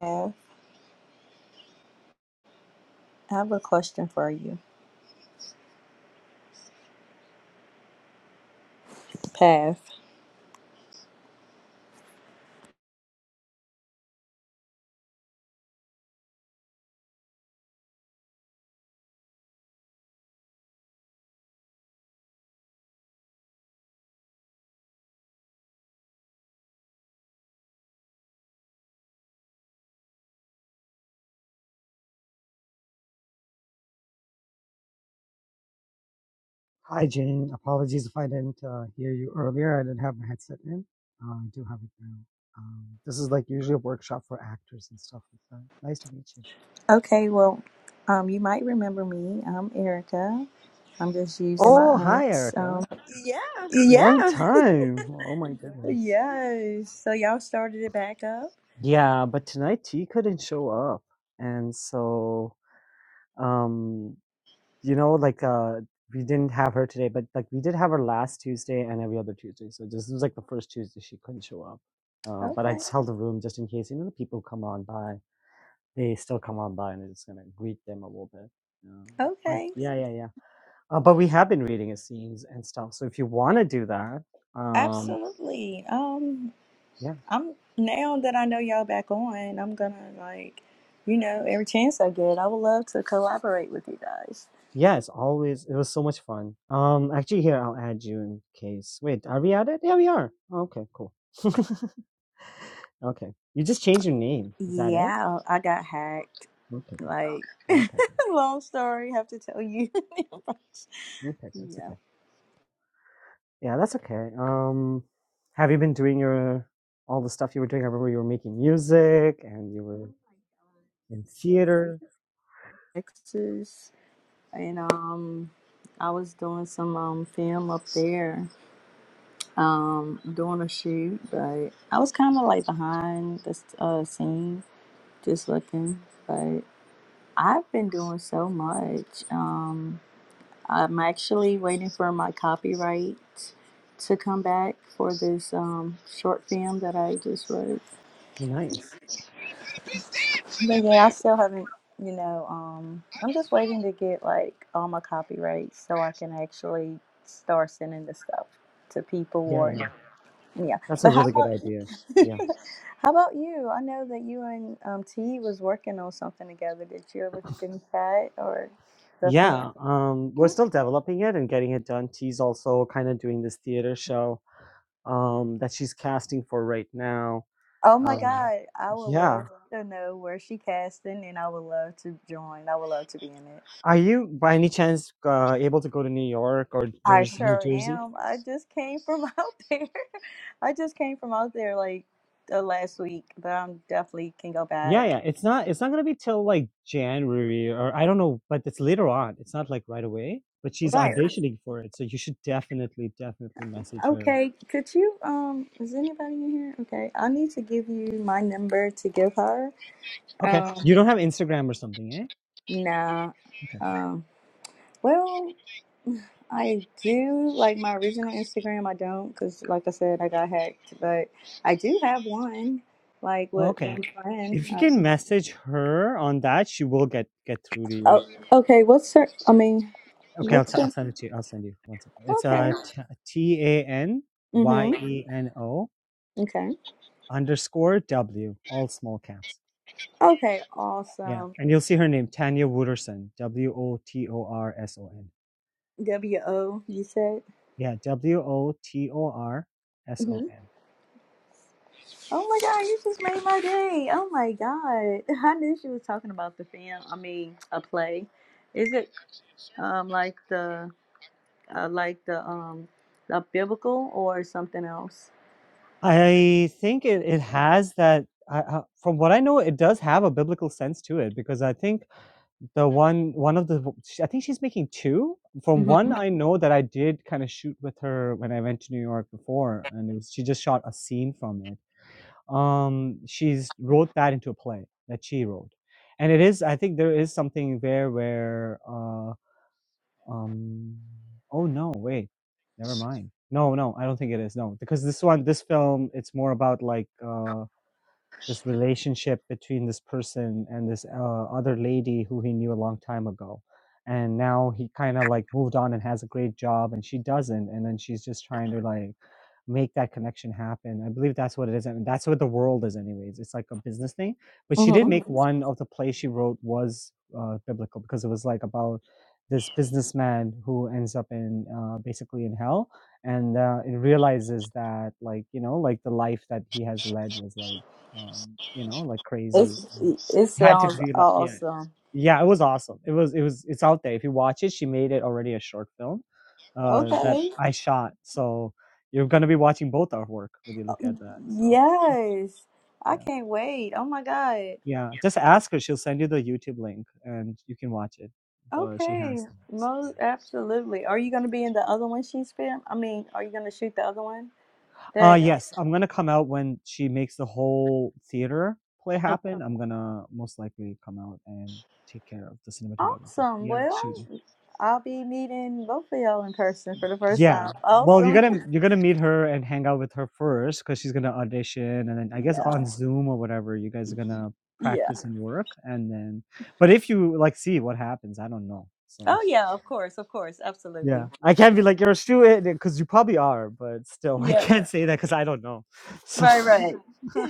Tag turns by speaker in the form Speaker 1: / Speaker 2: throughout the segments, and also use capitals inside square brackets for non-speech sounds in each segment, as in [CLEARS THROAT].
Speaker 1: Path. I have a question for you, Path.
Speaker 2: Hi, Jane. Apologies if I didn't uh, hear you earlier. I didn't have my headset in. Uh, I do have it now. Um, this is like usually a workshop for actors and stuff like that. Nice to meet you.
Speaker 1: Okay, well, um, you might remember me. I'm Erica. I'm just using my
Speaker 2: Oh, hi,
Speaker 1: aunt's. Um,
Speaker 2: Erica. Long
Speaker 1: yeah,
Speaker 2: time. Oh, my goodness.
Speaker 1: yes. So y'all started it back up.
Speaker 2: Yeah, but tonight T couldn't show up. And so, um, you know, like uh, we didn't have her today, but like we did have her last Tuesday and every other Tuesday. So this was like the first Tuesday she couldn't show up. Uh, but I
Speaker 1: Okay,
Speaker 2: just held the room just in case, you know, the people come on by. They still come on by and they're just gonna greet them a little bit. Um, but
Speaker 1: okay,
Speaker 2: yeah, yeah, yeah. Uh, but we have been reading his scenes and stuff. So if you want to do that, um,
Speaker 1: absolutely. Um,
Speaker 2: yeah,
Speaker 1: I'm now that I know y'all back on, I'm gonna like, you know, every chance I get, I would love to collaborate with you guys.
Speaker 2: yeah, it's always it was so much fun. Um, actually, here I'll add you in case. Wait, are we at it? Yeah, we are. Oh, okay, cool. Okay, you just changed your name. Is that it?
Speaker 1: Yeah, I got hacked.
Speaker 2: Okay,
Speaker 1: Like, [LAUGHS]
Speaker 2: okay, okay,
Speaker 1: long story, have to tell you. [LAUGHS]
Speaker 2: okay. okay, It's
Speaker 1: Yeah,
Speaker 2: okay. Yeah, that's okay. Um, have you been doing your all the stuff you were doing? I remember you were making music and you were in theater.
Speaker 1: Texas, and um, I was doing some um film up there, um, doing a shoot, but I was kind of like behind the s- uh scene, just looking. But I've been doing so much. Um, I'm actually waiting for my copyright to come back for this um short film that I just wrote.
Speaker 2: Nice.
Speaker 1: Baby, I still haven't, you know, um, I'm just waiting to get like all my copyrights so I can actually start sending the stuff to people
Speaker 2: Yeah,
Speaker 1: or
Speaker 2: yeah.
Speaker 1: yeah.
Speaker 2: That's a
Speaker 1: But how
Speaker 2: really good
Speaker 1: about you?
Speaker 2: idea.
Speaker 1: [LAUGHS]
Speaker 2: Yeah.
Speaker 1: how about you? I know that you and um T was working on something together. Did you ever get in chat or something?
Speaker 2: Yeah. Um, we're still developing it and getting it done. She's also kind of doing this theater show um, that she's casting for right now.
Speaker 1: Oh my
Speaker 2: Um,
Speaker 1: God, I would love
Speaker 2: yeah.
Speaker 1: to know where she casting and I would love to join. I would love to be in it.
Speaker 2: Are you by any chance uh, able to go to New York or
Speaker 1: I
Speaker 2: Jersey, New
Speaker 1: sure
Speaker 2: Jersey?
Speaker 1: am. I just came from [LAUGHS] out there. I just came from out there like the last week, but I'm definitely can go
Speaker 2: Yeah,
Speaker 1: back.
Speaker 2: yeah. It's not. It's not gonna be till like January or I don't know, but it's later on. It's not like right away. But she's
Speaker 1: Right.
Speaker 2: auditioning for it, so you should definitely, definitely message her.
Speaker 1: Okay. Could you um is anybody in here? Okay. I need to give you my number to give her.
Speaker 2: Okay. You
Speaker 1: Um
Speaker 2: don't have Instagram or something,
Speaker 1: nah.
Speaker 2: eh?
Speaker 1: Um well, I do like my original Instagram. I don't cuz like I said I got hacked, but I do have one like with
Speaker 2: Okay.
Speaker 1: one friend.
Speaker 2: If you
Speaker 1: uh,
Speaker 2: can message her on that, she will get get through to you.
Speaker 1: Oh, okay, what's her? I mean,
Speaker 2: Okay, I'll, t-
Speaker 1: what's
Speaker 2: I'll
Speaker 1: her?
Speaker 2: send it to you. I'll send you one second. It's
Speaker 1: Okay.
Speaker 2: a T A N Y
Speaker 1: Mhm.
Speaker 2: E N O
Speaker 1: Okay.
Speaker 2: underscore W, all small caps.
Speaker 1: Okay.
Speaker 2: Yeah,
Speaker 1: Awesome.
Speaker 2: and you'll see her name, Tanya Wooderson, W O T O R S O N.
Speaker 1: W O. You said.
Speaker 2: Yeah, W O T O R S O
Speaker 1: Mhm.
Speaker 2: N.
Speaker 1: Oh my God! You just made my day. Oh my God! [LAUGHS] I knew she was talking about the film. I mean, a play. Is it um like the uh, like the um the biblical or something else?
Speaker 2: I think it, it has that. I, I, from what I know, it does have a biblical sense to it because I think The one one of the I think she's making 2. From 1,
Speaker 1: Mm-hmm.
Speaker 2: I know that I did kinda shoot with her when I went to New York before, and it was she just shot a scene from it. Um, she's wrote that into a play that she wrote. And it is I think there is something there where, uh, um oh, no, wait, never mind. No, no, I don't think it is, no, because this one this film, it's more about, like, uh this relationship between this person and this uh, other lady who he knew a long time ago and now he kind of like moved on and has a great job and she doesn't and then she's just trying to like make that connection happen i believe that's what it is and that's what the world is anyways it's like a business thing but she did
Speaker 1: Mm-hmm.
Speaker 2: make Mhm. one of the plays she wrote was uh, biblical because it was like about this businessman who ends up in uh, basically in hell and uh, it realizes that like you know like the life that he has led was like um, you know, like crazy.
Speaker 1: It's
Speaker 2: And
Speaker 1: it
Speaker 2: I had to
Speaker 1: sounds
Speaker 2: be like, yeah,
Speaker 1: awesome.
Speaker 2: yeah, it was awesome. It was, it was, it's out there. If you watch it, she made it already a short film uh, that
Speaker 1: Okay.
Speaker 2: I shot. So you're gonna be watching both our work when you look at that. So
Speaker 1: Yes. I
Speaker 2: yeah,
Speaker 1: can't wait. Oh my God.
Speaker 2: yeah. Just ask her; she'll send you the YouTube link and you can watch it. But she
Speaker 1: Okay,
Speaker 2: has things.
Speaker 1: most
Speaker 2: Yeah.
Speaker 1: absolutely. Are you going to be in the other one she's filmed? I mean, are you going to shoot the other one?
Speaker 2: Uh,
Speaker 1: That
Speaker 2: yes, I'm gonna come out when she makes the whole theater play happen. I'm gonna most likely come out and take care of the cinematography.
Speaker 1: awesome.
Speaker 2: Yeah,
Speaker 1: Well,
Speaker 2: shooting.
Speaker 1: I'll be meeting both of y'all in person for the first
Speaker 2: Yeah.
Speaker 1: time.
Speaker 2: Well, you're
Speaker 1: Awesome. [LAUGHS]
Speaker 2: gonna you're gonna meet her and hang out with her first because she's gonna audition, and then I guess
Speaker 1: Yeah.
Speaker 2: on Zoom or whatever, you guys are gonna
Speaker 1: Yeah.
Speaker 2: practice Yeah. and work, and then. But if you like, see what happens. I don't know.
Speaker 1: Oh
Speaker 2: So
Speaker 1: yeah, of course, of course,
Speaker 2: [LAUGHS]
Speaker 1: absolutely.
Speaker 2: yeah, I can't be like you're a student because you probably are, but still, [LAUGHS] I
Speaker 1: Yeah.
Speaker 2: can't say that because I don't know. So
Speaker 1: Right, right.
Speaker 2: [LAUGHS]
Speaker 1: [LAUGHS]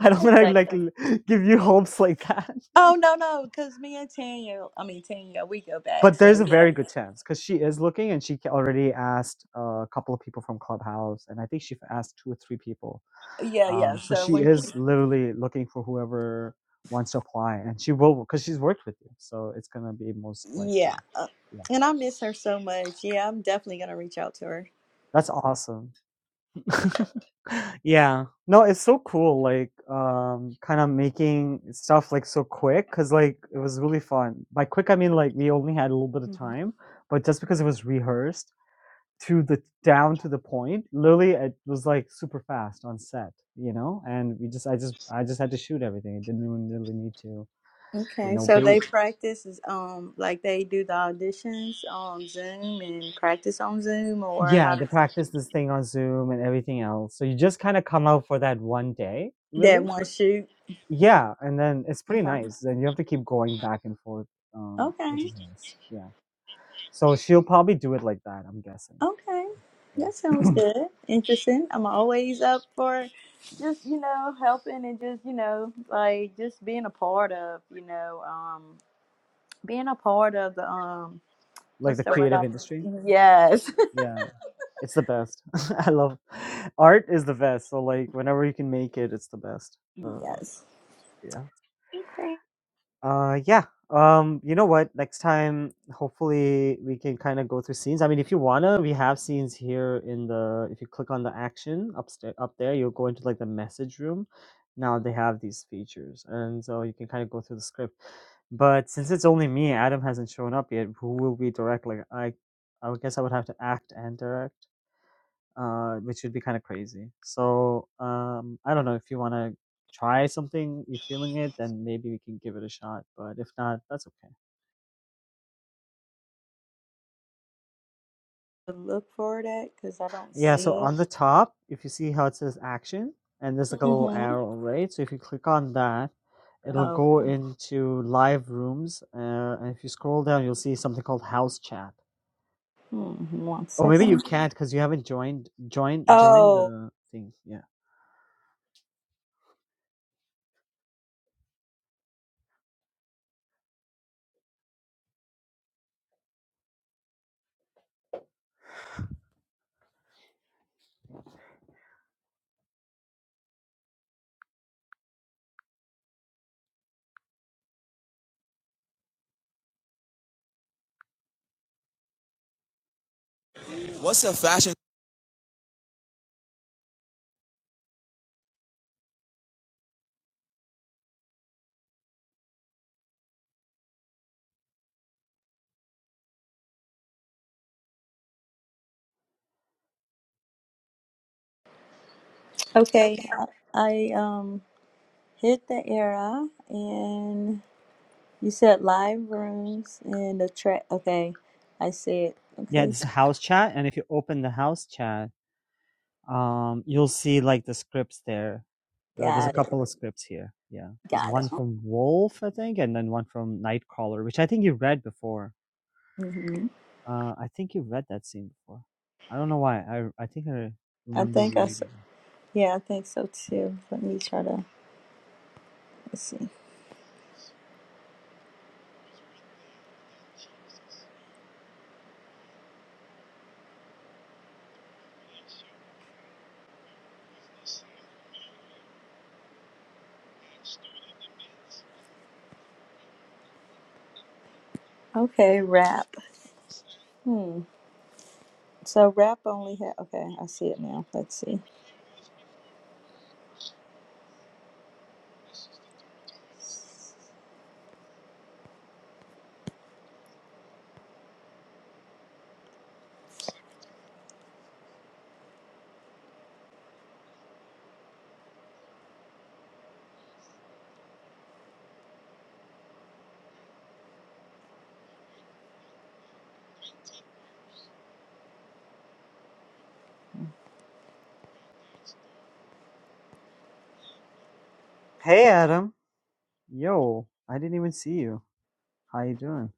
Speaker 2: I don't want to
Speaker 1: Like,
Speaker 2: like l- give you hopes like that. [LAUGHS] Like,
Speaker 1: oh no, no, because me and Tanya, I mean Tanya, we go back.
Speaker 2: but
Speaker 1: So
Speaker 2: there's a
Speaker 1: yeah,
Speaker 2: very good chance because she is looking, and she ca- already asked uh, a couple of people from Clubhouse, and I think she asked two or three people
Speaker 1: yeah, yeah.
Speaker 2: Um, so
Speaker 1: So
Speaker 2: she
Speaker 1: when she,
Speaker 2: is literally looking for whoever wants to apply, and she will because she's worked with you. So it's gonna be most
Speaker 1: yeah,
Speaker 2: likely.
Speaker 1: uh,
Speaker 2: Yeah,
Speaker 1: and I miss her so much. Yeah, I'm definitely gonna reach out to her.
Speaker 2: that's awesome. Yeah, no, it's so cool. Like, um, kind of making stuff like so quick because like it was really fun. By quick, I mean like we only had a little bit of
Speaker 1: Mm-hmm.
Speaker 2: time, but just because it was rehearsed to the down to the point, literally it was like super fast on set. You know, and we just I just I just had to shoot everything. I didn't even really need to you
Speaker 1: Okay,
Speaker 2: know
Speaker 1: so they
Speaker 2: wait
Speaker 1: practice is, um like they do the auditions on Zoom and practice on Zoom or how
Speaker 2: Yeah, they
Speaker 1: does
Speaker 2: practice this thing on Zoom and everything else. So you just kind of come out for that one day,
Speaker 1: that
Speaker 2: really.
Speaker 1: one shoot?
Speaker 2: Yeah, and then it's pretty
Speaker 1: Okay.
Speaker 2: nice. And you have to keep going back and forth, um, which
Speaker 1: Okay.
Speaker 2: is nice. Yeah. So she'll probably do it like that. I'm guessing.
Speaker 1: Okay. That
Speaker 2: Yeah.
Speaker 1: sounds
Speaker 2: [CLEARS THROAT]
Speaker 1: good. Interesting. I'm always up for just, you know, helping and just, you know, like just being a part of, you know, um being a part of the um
Speaker 2: like
Speaker 1: what's
Speaker 2: the
Speaker 1: the word?
Speaker 2: creative industry.
Speaker 1: I'm- Yes.
Speaker 2: Yeah, it's the best. [LAUGHS] I love art is the best. So like whenever you can make it, it's the best.
Speaker 1: [LAUGHS]
Speaker 2: Uh,
Speaker 1: yes.
Speaker 2: yeah.
Speaker 1: Okay.
Speaker 2: Uh, yeah. Um, you know what? Next time, hopefully, we can kind of go through scenes. I mean, if you wanna, we have scenes here in the. If you click on the action upstairs, up there, you'll go into like the message room. Now they have these features, and so you can kind of go through the script. But since it's only me, Adam hasn't shown up yet. Who will we direct? Like, I, I would guess I would have to act and direct uh, which would be kind of crazy. So um, I don't know if you want to try something, you're feeling it, then maybe we can give it a shot. But if not, that's okay.
Speaker 1: Look for that because I don't
Speaker 2: Yeah. So
Speaker 1: see it.
Speaker 2: on the top, if you see how it says action, and there's like a Mm-hmm. little Mm-hmm.
Speaker 1: Mm-hmm.
Speaker 2: arrow, right? So if you click on that, it'll Oh,
Speaker 1: Okay.
Speaker 2: go into live rooms, uh, and if you scroll down, you'll see something called house chat.
Speaker 1: Hmm, one
Speaker 2: Oh, maybe you
Speaker 1: second.
Speaker 2: can't because you haven't joined. Join, join
Speaker 1: Oh,
Speaker 2: Mm-hmm. the thing. Yeah. What's the fashion?
Speaker 1: okay. I um hit the era and you said live rooms and the track. Okay, I said
Speaker 2: Yeah,
Speaker 1: okay.
Speaker 2: this is house chat, and if you open the house chat, um, you'll see like the scripts there. Uh, there's a
Speaker 1: Got it.
Speaker 2: couple of scripts here. Yeah, there's
Speaker 1: Got it.
Speaker 2: one from Wolf, I think, and then one from Nightcrawler, which I think you read before.
Speaker 1: hmm
Speaker 2: Uh, I think you read that scene before. I don't know why. I I think I
Speaker 1: I
Speaker 2: remember
Speaker 1: think I
Speaker 2: you
Speaker 1: s-
Speaker 2: reading. it.
Speaker 1: yeah, I think so too. Let me try to let's see. Okay, rap. Hmm. So rap only had okay. I see it now. Let's see.
Speaker 2: Hey, Adam. Yo, I didn't even see you. How you doing?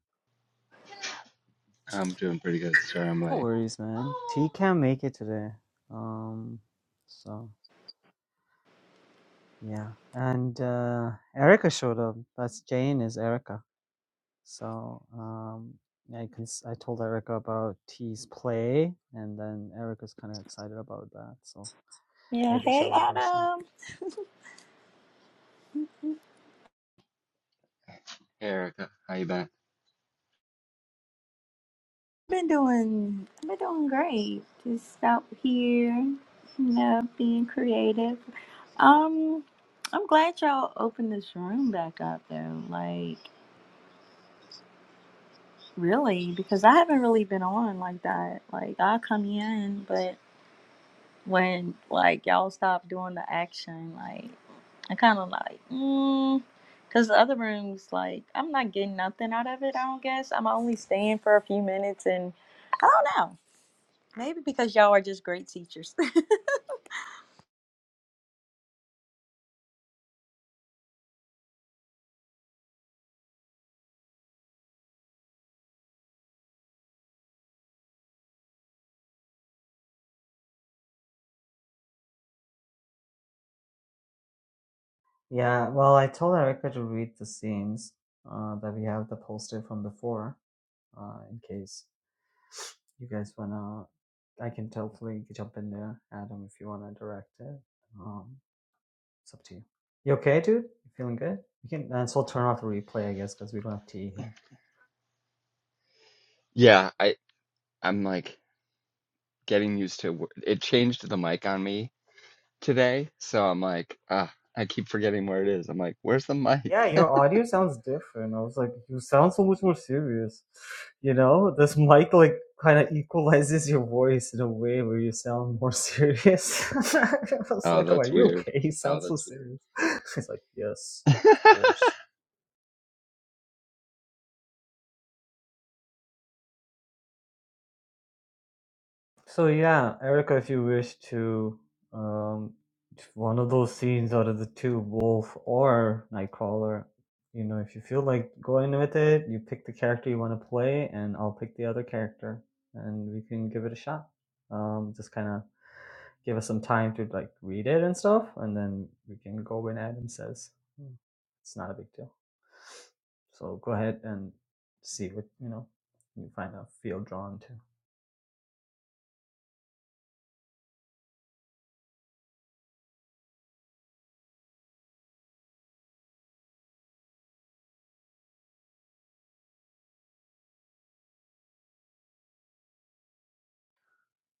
Speaker 3: I'm doing pretty good, sir. I'm
Speaker 2: No
Speaker 3: like,
Speaker 2: worries, man. T can't make it today. Um, so. Yeah, and uh, Erica showed up. That's Jane is Erica. So um, I cons- I told Erica about T's play, and then Erica's kind of excited about that. So
Speaker 1: Yeah.
Speaker 2: maybe
Speaker 1: Hey,
Speaker 2: she'll audition.
Speaker 1: Adam.
Speaker 3: hey, Erica, how you been?
Speaker 1: been doing I've been doing great. Just out here, you know, being creative. Um, I'm glad y'all opened this room back up though. Like really, because I haven't really been on like that. Like I come in, but when like y'all stop doing the action, like I kind of like mm, because the other rooms like I'm not getting nothing out of it. I don't guess I'm only staying for a few minutes and I don't know. Maybe because y'all are just great teachers. [LAUGHS]
Speaker 2: Yeah, well, I told Erica to read the scenes uh, that we have the poster from before, uh, in case you guys wanna. I can totally jump in there, Adam, if you wanna direct it. Um, It's up to you. You okay, dude? You feeling good? You can and so I'll turn off the replay, I guess, because we don't have TE here.
Speaker 3: Yeah, I I'm like getting used to wh- it changed the mic on me today, so I'm like, ah, I keep forgetting where it is. I'm like, where's the
Speaker 2: Yeah,
Speaker 3: mic? [LAUGHS]
Speaker 2: your audio sounds different. I was like, you sound so much more serious. You know, this mic like kind of equalizes your voice in a way where you sound more serious. [LAUGHS] I was
Speaker 3: Oh,
Speaker 2: like, oh, are
Speaker 3: that's
Speaker 2: you
Speaker 3: weird.
Speaker 2: okay? You Oh, sound so serious. [LAUGHS] He's like, yes,
Speaker 3: [LAUGHS]
Speaker 2: of course. So yeah, Erica, if you wish to, um, one of those scenes out of the two, Wolf or Nightcrawler, you know, if you feel like going with it, you pick the character you want to play, and I'll pick the other character, and we can give it a shot. Um, just kind of give us some time to like read it and stuff, and then we can go when Adam says Hmm, it's not a big deal. So go ahead and see what you know. You find out, feel drawn to.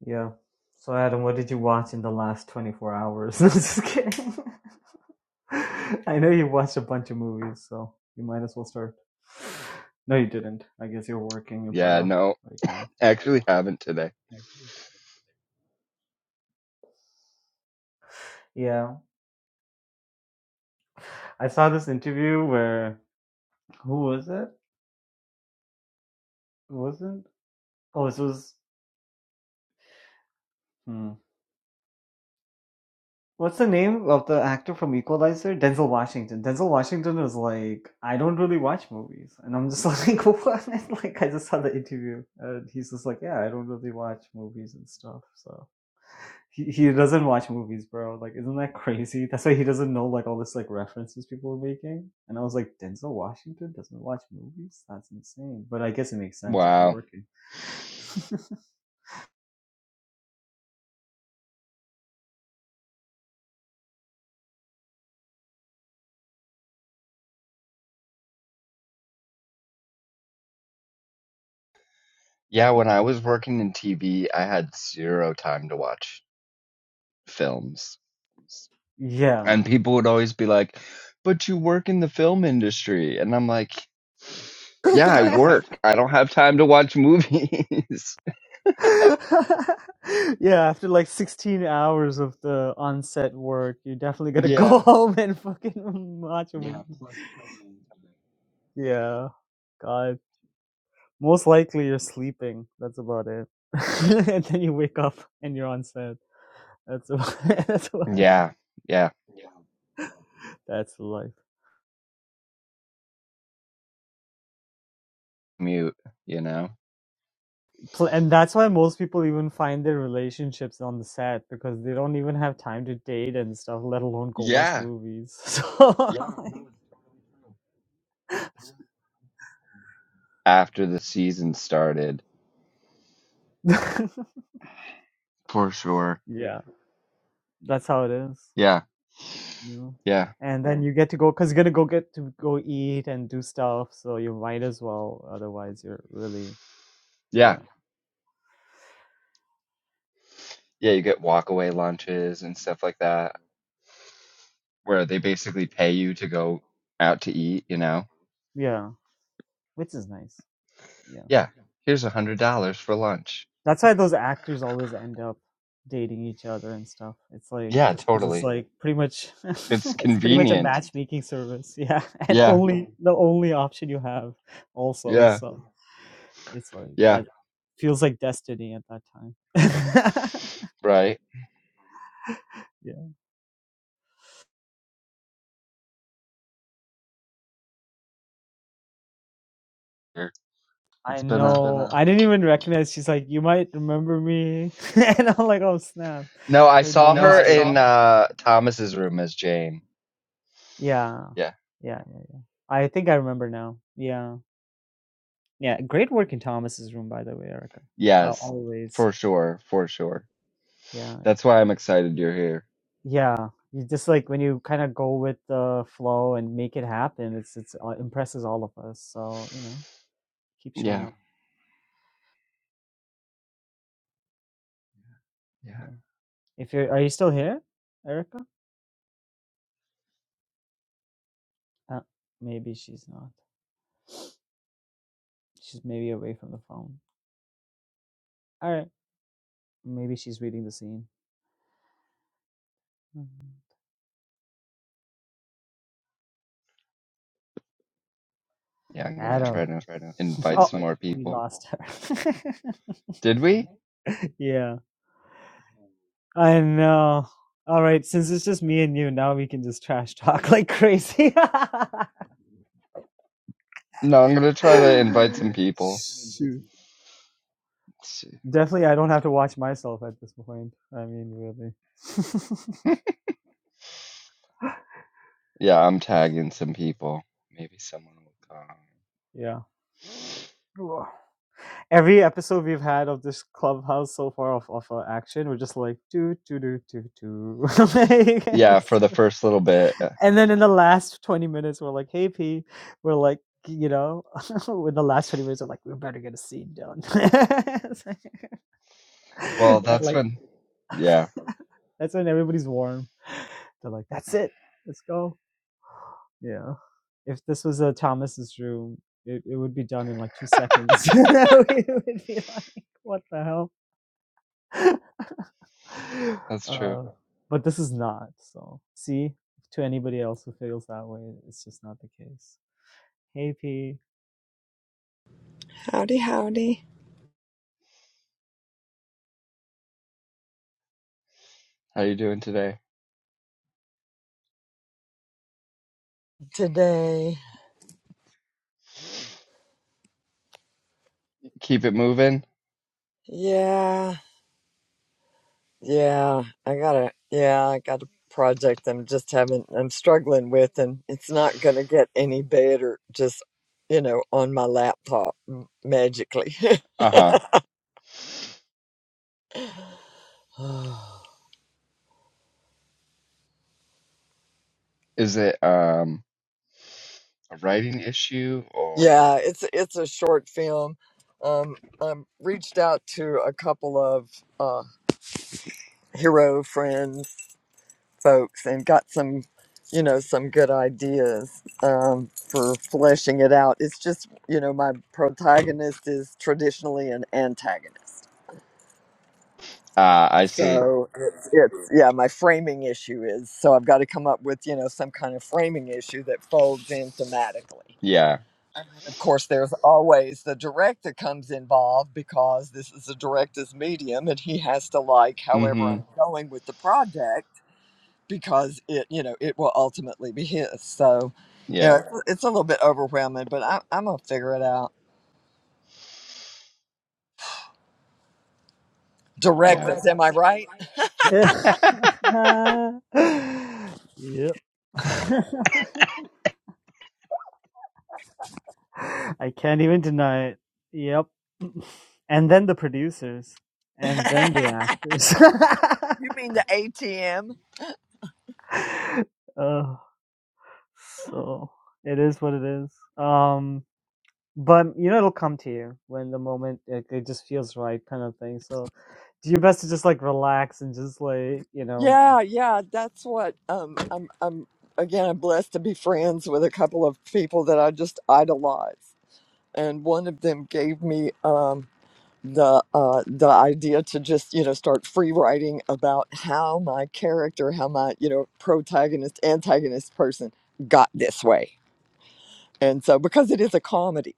Speaker 2: Yeah. So Adam, what did you watch in the last 24 hours? [LAUGHS] I'm just kidding. [LAUGHS] I know you watched a bunch of movies, so you might as well start. No, you didn't. I guess you're working your butt
Speaker 3: Yeah,
Speaker 2: off
Speaker 3: no,
Speaker 2: right now.
Speaker 3: actually haven't today.
Speaker 2: Yeah. I saw this interview where who was it? It Wasn't oh this was hmm. What's the name of the actor from Equalizer? Denzel Washington. Denzel Washington was like, I don't really watch movies, and I'm just like, [LAUGHS] what? And, like, I just saw the interview, and he's just like, yeah, I don't really watch movies and stuff. So he he doesn't watch movies, bro. Like, isn't that crazy? That's why he doesn't know like all this like references people are making. And I was like, Denzel Washington doesn't watch movies? That's insane. But I guess it makes sense. It's
Speaker 3: Wow.
Speaker 2: working. [LAUGHS]
Speaker 3: Yeah, when I was working in TV, I had zero time to watch films.
Speaker 2: Yeah.
Speaker 3: And people would always be like, but you work in the film industry. And I'm like, yeah, I work. I don't have time to watch movies.
Speaker 2: [LAUGHS] yeah, after like 16 hours of the on-set work, you are definitely going to go [LAUGHS] home and fucking watch a Yeah. movie. Yeah, God. Most likely you're sleeping. That's about it. [LAUGHS] and then you wake up and you're on set. That's about, [LAUGHS] that's about
Speaker 3: [LAUGHS]
Speaker 2: it.
Speaker 3: yeah, yeah,
Speaker 2: That's life.
Speaker 3: mute, you know,
Speaker 2: Pl- And that's why most people even find their relationships on the set because they don't even have time to date and stuff, let alone go watch Yeah. movies. [LAUGHS] So,
Speaker 3: after the season started.
Speaker 2: Yeah.
Speaker 3: For sure.
Speaker 2: [LAUGHS] yeah. That's how it is.
Speaker 3: Yeah,
Speaker 2: You know?
Speaker 3: yeah,
Speaker 2: And Yeah. then you get to go because you're gonna go get to go eat and do stuff, so you might as well. Otherwise, you're really
Speaker 3: yeah.
Speaker 2: yeah
Speaker 3: Yeah, you get walkaway lunches and stuff like that, where they basically pay you to go out to eat, you know?
Speaker 2: yeah, which is nice. Yeah,
Speaker 3: Yeah, here's a $100 for lunch.
Speaker 2: that's why those actors always end up dating each other and stuff. It's like
Speaker 3: Yeah,
Speaker 2: just because it's
Speaker 3: totally.
Speaker 2: like pretty much
Speaker 3: It's
Speaker 2: [LAUGHS] it's pretty much a
Speaker 3: convenient.
Speaker 2: matchmaking service. Yeah, [LAUGHS] and
Speaker 3: Yeah,
Speaker 2: only the only option you have also.
Speaker 3: yeah.
Speaker 2: So it's like
Speaker 3: Yeah,
Speaker 2: that feels like destiny at that time. [LAUGHS]
Speaker 3: right.
Speaker 2: yeah.
Speaker 3: Sure.
Speaker 2: I It's
Speaker 3: It's
Speaker 2: been
Speaker 3: been
Speaker 2: know.
Speaker 3: a
Speaker 2: a I a didn't even recognize. She's like, you might remember me, [LAUGHS] and I'm like, oh snap,
Speaker 3: No, I
Speaker 2: her name
Speaker 3: saw
Speaker 2: No, is
Speaker 3: her
Speaker 2: I Jane. saw
Speaker 3: in
Speaker 2: Jane. her.
Speaker 3: uh Thomas's room as Jane.
Speaker 2: Yeah,
Speaker 3: Yeah.
Speaker 2: yeah, yeah, yeah. I think I remember now. Yeah, yeah. Great work in Thomas's room, by the way, Erica. Uh,
Speaker 3: Yes.
Speaker 2: always.
Speaker 3: For sure, for sure.
Speaker 2: Yeah,
Speaker 3: That's why I'm excited you're here.
Speaker 2: yeah. You just like when you kind of go with the flow and make it happen. It's it's uh, impresses all of us. So you know, keep showing
Speaker 3: Yeah.
Speaker 2: up.
Speaker 3: Yeah.
Speaker 2: Yeah. If you're, are you still here, Erica? Uh, maybe she's not. She's maybe away from the phone. All right. Maybe she's reading the scene. Mhm.
Speaker 3: Yeah, I'm
Speaker 2: Yeah, I'm
Speaker 3: gonna
Speaker 2: Adam.
Speaker 3: try to
Speaker 2: Oh,
Speaker 3: invite some more
Speaker 2: [LAUGHS] we
Speaker 3: people.
Speaker 2: lost her.
Speaker 3: Did we?
Speaker 2: [LAUGHS] yeah, I know. All right, since it's just me and you, now we can just trash talk like crazy. [LAUGHS]
Speaker 3: No, I'm gonna try to invite some people.
Speaker 2: Shoot.
Speaker 3: Let's see.
Speaker 2: Definitely, I don't have to watch myself at this point. I mean, really. [LAUGHS]
Speaker 3: [LAUGHS] Yeah, I'm tagging some people. Maybe someone will come.
Speaker 2: yeah. Every episode we've had of this clubhouse so far of, of uh, action, we're just like, do, do, do, do, do. [LAUGHS]
Speaker 3: Yeah,
Speaker 2: It's
Speaker 3: for the first little bit.
Speaker 2: And then in the last 20 minutes, we're like, hey, P, we're like, you know, [LAUGHS] in the last 20 minutes, I'm like, we better get a scene done. [LAUGHS] It's like-
Speaker 3: Well,
Speaker 2: and
Speaker 3: that's
Speaker 2: like,
Speaker 3: when.
Speaker 2: [LAUGHS]
Speaker 3: Yeah,
Speaker 2: that's when everybody's warm. They're like, that's it. Let's go. Yeah. If this was a Thomas's room, it, it would be done in like two seconds. [LAUGHS] it would be like, what the hell? [LAUGHS]
Speaker 3: that's true.
Speaker 2: Uh, but this is not. So, see, to anybody else who feels that way, it's just not the case. Hey, P.
Speaker 4: Howdy, howdy.
Speaker 3: How you doing today?
Speaker 4: today.
Speaker 3: Keep it moving?
Speaker 4: Yeah, yeah. I got a yeah, I got a project I'm just having, I'm struggling with, and it's not gonna get any better just, you know, on my laptop m- magically. [LAUGHS]
Speaker 3: Uh-huh. Is it um a writing issue or
Speaker 4: yeah, it's it's a short film. Um, I reached out to a couple of uh, hero friends folks and got some, you know, some good ideas um, for fleshing it out. It's just, you know, my protagonist is traditionally an antagonist.
Speaker 3: Ah, I see.
Speaker 4: So it's, it's yeah, my framing issue is so I've got to come up with, you know, some kind of framing issue that folds in thematically.
Speaker 3: Yeah.
Speaker 4: Of course, there's always the director comes involved because this is the director's medium and he has to like however
Speaker 3: Mm-hmm.
Speaker 4: I'm going with the project because it you know it will ultimately be his so you know
Speaker 3: Yeah.
Speaker 4: it's, it's a little bit overwhelming but I, i'm gonna figure it out direct
Speaker 3: Yeah.
Speaker 4: us am i right [LAUGHS]
Speaker 3: [LAUGHS]
Speaker 2: Yeah. [LAUGHS] yep. [LAUGHS] I can't even deny it. Yep. And then the producers. And then the actors.
Speaker 4: you mean the atm
Speaker 2: [LAUGHS] uh, so it is what it is. Um but you know it'll come to you when the moment like, it just feels right kind of thing. So do your best to just like relax and just like, you know,
Speaker 4: yeah yeah that's what um i'm i'm again i'm blessed to be friends with a couple of people that i just idolize and one of them gave me um the uh, the idea to just you know start free writing about how my character, how my you know protagonist, antagonist person got this way, and so because it is a comedy,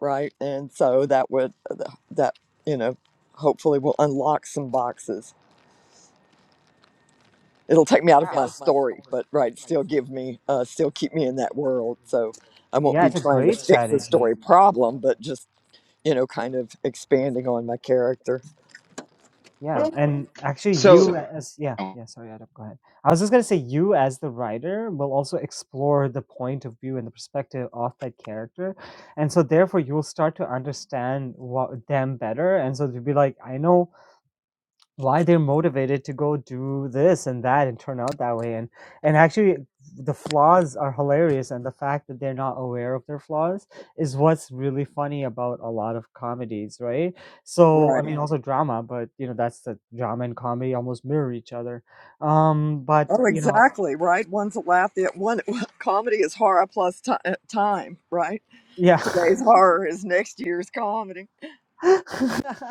Speaker 4: right, and so that would uh, that you know hopefully will unlock some boxes. It'll take me out of my story, but right, still give me uh, still keep me in that world. So I won't
Speaker 2: yeah,
Speaker 4: be
Speaker 2: it's a
Speaker 4: trying to
Speaker 2: great
Speaker 4: fix a
Speaker 2: strategy.
Speaker 4: story problem, but just you know kind of expanding on my character.
Speaker 2: Yeah, and actually, you
Speaker 3: So
Speaker 2: So as yeah, yeah. Sorry, Adam, go ahead. I was just gonna say, you as the writer will also explore the point of view and the perspective of that character, and so therefore you will start to understand what them better, and so to be like, I know why they're motivated to go do this and that and turn out that way and and actually the flaws are hilarious and the fact that they're not aware of their flaws is what's really funny about a lot of comedies right so i
Speaker 4: Right.
Speaker 2: mean Yeah. also drama but you know that's the drama and comedy almost mirror each other um but
Speaker 4: Oh,
Speaker 2: you Yeah. know
Speaker 4: exactly, right? One's a laugh. The one [LAUGHS] comedy is horror plus ti uh, time, right?
Speaker 2: yeah
Speaker 4: Today's horror is next year's comedy,
Speaker 2: [LAUGHS] that's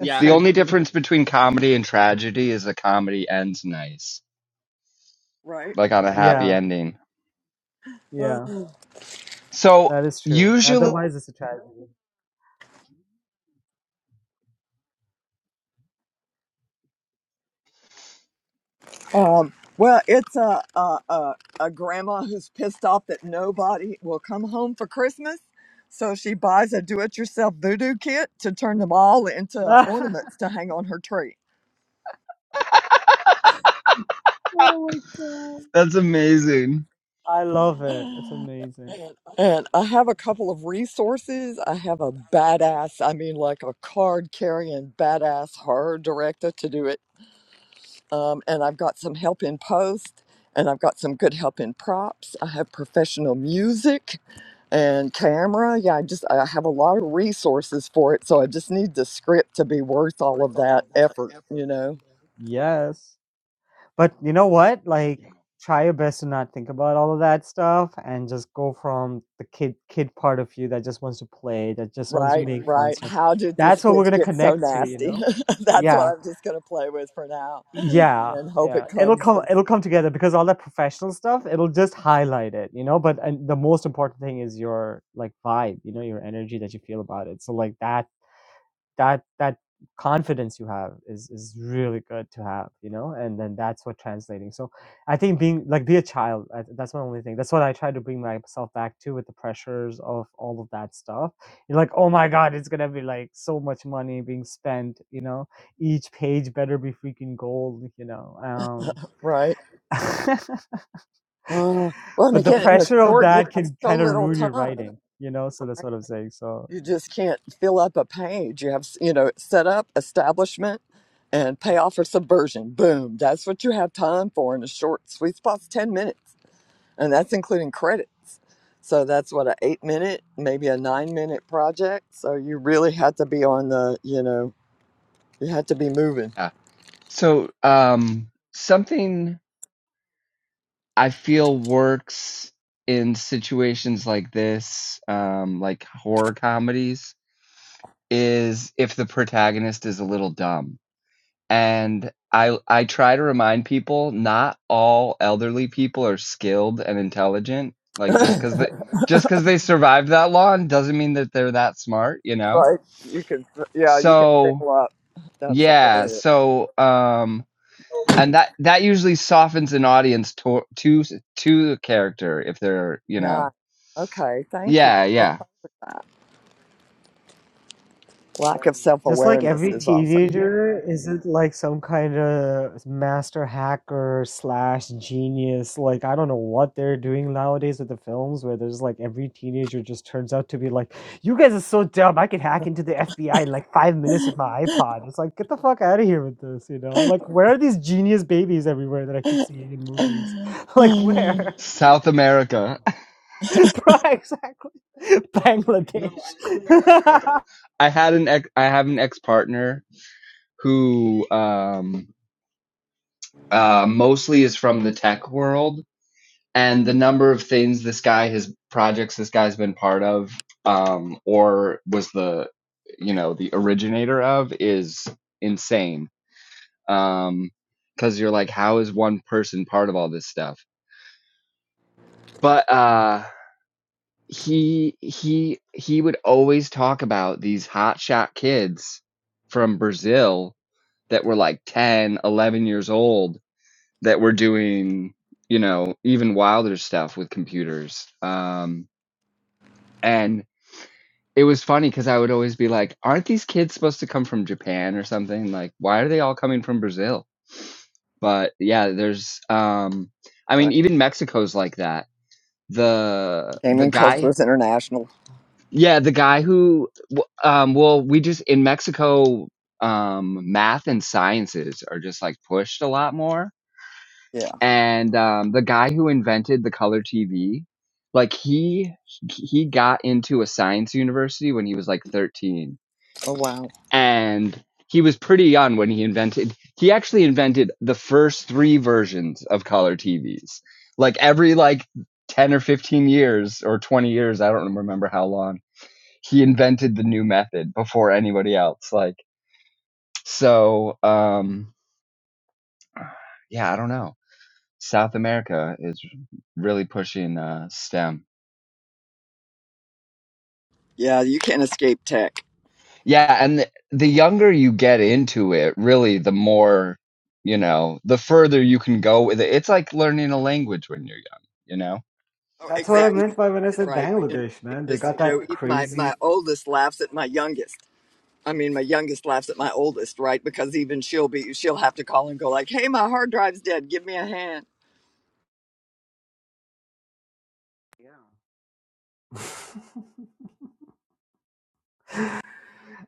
Speaker 2: Yeah, so
Speaker 3: the
Speaker 2: and
Speaker 3: only difference between comedy and tragedy is a comedy ends nice,
Speaker 4: right?
Speaker 3: like on a
Speaker 4: And
Speaker 3: happy
Speaker 2: yeah
Speaker 3: ending.
Speaker 4: uh,
Speaker 2: yeah
Speaker 3: So
Speaker 2: that is true
Speaker 3: usually
Speaker 2: otherwise it's a tragedy
Speaker 4: [SIGHS] um, well, it's a, a a a grandma who's pissed off that nobody will come home for Christmas, so she buys a do-it-yourself voodoo kit to turn them all into
Speaker 2: [LAUGHS] oh
Speaker 4: ornaments to hang on her tree.
Speaker 2: my god
Speaker 3: that's amazing.
Speaker 2: i love it it's
Speaker 4: [SIGHS]
Speaker 2: amazing
Speaker 4: And I have a couple of resources. I have a badass, I mean, like a card carrying badass horror director to do it. Um, and I've got some help in post, and I've got some good help in props. I have professional music and camera. Yeah, I just I have a lot of resources for it. So I just need the script to be worth all of that effort, you know?
Speaker 2: Yes. But you know what? Like try your best to not think about all of that stuff and just go from the kid kid part of you that just wants to play, that just wants to
Speaker 4: Right,
Speaker 2: make fun
Speaker 4: right.
Speaker 2: stuff.
Speaker 4: How did this
Speaker 2: That's what we're
Speaker 4: bitch
Speaker 2: gonna
Speaker 4: get so
Speaker 2: connect to, you
Speaker 4: nasty?
Speaker 2: know?
Speaker 4: [LAUGHS] That's what
Speaker 2: Yeah.
Speaker 4: I'm just going to play with for now
Speaker 2: Yeah.
Speaker 4: and hope
Speaker 2: Yeah.
Speaker 4: it
Speaker 2: It'll
Speaker 4: comes,
Speaker 2: come it'll come together because all that professional stuff, it'll just highlight it, you know? But and the most important thing is your like vibe, you know, your energy that you feel about it. So like that that that confidence you have is is really good to have you know and then that's what translating so i think being like be a child I, that's my only thing that's what i try to bring myself back to with the pressures of all of that stuff you're like oh my god it's gonna be like so much money being spent you know each page better be freaking gold you know um
Speaker 4: right?
Speaker 2: [LAUGHS]
Speaker 4: Uh, well, and
Speaker 2: but the
Speaker 4: again, in a
Speaker 2: pressure of
Speaker 4: short, you
Speaker 2: that
Speaker 4: have
Speaker 2: can
Speaker 4: so
Speaker 2: kind of
Speaker 4: little
Speaker 2: ruin your
Speaker 4: time.
Speaker 2: writing you know so that's what i'm saying so
Speaker 4: You just can't fill up a page. You have, s- you know, set up, establishment, and payoff or subversion. Boom. That's what you have time for in a short sweet spot's 10 minutes. And that's including credits. So that's what, an eight minute, maybe a nine minute project. So you really had to be on the, you know, you had to be moving.
Speaker 3: Yeah. So um something I feel works in situations like this, um, like horror comedies, is if the protagonist is a little dumb. And I I try to remind people not all elderly people are skilled and intelligent.
Speaker 4: [LAUGHS]
Speaker 3: Like just
Speaker 4: right.
Speaker 3: because they just because they survived that long doesn't mean that they're that smart, you know.
Speaker 4: You can, yeah, you can
Speaker 3: So
Speaker 4: fill up. That's
Speaker 3: yeah,
Speaker 4: hilarious.
Speaker 3: so um, and that that usually softens an audience to to to the character if they're you know
Speaker 4: Nice. Okay. Thank you.
Speaker 3: Yeah, yeah.
Speaker 4: Lack of self
Speaker 2: Just like
Speaker 4: awareness
Speaker 2: every
Speaker 4: is also.
Speaker 2: teenager isn't like some kind of master hacker slash genius. Like I don't know what they're doing nowadays with the films where there's like every teenager just turns out to be like, you guys are so dumb. I could hack into the FBI in like five
Speaker 4: [LAUGHS]
Speaker 2: minutes with my iPod. It's like get the fuck out of here with this, you know?
Speaker 4: right.
Speaker 2: Like where are these genius babies everywhere that I keep seeing in movies? [LAUGHS] Like where? [LAUGHS]
Speaker 3: South America.
Speaker 2: Right, exactly. [LAUGHS] Bangladesh. [LAUGHS]
Speaker 3: [LAUGHS] I had an ex I have an ex-partner who um uh mostly is from the tech world and the number of things this guy his projects this guy's been part of um or was the you know the originator of is insane. Um cuz you're like how is one person part of all this stuff? But uh he he he would always talk about these hotshot kids from Brazil that were like 10, 11 years old that were doing, you know, even wilder stuff with computers. Um and it was funny cuz I would always be like, aren't these kids supposed to come from Japan or something? Like why are they all coming from Brazil? But yeah, there's um I mean even Mexico's like that. The the
Speaker 4: Gaming
Speaker 3: guy
Speaker 4: culture is international.
Speaker 3: Yeah, the guy who, w- um, well, we just in Mexico, um, math and sciences are just like pushed a lot more.
Speaker 4: Yeah.
Speaker 3: And um, the guy who invented the color TV, like he he got into a science university when he was like 13,
Speaker 4: Oh, wow.
Speaker 3: and he was pretty young when he invented. He actually invented the first three versions of color TVs. Like every like 10 or 15 years or 20 years, I don't remember how long he invented the new method before anybody else. Like, so, um, yeah, I don't know. South America is really pushing uh, STEM.
Speaker 4: Yeah, you can't escape tech.
Speaker 3: Yeah, and the, the younger you get into it, really, the more, you know, the further you can go with it. It's like learning a language when you're young, you know?
Speaker 2: Oh, That's what I
Speaker 4: Right.
Speaker 2: exactly. meant by when I said
Speaker 4: Right. You know,
Speaker 2: Bangladesh,
Speaker 4: it
Speaker 2: man. They
Speaker 4: just,
Speaker 2: got
Speaker 4: you know,
Speaker 2: that
Speaker 4: it- my, my
Speaker 2: crazy.
Speaker 4: oldest laughs at my youngest. I mean, my youngest laughs at my oldest, right? Because even she'll be, she'll have to call and go like, hey, my hard drive's dead. Give me a hand.
Speaker 2: Yeah. [LAUGHS]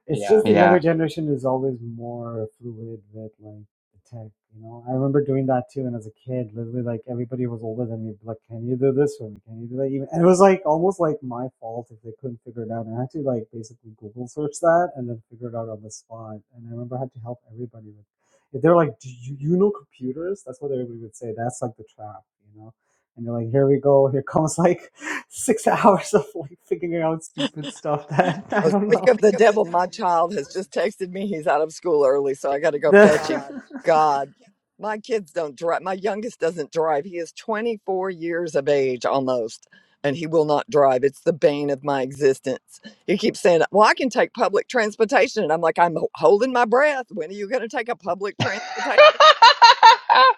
Speaker 2: It's Yeah. just the younger
Speaker 3: Yeah.
Speaker 2: generation is always more fluid with like the tech, you know. I remember doing that too, and as a kid, literally like everybody was older than me. Like, can you do this for me? Can you do that? Even and it was like almost like my fault if they couldn't figure it out. And I had to like basically Google search that and then figure it out on the spot. And I remember I had to help everybody with. If they're like, do you, you know computers? That's what everybody would say. That's like the trap, you know. And you're like, here we go. Here comes like [LAUGHS] six hours of like figuring out stupid stuff that [LAUGHS] I
Speaker 4: Oh,
Speaker 2: don't
Speaker 4: speak
Speaker 2: know
Speaker 4: of the
Speaker 2: give the
Speaker 4: devil, my
Speaker 2: devil my
Speaker 4: child has
Speaker 2: time.
Speaker 4: just texted me. He's out of school early,
Speaker 2: 'cause
Speaker 4: so I got to go fetch him.
Speaker 2: God. The
Speaker 4: God, my kids don't drive. My youngest doesn't drive. He is 24 years of age almost, and he will not drive. It's the bane of my existence. He keeps saying, Well, I can take public transportation. And I'm like, I'm ho- holding my breath. When are you going to take a public
Speaker 3: [LAUGHS]
Speaker 4: transportation?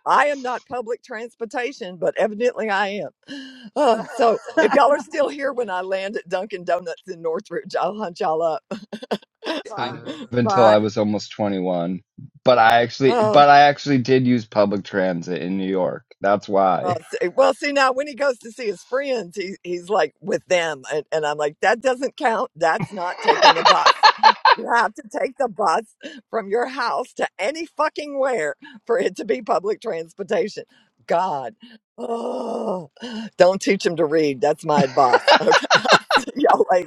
Speaker 4: I am not public transportation, but evidently I am.
Speaker 2: [LAUGHS]
Speaker 4: Oh,
Speaker 2: Oh,
Speaker 4: so if y'all are still here when I land at Dunkin' Donuts in Northridge, I'll hunt y'all up.
Speaker 2: So sorry.
Speaker 3: Until I
Speaker 4: But
Speaker 3: was almost 21. But I actually
Speaker 4: Oh,
Speaker 3: but I actually did use public transit in New York. That's
Speaker 4: oh,
Speaker 3: why.
Speaker 4: see- well, see now when he goes to see his friends, he he's like with them, and, and I'm like, that doesn't count. That's not taking the bus. You have to take the bus from your house to any fucking where for it to be public transportation. God, oh, don't teach him to read. That's my
Speaker 3: [LAUGHS]
Speaker 4: advice. Okay, [LAUGHS] y'all later.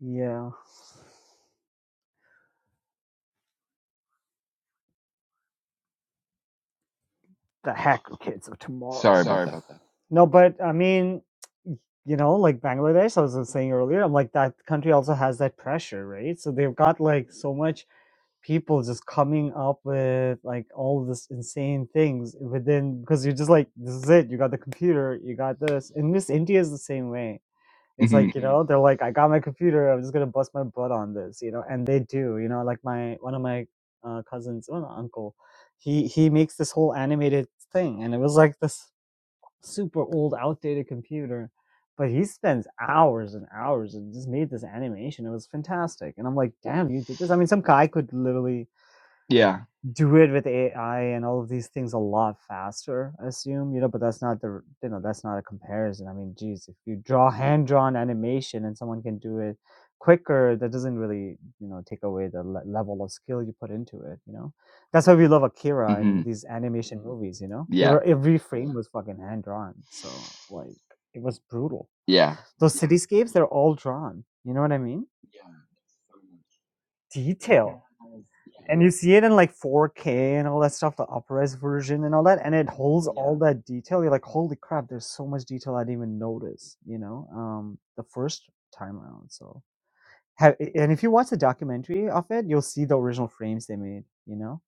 Speaker 2: yeah, the hacker kids of tomorrow.
Speaker 3: Sorry about that.
Speaker 2: No, but I mean, you know, like Bangladesh, I was saying earlier, I'm like that country also has that pressure, right? So they've got like so much people just coming up with like all of this insane things within because you're just like this is it. You got the computer, you got this, and Miss India is the same way. It's like,
Speaker 3: hmm
Speaker 2: you know, they're like, I got my computer. I'm just going to bust my butt on this, you know, and they do, you know, like my, one of my uh, cousins, well, not uncle, he, he makes this whole animated thing. And it was like this super old outdated computer, but he spends hours and hours and just made this animation. It was fantastic. And I'm like, damn, you did this. I mean, some guy could literally
Speaker 3: Yeah.
Speaker 2: do it with AI and all of these things a lot faster, I assume, you know, but that's not the, you know, that's not a comparison. I mean, geez, if you draw hand drawn animation and someone can do it quicker, that doesn't really, you know, take away the le- level of skill you put into it, you know? That's why we love Akira and
Speaker 3: hmm
Speaker 2: these animation movies, you know? They
Speaker 3: Yeah.
Speaker 2: were, every frame was fucking hand drawn. So, like, it was brutal.
Speaker 3: Yeah.
Speaker 2: Those cityscapes, they're all drawn. You know what I mean? detail and you see it in like 4K and all that stuff, the upres version and all that, and it holds yeah. all that detail. You're like, holy crap, there's so much detail I didn't even notice, you know, um, the first time around. So, have, and if you watch the documentary of it, you'll see the original frames they made, you know,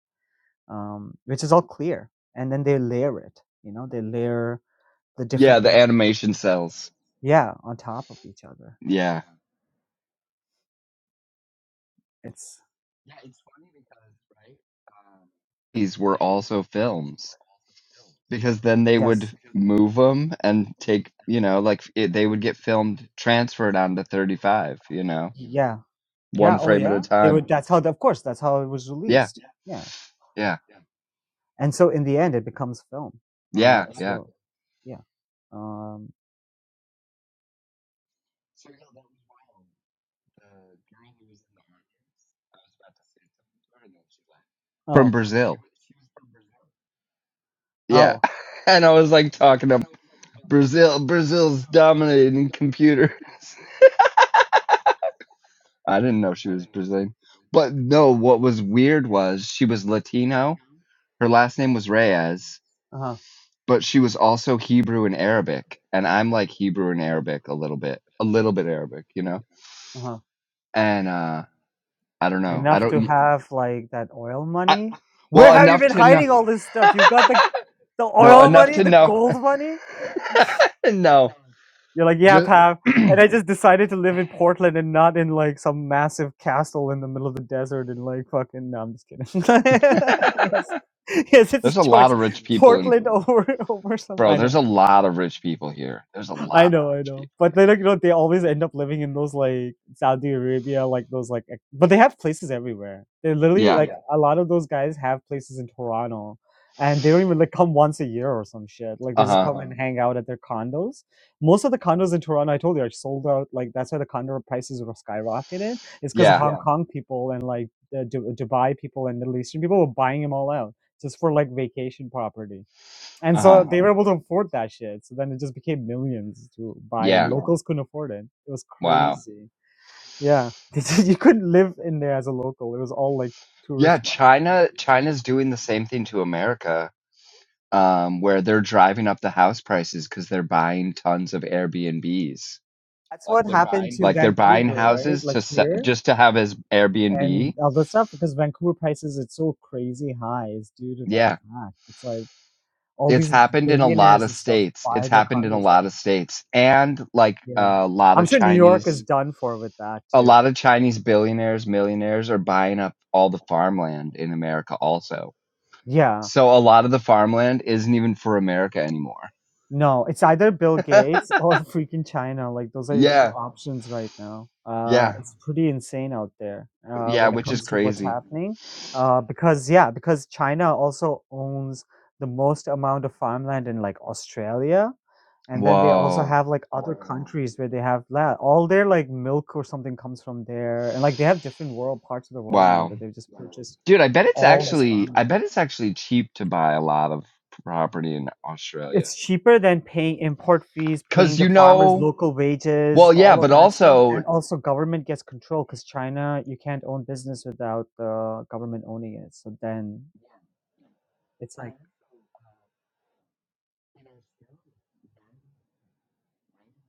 Speaker 2: um, which is all clear, and then they layer it, you know, they layer the
Speaker 3: Yeah.
Speaker 2: different
Speaker 3: The
Speaker 2: paper,
Speaker 3: animation cells.
Speaker 2: yeah, on top of each other.
Speaker 3: Yeah.
Speaker 2: It's
Speaker 3: These were also films because then they would
Speaker 2: yes,
Speaker 3: move them and take, you know, like it, they would get filmed, transferred onto 35, you know,
Speaker 2: yeah. Yeah.
Speaker 3: one
Speaker 2: Oh,
Speaker 3: frame at a
Speaker 2: yeah. They
Speaker 3: time.
Speaker 2: would. That's how. Of course, that's how it was
Speaker 3: Yeah.
Speaker 2: released. Yeah.
Speaker 3: Yeah.
Speaker 2: And so in the end, it becomes film uh,
Speaker 3: Yeah.
Speaker 2: as
Speaker 3: Yeah.
Speaker 2: well. Yeah. Um.
Speaker 3: From
Speaker 2: Oh.
Speaker 3: Brazil. Yeah.
Speaker 2: Oh.
Speaker 3: [LAUGHS] And I was like talking to Brazil. Brazil's dominating computers. I didn't know she was Brazilian. But no, what was weird was she was Latino. Her last name was Reyes,
Speaker 2: Uh huh.
Speaker 3: but she was also Hebrew and Arabic. And I'm like Hebrew and Arabic a little bit, a little bit Arabic, you know?
Speaker 2: Uh huh.
Speaker 3: And uh, I don't know. I
Speaker 2: Enough to
Speaker 3: don't,
Speaker 2: have like that oil
Speaker 3: I,
Speaker 2: money. Where
Speaker 3: well,
Speaker 2: have you
Speaker 3: enough
Speaker 2: been
Speaker 3: to know.
Speaker 2: hiding
Speaker 3: [LAUGHS]
Speaker 2: all this stuff? You've got the the
Speaker 3: No,
Speaker 2: oil [LAUGHS]
Speaker 3: enough
Speaker 2: money,
Speaker 3: to
Speaker 2: the
Speaker 3: know. [LAUGHS]
Speaker 2: gold money.
Speaker 3: No,
Speaker 2: You're like, yeah,
Speaker 3: just
Speaker 2: Pav.
Speaker 3: [CLEARS THROAT]
Speaker 2: And I just decided to live in Portland and not in like some massive castle in the middle of the desert and like fucking. No, I'm just kidding. [LAUGHS] yes, yes, it's a
Speaker 3: there's a lot
Speaker 2: choice.
Speaker 3: of rich people in,
Speaker 2: Portland [LAUGHS] over over some.
Speaker 3: bro.
Speaker 2: I
Speaker 3: There's
Speaker 2: know.
Speaker 3: a lot of rich people here. There's a
Speaker 2: I
Speaker 3: lot of
Speaker 2: know, I
Speaker 3: rich people.
Speaker 2: know. But they like you know they always end up living in those like Saudi Arabia, like those like ex- but they have places everywhere. They literally
Speaker 3: Yeah.
Speaker 2: like Yeah. a lot of those guys have places in Toronto and they don't even like come once a year or some shit. Like they
Speaker 3: Uh
Speaker 2: just
Speaker 3: huh.
Speaker 2: come Uh-huh. and hang out at their condos. Most of the condos in Toronto, I told you, are sold out. Like that's why the condo prices were skyrocketed. It's because
Speaker 3: Yeah.
Speaker 2: Hong Yeah. Kong people and like the Du- Dubai people and Middle Eastern people were buying them all out just for like vacation property and
Speaker 3: Uh huh.
Speaker 2: so they were able to afford that shit. So then it just became millions to buy, and
Speaker 3: Yeah.
Speaker 2: locals couldn't afford it. It was
Speaker 3: Wow.
Speaker 2: crazy. Yeah, [LAUGHS] you couldn't live in there as a local. It was all like
Speaker 3: Yeah,
Speaker 2: tourist ones.
Speaker 3: China China's doing the same thing to America, um, where they're driving up the house prices because they're buying tons of Airbnbs.
Speaker 2: That's what happened to
Speaker 3: Like they're buying
Speaker 2: Vancouver, right?
Speaker 3: houses
Speaker 2: Like
Speaker 3: to se-
Speaker 2: here
Speaker 3: just to have as
Speaker 2: and
Speaker 3: Airbnb.
Speaker 2: all that stuff, because Vancouver prices it's so crazy high is due to that
Speaker 3: Yeah,
Speaker 2: fact. It's like all
Speaker 3: it's
Speaker 2: these
Speaker 3: happened in a lot
Speaker 2: billionaires
Speaker 3: of
Speaker 2: and stuff
Speaker 3: states.
Speaker 2: buy
Speaker 3: It's
Speaker 2: their
Speaker 3: happened in a
Speaker 2: condos
Speaker 3: lot
Speaker 2: there.
Speaker 3: of states, and like
Speaker 2: Yeah,
Speaker 3: a lot
Speaker 2: I'm
Speaker 3: of
Speaker 2: sure New York is
Speaker 3: Chinese,
Speaker 2: done for with that
Speaker 3: a
Speaker 2: too.
Speaker 3: lot of Chinese billionaires, millionaires are buying up all the farmland in America also.
Speaker 2: Yeah,
Speaker 3: So a lot of the farmland isn't even for America anymore.
Speaker 2: No, it's either Bill
Speaker 3: [LAUGHS]
Speaker 2: Gates [LAUGHS] or freaking China. Like those are your two
Speaker 3: Yeah,
Speaker 2: options right now. Uh,
Speaker 3: yeah.
Speaker 2: it's pretty insane out there uh,
Speaker 3: Yeah,
Speaker 2: when it
Speaker 3: which is
Speaker 2: comes to what's
Speaker 3: crazy.
Speaker 2: happening. Uh, because yeah, because China also owns the most amount of farmland in like Australia, and then they also
Speaker 3: Whoa.
Speaker 2: have like other countries where they have that. All their like milk or something comes from there, and like they have different world parts of the world now
Speaker 3: Wow.
Speaker 2: that they've just purchased
Speaker 3: Dude, I bet it's
Speaker 2: all this
Speaker 3: actually I
Speaker 2: farmland.
Speaker 3: bet it's actually cheap to buy a lot of property in Australia.
Speaker 2: It's cheaper than paying import fees, paying
Speaker 3: Cuz
Speaker 2: the
Speaker 3: you
Speaker 2: farmers
Speaker 3: know,
Speaker 2: local wages,
Speaker 3: well yeah,
Speaker 2: all of
Speaker 3: but
Speaker 2: that stuff,
Speaker 3: also
Speaker 2: and also government gets control because China, you can't own business without the government owning it. So then it's like,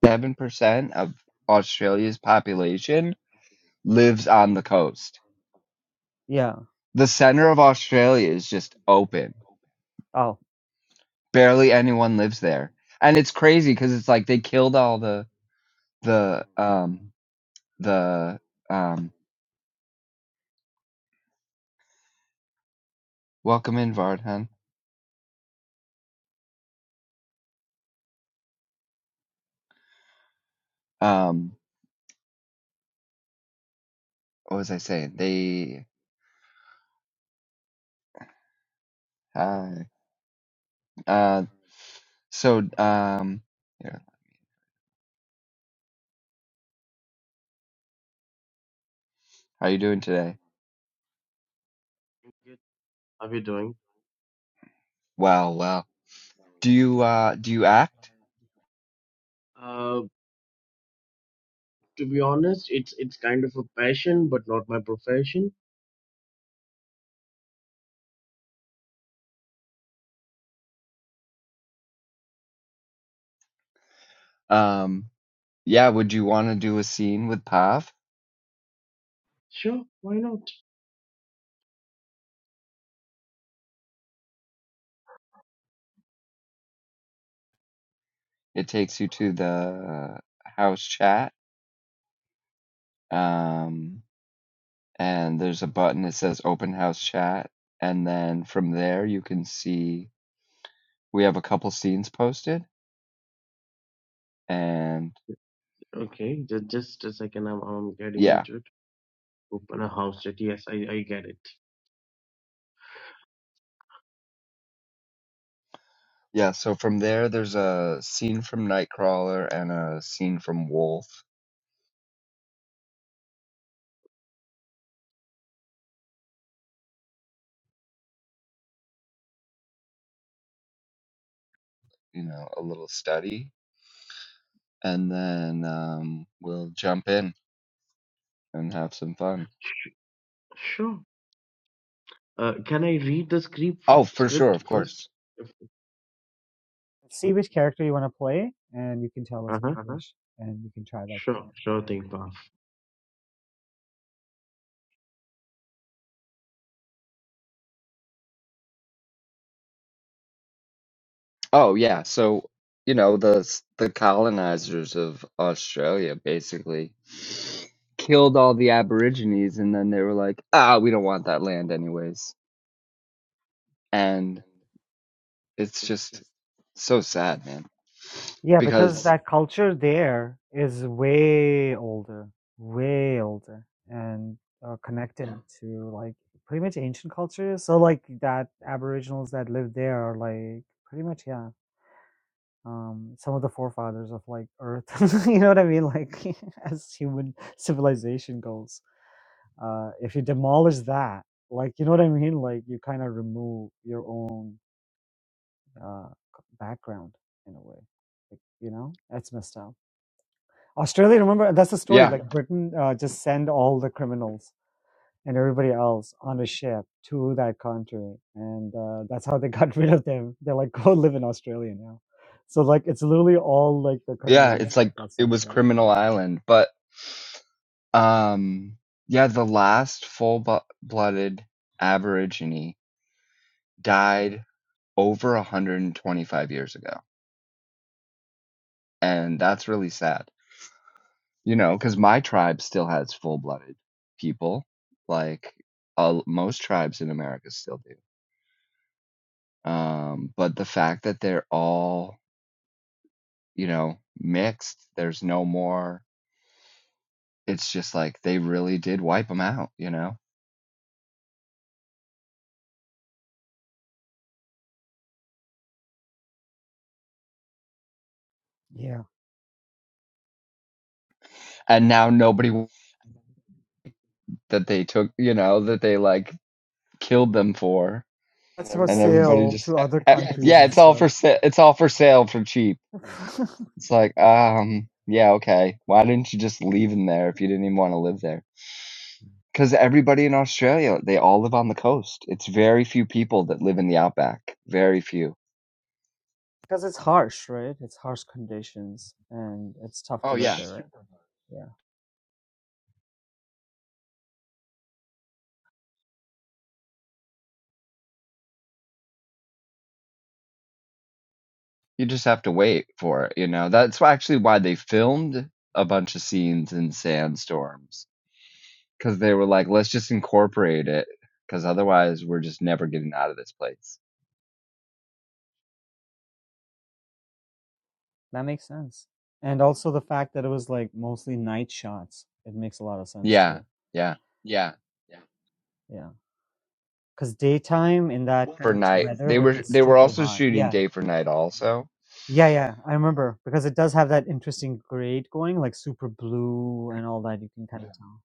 Speaker 3: 7% of Australia's population lives on the coast.
Speaker 2: yeah,
Speaker 3: The center of Australia is just open.
Speaker 2: oh,
Speaker 3: Barely anyone lives there. And it's crazy cuz it's like they killed all the the um the um welcome in Vardhan. Um what was I saying? They uh uh so um yeah, how you doing today?
Speaker 5: good. How are you doing?
Speaker 3: Well, well. Do you uh do you act?
Speaker 5: Uh, to be honest, it's it's kind of a passion, but not my profession.
Speaker 3: Um yeah, would you want to do a scene with Pav?
Speaker 5: Sure, why not?
Speaker 3: It takes you to the house chat. Um and there's a button that says open house chat and then from there you can see we have a couple scenes posted and
Speaker 5: Okay, just just a second. I'm I'm getting
Speaker 3: yeah,
Speaker 5: into it. Open a house chat. Yes, I I get it.
Speaker 3: Yeah, so from there, there's a scene from Nightcrawler and a scene from Wolf, you know, a little study. And then um, we'll jump in and have some fun.
Speaker 5: Sure. Uh, can I read the script f-
Speaker 3: Oh, for sure,
Speaker 5: script
Speaker 3: of
Speaker 5: first?
Speaker 3: course.
Speaker 5: If- Sure.
Speaker 2: see which character you want to play, and you can tell us if
Speaker 5: Uh-huh.
Speaker 2: you Uh-huh. wish, and you can try that character.
Speaker 5: Sure. Sure thing,
Speaker 3: Oh, yeah. So, you know, the s- the colonizers of Australia basically killed all the Aborigines, and then they were like, ah, we don't want that land anyways. And it's just so sad, man.
Speaker 2: Yeah, because
Speaker 3: Because,
Speaker 2: that culture there is way older, way older, and uh, connected to like pretty much ancient cultures. So like that Aboriginals that live there are like pretty much yeah, um, some of the forefathers of like Earth. [LAUGHS] you know what I mean? Like [LAUGHS] as human civilization goes, uh, if you demolish that, like you know what I mean? Like you kind of remove your own uh, c- background in a way. Like, you know, that's messed up. Australia, remember, that's the story.
Speaker 3: yeah.
Speaker 2: Like yeah. Britain uh, just send all the criminals and everybody else on a ship to that country. And uh, that's how they [LAUGHS] got rid of them. They're like, go live in Australia now. So, like, it's literally all like the
Speaker 3: Yeah,
Speaker 2: criminals
Speaker 3: it's
Speaker 2: that
Speaker 3: like
Speaker 2: got
Speaker 3: it
Speaker 2: sent
Speaker 3: was
Speaker 2: there.
Speaker 3: Criminal Island, but um yeah, the last full-blooded Aborigine died over 125 years ago. And that's really sad. You know, cuz my tribe still has full-blooded people like uh, most tribes in America still do. Um but the fact that they're all, you know, mixed, there's no more it's just like they really did wipe them out, you know?
Speaker 2: Yeah.
Speaker 3: and now nobody that they took, you know, that they like killed them for,
Speaker 2: That's for
Speaker 3: and everybody
Speaker 2: sale to
Speaker 3: just,
Speaker 2: [LAUGHS] other
Speaker 3: eh,
Speaker 2: countries
Speaker 3: yeah,
Speaker 2: and
Speaker 3: it's all for sa- it's all for sale for cheap.
Speaker 2: [LAUGHS] exactly. stuff. Yeah.
Speaker 3: It's like, um, yeah, okay. Why didn't you just leave them there if you didn't even want to live there? Because everybody in Australia, they all live on the coast. It's very few people that live in the outback. Very few.
Speaker 2: [LAUGHS] because it's harsh, right? It's harsh conditions and it's tough live
Speaker 3: Sh-
Speaker 2: there, right? Yeah.
Speaker 3: You just have to wait for it, you know. That's why- actually why they filmed a bunch of scenes in sandstorms because they were like, let's just incorporate it because otherwise we're just never getting out of this place.
Speaker 2: That makes sense. And also the fact that it was like mostly night shots, it makes a lot of sense too.
Speaker 3: Yeah, yeah.
Speaker 2: Yeah. Because daytime in that kind of
Speaker 3: For night,
Speaker 2: weather
Speaker 3: they
Speaker 2: would be
Speaker 3: were they were
Speaker 2: stupid
Speaker 3: also
Speaker 2: hot.
Speaker 3: shooting
Speaker 2: Yeah.
Speaker 3: day for night. Also,
Speaker 2: Yeah, yeah. I remember because it does have that interesting grade going, like super blue and all that. You can kind of tell.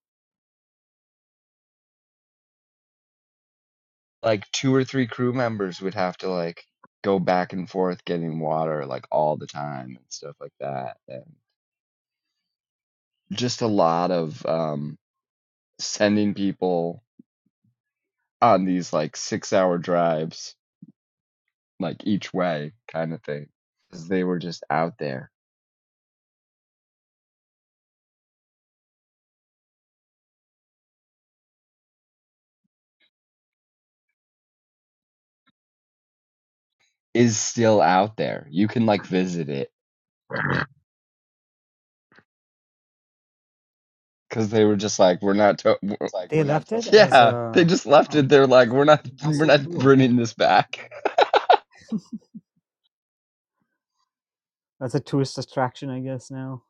Speaker 3: like two or three crew members would have to like go back and forth getting water like all the time and stuff like that, and just a lot of um sending people on these like six hour drives like each way kind of thing because they were just out there is still out there. You can like visit it because they were just like, we're not. To- we're-"
Speaker 2: They left it as
Speaker 3: yeah, they
Speaker 2: a.
Speaker 3: just left it.
Speaker 2: Oh,
Speaker 3: They're like, we're not,
Speaker 2: that's
Speaker 3: we're
Speaker 2: so
Speaker 3: not
Speaker 2: cool. [LAUGHS]
Speaker 3: bringing this back.
Speaker 2: That's a tourist attraction, I guess, now.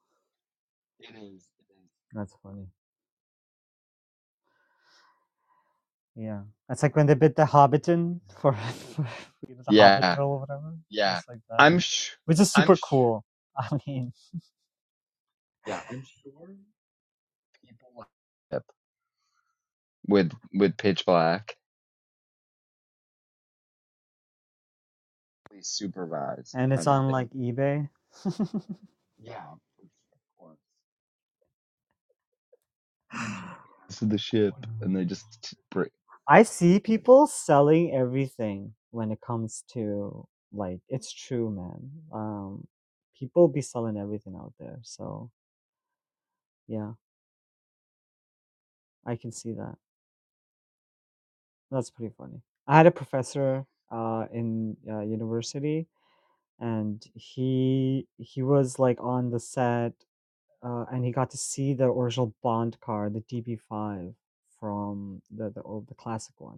Speaker 2: That's funny. Yeah. That's like when they bid the Hobbiton for, [LAUGHS] for you know, the Hobbitville
Speaker 3: Yeah,
Speaker 2: or whatever. Just like that.
Speaker 3: I'm sh-
Speaker 2: Which is super cool. [LAUGHS] I mean,
Speaker 3: yep, with with Pitch Black.
Speaker 2: and it's on like eBay.
Speaker 3: This is the ship, and they just break.
Speaker 2: I see people selling everything when it comes to like it's true, man. Um, people be selling everything out there. So yeah, I can see that. That's pretty funny. I had a professor uh, in uh, university, and he he was like on the set, uh, and he got to see the original Bond car, the DB5 from the the old the classic one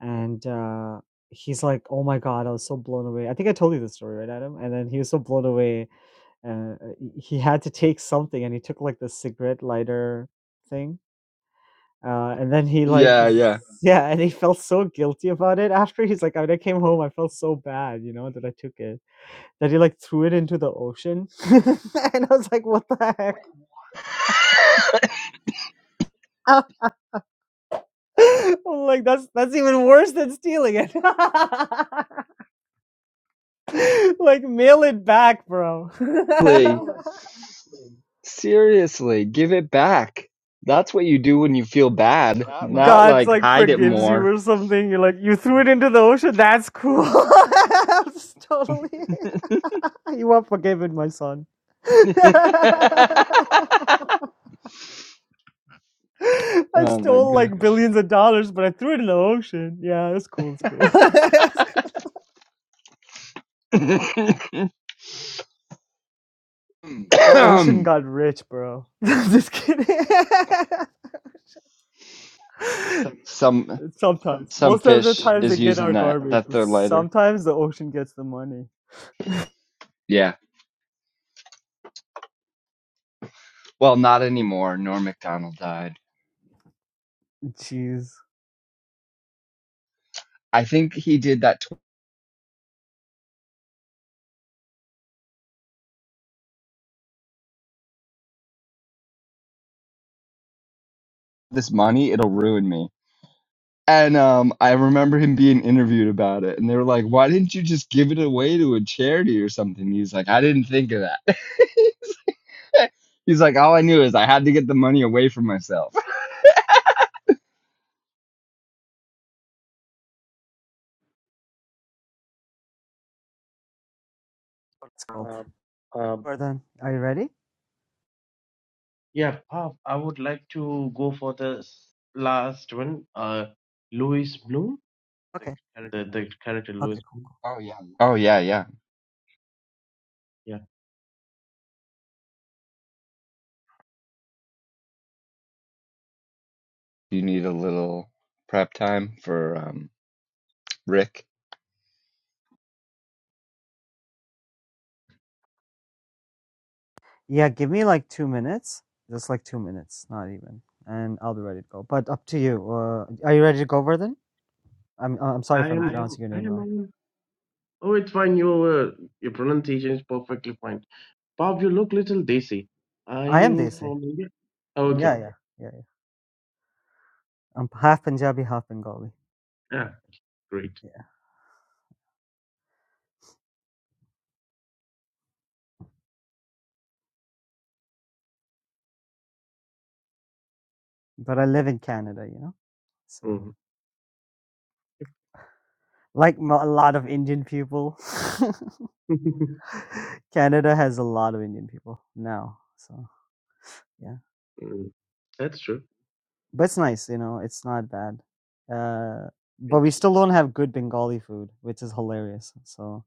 Speaker 2: and uh, he's like, "Oh my god, I was so blown away." I think I told you this story, right, Adam? And then he was so blown away, uh, he had to take something, and he took like the cigarette lighter thing, uh, and then he like, he,
Speaker 3: Yeah, yeah.
Speaker 2: [LAUGHS] yeah, and he felt so guilty about it after. He's like, "When I came home, I felt so bad, you know, that I took it, that he like threw it into the ocean," [LAUGHS] and I was like, "What the heck?" [LAUGHS] I'm like that's that's even worse than stealing it. [LAUGHS] [LAUGHS] like mail it back, bro. [LAUGHS] Yo,
Speaker 3: [LAUGHS] seriously, give it back. That's what you do when you feel bad,
Speaker 2: not like
Speaker 3: not
Speaker 2: God's
Speaker 3: like
Speaker 2: like
Speaker 3: hide it
Speaker 2: forgives you
Speaker 3: more.
Speaker 2: or something. You're like you threw it into the ocean. That's cool. [LAUGHS] I'm just totally. [LAUGHS] You are forgiven, my son. [LAUGHS]
Speaker 3: [LAUGHS]
Speaker 2: I Oh
Speaker 3: oh my
Speaker 2: stole like
Speaker 3: god.
Speaker 2: billions of dollars, but I threw it in the ocean. Yeah, it's cool. It's cool. [LAUGHS] the
Speaker 3: [LAUGHS]
Speaker 2: ocean
Speaker 3: um,
Speaker 2: got rich, bro. [LAUGHS] just kidding. [LAUGHS]
Speaker 3: some
Speaker 2: Sometimes,
Speaker 3: some
Speaker 2: most of the
Speaker 3: fish
Speaker 2: times they
Speaker 3: is
Speaker 2: get our
Speaker 3: using that.
Speaker 2: garbage,
Speaker 3: That's
Speaker 2: but
Speaker 3: their lighter.
Speaker 2: sometimes the ocean gets the money.
Speaker 3: Yeah. Well, not anymore. Norm Macdonald died.
Speaker 2: Jeez.
Speaker 3: I think he did that. Tw- this money, it'll ruin me. And um, I remember him being interviewed about it, and they were like, "Why didn't you just give it away to a charity or something?" He's like, "I didn't think of that." [LAUGHS] He's like, "All I knew is I had to get the money away from myself." [LAUGHS]
Speaker 2: Let's go. Um,
Speaker 5: Puff.
Speaker 2: Jordan, are you ready?
Speaker 5: Yeah, Pav, I would like to go for the s- last one. Uh, Louis Bloom,
Speaker 2: like, Okay.
Speaker 5: the the character Louis
Speaker 2: Okay, cool.
Speaker 5: Bloom.
Speaker 3: Oh yeah, yeah.
Speaker 5: Yeah,
Speaker 3: You need a little prep time for um, Rick.
Speaker 2: Yeah, give me like two minutes. Just like two minutes, not even. And I'll be ready to go. But up to you. Uh, are you ready to go, Verdun? I'm uh, I'm sorry if
Speaker 5: I
Speaker 2: I'm are you
Speaker 5: am.
Speaker 2: pronouncing your
Speaker 5: I
Speaker 2: name
Speaker 5: am.
Speaker 2: wrong.
Speaker 5: aware. Oh, it's fine. Your uh, your pronunciation is perfectly fine. Pav, you look little desi. Are
Speaker 2: I am
Speaker 5: you
Speaker 2: Desi.
Speaker 5: from India? Oh, okay.
Speaker 2: Yeah, yeah, yeah, yeah. I'm half Punjabi, half Bengali.
Speaker 5: Yeah, great.
Speaker 2: Yeah. But I live in Canada, you know? So,
Speaker 5: Mhm.
Speaker 2: like mo- a lot of Indian people,
Speaker 5: [LAUGHS]
Speaker 2: [LAUGHS] Canada has a lot of Indian people now. So, yeah.
Speaker 5: Mm, That's true.
Speaker 2: but it's nice, you know, it's not bad. Uh,
Speaker 5: It,
Speaker 2: but we still don't have good Bengali food, which is hilarious. So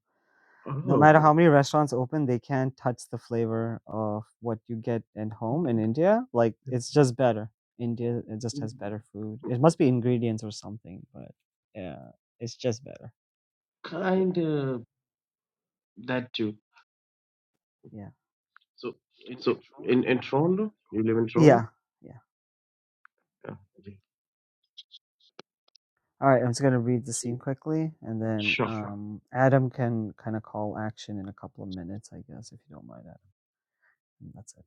Speaker 2: no
Speaker 5: oh,
Speaker 2: matter how many restaurants open, they can't touch the flavor of what you get at home in India. Like it's just better. India it just has better food. It must be ingredients or something, but yeah, it's just better. Yeah,
Speaker 5: kind of that too.
Speaker 2: Yeah.
Speaker 5: So in in Toronto, you live in
Speaker 2: Yeah.
Speaker 5: Toronto?
Speaker 2: Yeah.
Speaker 5: Yeah. Okay.
Speaker 2: All right, I'm just gonna read the
Speaker 5: So,
Speaker 2: scene quickly, and then
Speaker 5: sure.
Speaker 2: sure. um, Adam can kind of call action in a couple of minutes, I guess, if you don't mind, Adam. And that's it.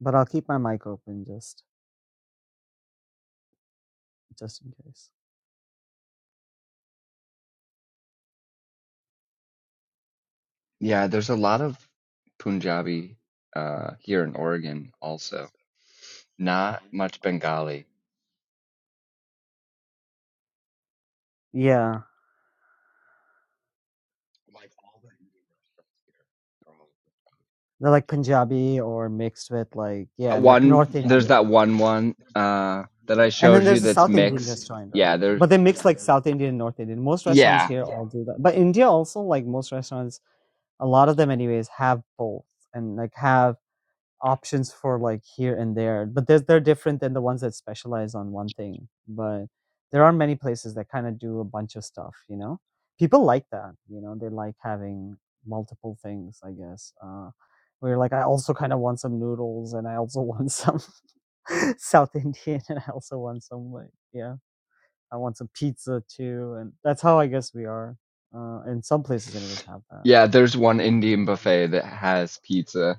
Speaker 2: but I'll keep my mic open just just in case.
Speaker 3: Yeah, there's a lot of Punjabi uh, here in Oregon also. Not much Bengali.
Speaker 2: Yeah, they're like Punjabi or mixed with like yeah,
Speaker 3: Uh,
Speaker 2: and like North
Speaker 3: One, there's
Speaker 2: Indian.
Speaker 3: that one one uh, that I
Speaker 2: And then
Speaker 3: showed you
Speaker 2: there's a
Speaker 3: that's
Speaker 2: South Indian
Speaker 3: mixed.
Speaker 2: restaurant, right?
Speaker 3: Yeah, there's
Speaker 2: But they mix like South Indian and North Indian. Most restaurants
Speaker 3: yeah,
Speaker 2: here all do that. But India also, like most restaurants, a lot of them anyways, have both and like have options for like here and there but they're, they're different than the ones that specialize on one thing but there are many places that kind of do a bunch of stuff you know people like that you know they like having multiple things i guess uh we're like i also kind of want some noodles and i also want some [LAUGHS] south indian and i also want some like yeah i want some pizza too and that's how i guess we are uh and some places anyways have that
Speaker 3: yeah. There's one Indian buffet that has pizza.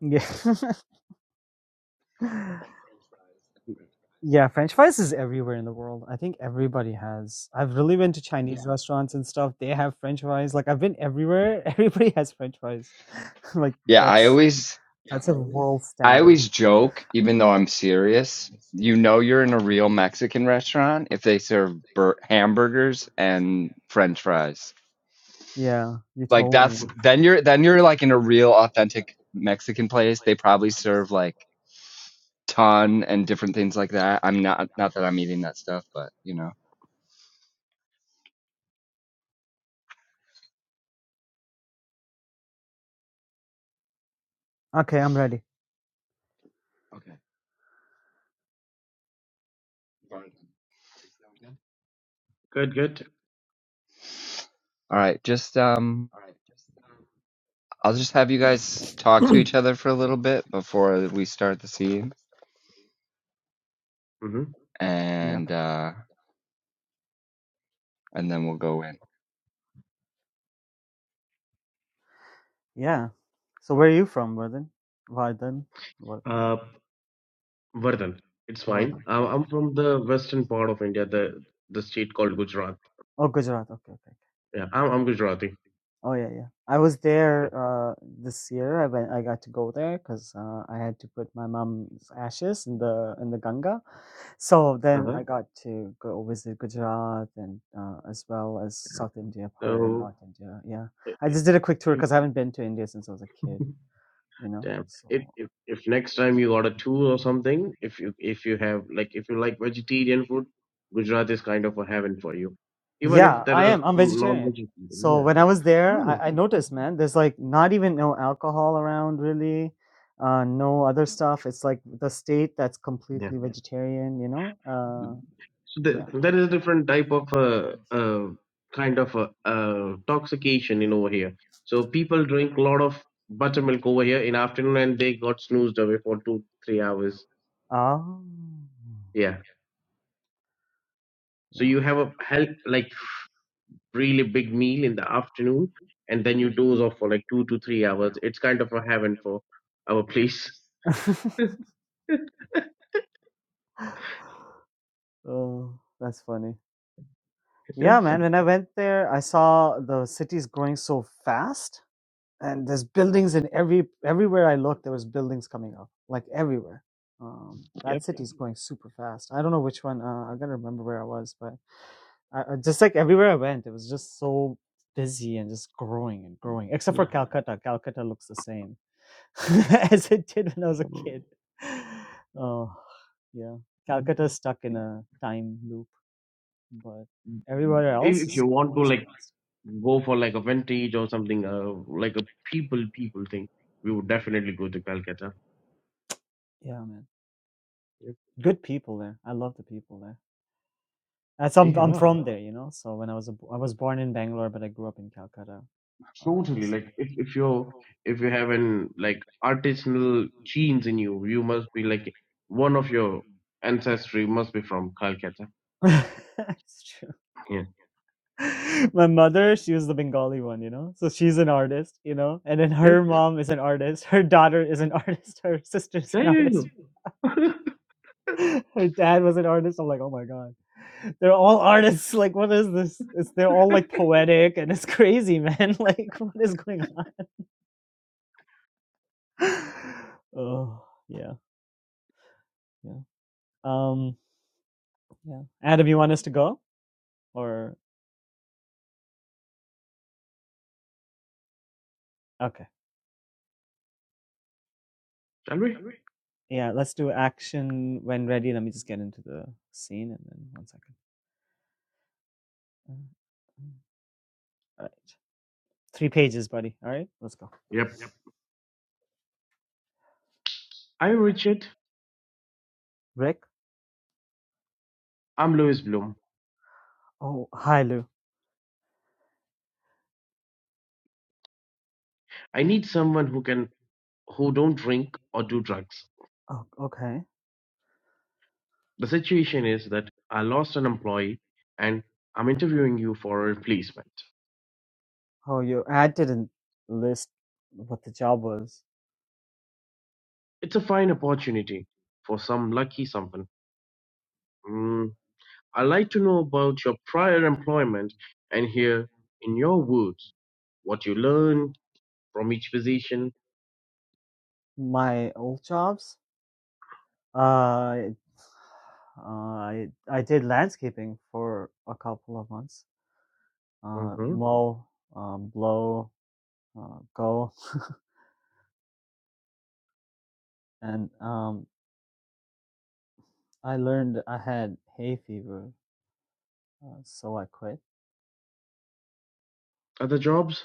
Speaker 2: yeah yeah [LAUGHS] Yeah, French fries is everywhere in the world. I think everybody has. I've really been to Chinese Yeah. restaurants and stuff. They have French fries. Like I've been everywhere. [LAUGHS] Everybody has French fries. [LAUGHS] like
Speaker 3: Yeah, I
Speaker 2: that's
Speaker 3: always
Speaker 2: that's a world
Speaker 3: I
Speaker 2: standard.
Speaker 3: always joke, even though I'm serious. You know, you're in a real Mexican restaurant if they serve bur- hamburgers and French fries.
Speaker 2: Yeah, you
Speaker 3: Like
Speaker 2: told me.
Speaker 3: that's then you're then you're like in a real authentic Mexican place. They probably serve like ton and different things like that. I'm not not that I'm eating that stuff, but you know.
Speaker 2: Okay, I'm ready.
Speaker 5: Good, good.
Speaker 3: All right, just um I'll just have you guys talk to each other for a little bit before we start the scene
Speaker 5: hmm
Speaker 2: Yeah,
Speaker 3: and
Speaker 2: okay.
Speaker 3: uh and then we'll go in.
Speaker 2: Yeah. So where are you from, Warden? Warden? What?
Speaker 5: Uh, Vardhan, it's fine.
Speaker 2: Warden.
Speaker 5: I'm,
Speaker 2: Got it.
Speaker 5: I'm from the western part of India, the the state called Gujarat.
Speaker 2: Oh, Gujarat. Okay, okay.
Speaker 5: Yeah, I'm, I'm Gujarati.
Speaker 2: Oh yeah, yeah. I was
Speaker 5: Yeah.
Speaker 2: there uh this year. I went. I got to go there because uh, I had to put my mom's ashes in the in the Ganga. So then
Speaker 5: Uh-huh.
Speaker 2: I got to go visit Gujarat and uh, as well as South India part and
Speaker 5: So,
Speaker 2: North India. Yeah,
Speaker 5: i-
Speaker 2: I just did a quick tour
Speaker 5: i-
Speaker 2: because I haven't been to India since I was a kid.
Speaker 5: [LAUGHS]
Speaker 2: You know,
Speaker 5: damn.
Speaker 2: so
Speaker 5: If, if if next time you order two or something, if you if you have like if you like vegetarian food, Gujarat is kind of a heaven for you. Even if
Speaker 2: Yeah,
Speaker 5: there
Speaker 2: I
Speaker 5: are
Speaker 2: am. I'm
Speaker 5: some
Speaker 2: vegetarian.
Speaker 5: non-vegetarian,
Speaker 2: So
Speaker 5: yeah.
Speaker 2: when I was there, I,
Speaker 5: Oh,
Speaker 2: I noticed, man, there's like not even no alcohol around really, uh, no other stuff. It's like the state that's completely
Speaker 5: yeah.
Speaker 2: vegetarian, you know? Uh,
Speaker 5: So
Speaker 2: yeah.
Speaker 5: the, there is a different type of uh, uh, kind of uh, uh, intoxication in over here. So people drink a lot of buttermilk over here in afternoon, and they got snoozed away for two three hours.
Speaker 2: Oh,
Speaker 5: Yeah. So
Speaker 2: yeah.
Speaker 5: you have a help like really big meal in the afternoon, and then you doze off for like two to three hours. It's kind of a heaven for our place.
Speaker 2: [LAUGHS] Oh, that's funny.
Speaker 5: [LAUGHS] Yep.
Speaker 2: Yeah, man. When I went there, I saw the city's growing so fast. and there's buildings in every everywhere I looked. There was buildings coming up, like everywhere. Um,
Speaker 5: Yep.
Speaker 2: that city's going super fast. I don't know which one. Uh, I gotta remember where I was, but I, I- just like everywhere I went, it was just so busy and just growing and growing. Except for
Speaker 5: Yeah.
Speaker 2: Calcutta. Calcutta looks the same [LAUGHS] as it did when I was a
Speaker 5: Um,
Speaker 2: kid. Oh, yeah. Calcutta's stuck in a time loop, but everywhere
Speaker 5: If,
Speaker 2: else
Speaker 5: if you
Speaker 2: is
Speaker 5: want to
Speaker 2: going so
Speaker 5: like
Speaker 2: fast.
Speaker 5: go for like a vintage or something, uh, like a people people thing, we would definitely go to Calcutta.
Speaker 2: Yeah, man.
Speaker 5: Yeah,
Speaker 2: Good people there. I love the people there. That's I'm I'm
Speaker 5: yeah,
Speaker 2: from there, you know. So when I was a, I was born in Bangalore, but I grew up in Calcutta. Uh,
Speaker 5: totally.
Speaker 2: s-
Speaker 5: Like if, if you're if you have an like artisanal genes in you, you must be like one of your ancestry must be from Calcutta.
Speaker 2: [LAUGHS] it's true.
Speaker 5: Yeah.
Speaker 2: [LAUGHS] My mother, she was the Bengali one, you know. So she's an artist, you know. And then
Speaker 5: Yep.
Speaker 2: her mom is an artist. Her daughter is an [LAUGHS] artist. Her sister's
Speaker 5: There
Speaker 2: an artist.
Speaker 5: you go. [LAUGHS]
Speaker 2: [LAUGHS] Her dad was an artist. I'm like, oh my god, they're all artists. [LAUGHS] Like, what is this? It's they're all like poetic, and it's crazy, man. [LAUGHS] Like, what is going on? [LAUGHS] oh yeah, yeah. Um, yeah. Adam, you want us to go? Or okay,
Speaker 5: Shall we?
Speaker 2: yeah, let's do action when ready. Let me just get into the scene, and then one second. All right, three pages, buddy. All right, let's go.
Speaker 5: Yep. I'm Richard.
Speaker 2: Rick.
Speaker 5: I'm Louis Bloom.
Speaker 2: Oh, hi, Lou.
Speaker 5: I need someone who can who don't drink or do drugs.
Speaker 2: Oh, okay.
Speaker 5: The situation is that I lost an employee and I'm interviewing you for a replacement.
Speaker 2: How are you? I didn't list what the job was.
Speaker 5: It's a fine opportunity for some lucky someone. Mm, I'd like to know about your prior employment and hear, in your words, what you learned from each position.
Speaker 2: My old jobs. Uh, uh, I I did landscaping for a couple of months. Uh,
Speaker 5: hmm
Speaker 2: mow, um, blow, uh, go, [LAUGHS] and um, I learned I had hay fever, uh, so I quit.
Speaker 5: Other jobs?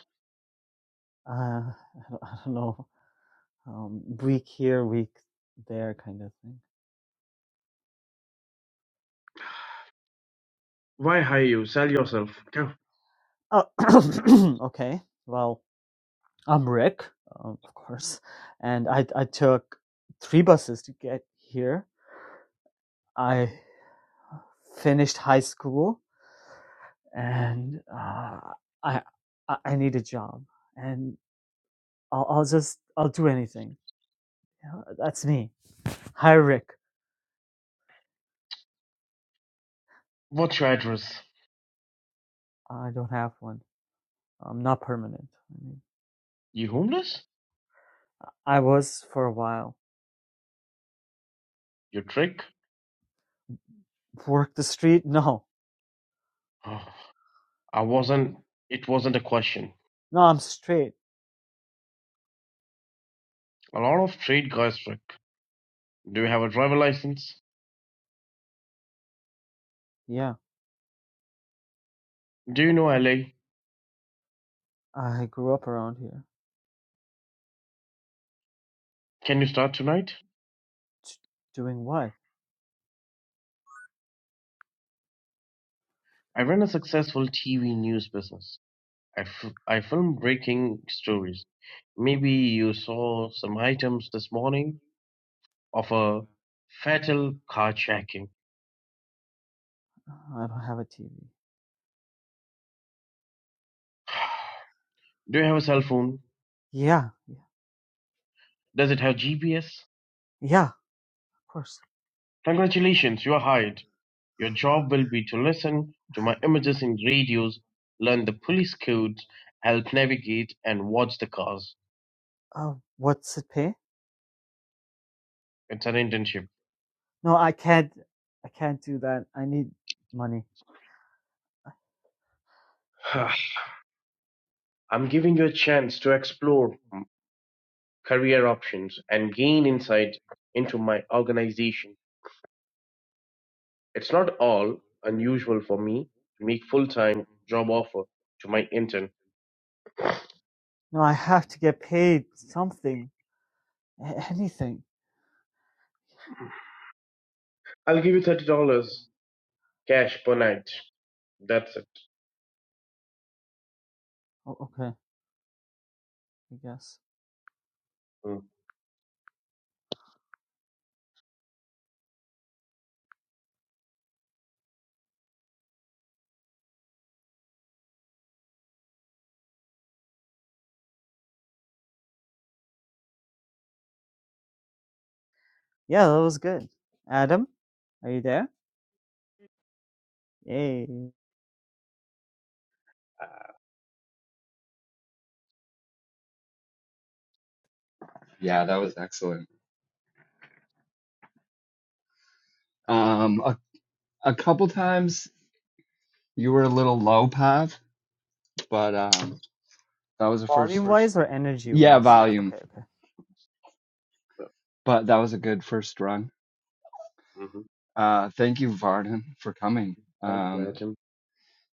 Speaker 2: Uh, [LAUGHS] I, don't, I don't know, um, week here, week there, kind of thing.
Speaker 5: Why hire you? Sell yourself. Go.
Speaker 2: Oh, [COUGHS] [CLEARS THROAT] okay. Well, I'm Rick, um, of course, and I I took three buses to get here. I finished high school, and uh, I I need a job, and I'll I'll just I'll do anything. You that's me. Hi, Rick.
Speaker 5: What's your address?
Speaker 2: I don't have one. Um, not permanent. I mean,
Speaker 5: You homeless?
Speaker 2: I was for a while.
Speaker 5: You trick?
Speaker 2: Work the street? No.
Speaker 5: Oh, I wasn't. It wasn't a question.
Speaker 2: No, I'm straight.
Speaker 5: A lot of trade guys trick. Do you have a driver license?
Speaker 2: Yeah.
Speaker 5: Do you know, Ali?
Speaker 2: I grew up around here.
Speaker 5: Can you start tonight?
Speaker 2: T- doing what?
Speaker 5: I run a successful TV news business. I, f- I film breaking stories. Maybe you saw some items this morning of a fatal carjacking.
Speaker 2: I don't have a TV.
Speaker 5: Do you have a cell phone?
Speaker 2: Yeah. Yeah.
Speaker 5: Does it have GPS?
Speaker 2: Yeah. Of course.
Speaker 5: Congratulations, you are hired. Your job will be to listen to my images in radios, learn the police codes, help navigate, and watch the cars.
Speaker 2: Uh, what's it pay?
Speaker 5: It's an internship.
Speaker 2: No, I can't. I can't do that. I need money.
Speaker 5: [SIGHS] I'm giving you a chance to explore career options, and gain insights into my organization. It's not all unusual for me to make full-time job offer to my intern.
Speaker 2: No, I have to get paid something. A- anything.
Speaker 5: I'll give you thirty dollars cash per night. That's it.
Speaker 2: Oh, okay. I guess.
Speaker 5: Mm-hmm.
Speaker 2: Yeah, that was good. Adam, are you there? Yay.
Speaker 3: Yeah, that was excellent. Um a, a couple times you were a little low pav, but um that was a
Speaker 2: Volume
Speaker 3: first
Speaker 2: wise or energy
Speaker 3: yeah,
Speaker 2: wise? Yeah.
Speaker 3: volume,
Speaker 2: Okay. Okay.
Speaker 3: but that was a good first run. Uh, thank you, Varden, for coming.
Speaker 5: Thank you,
Speaker 3: Um,
Speaker 5: Adam.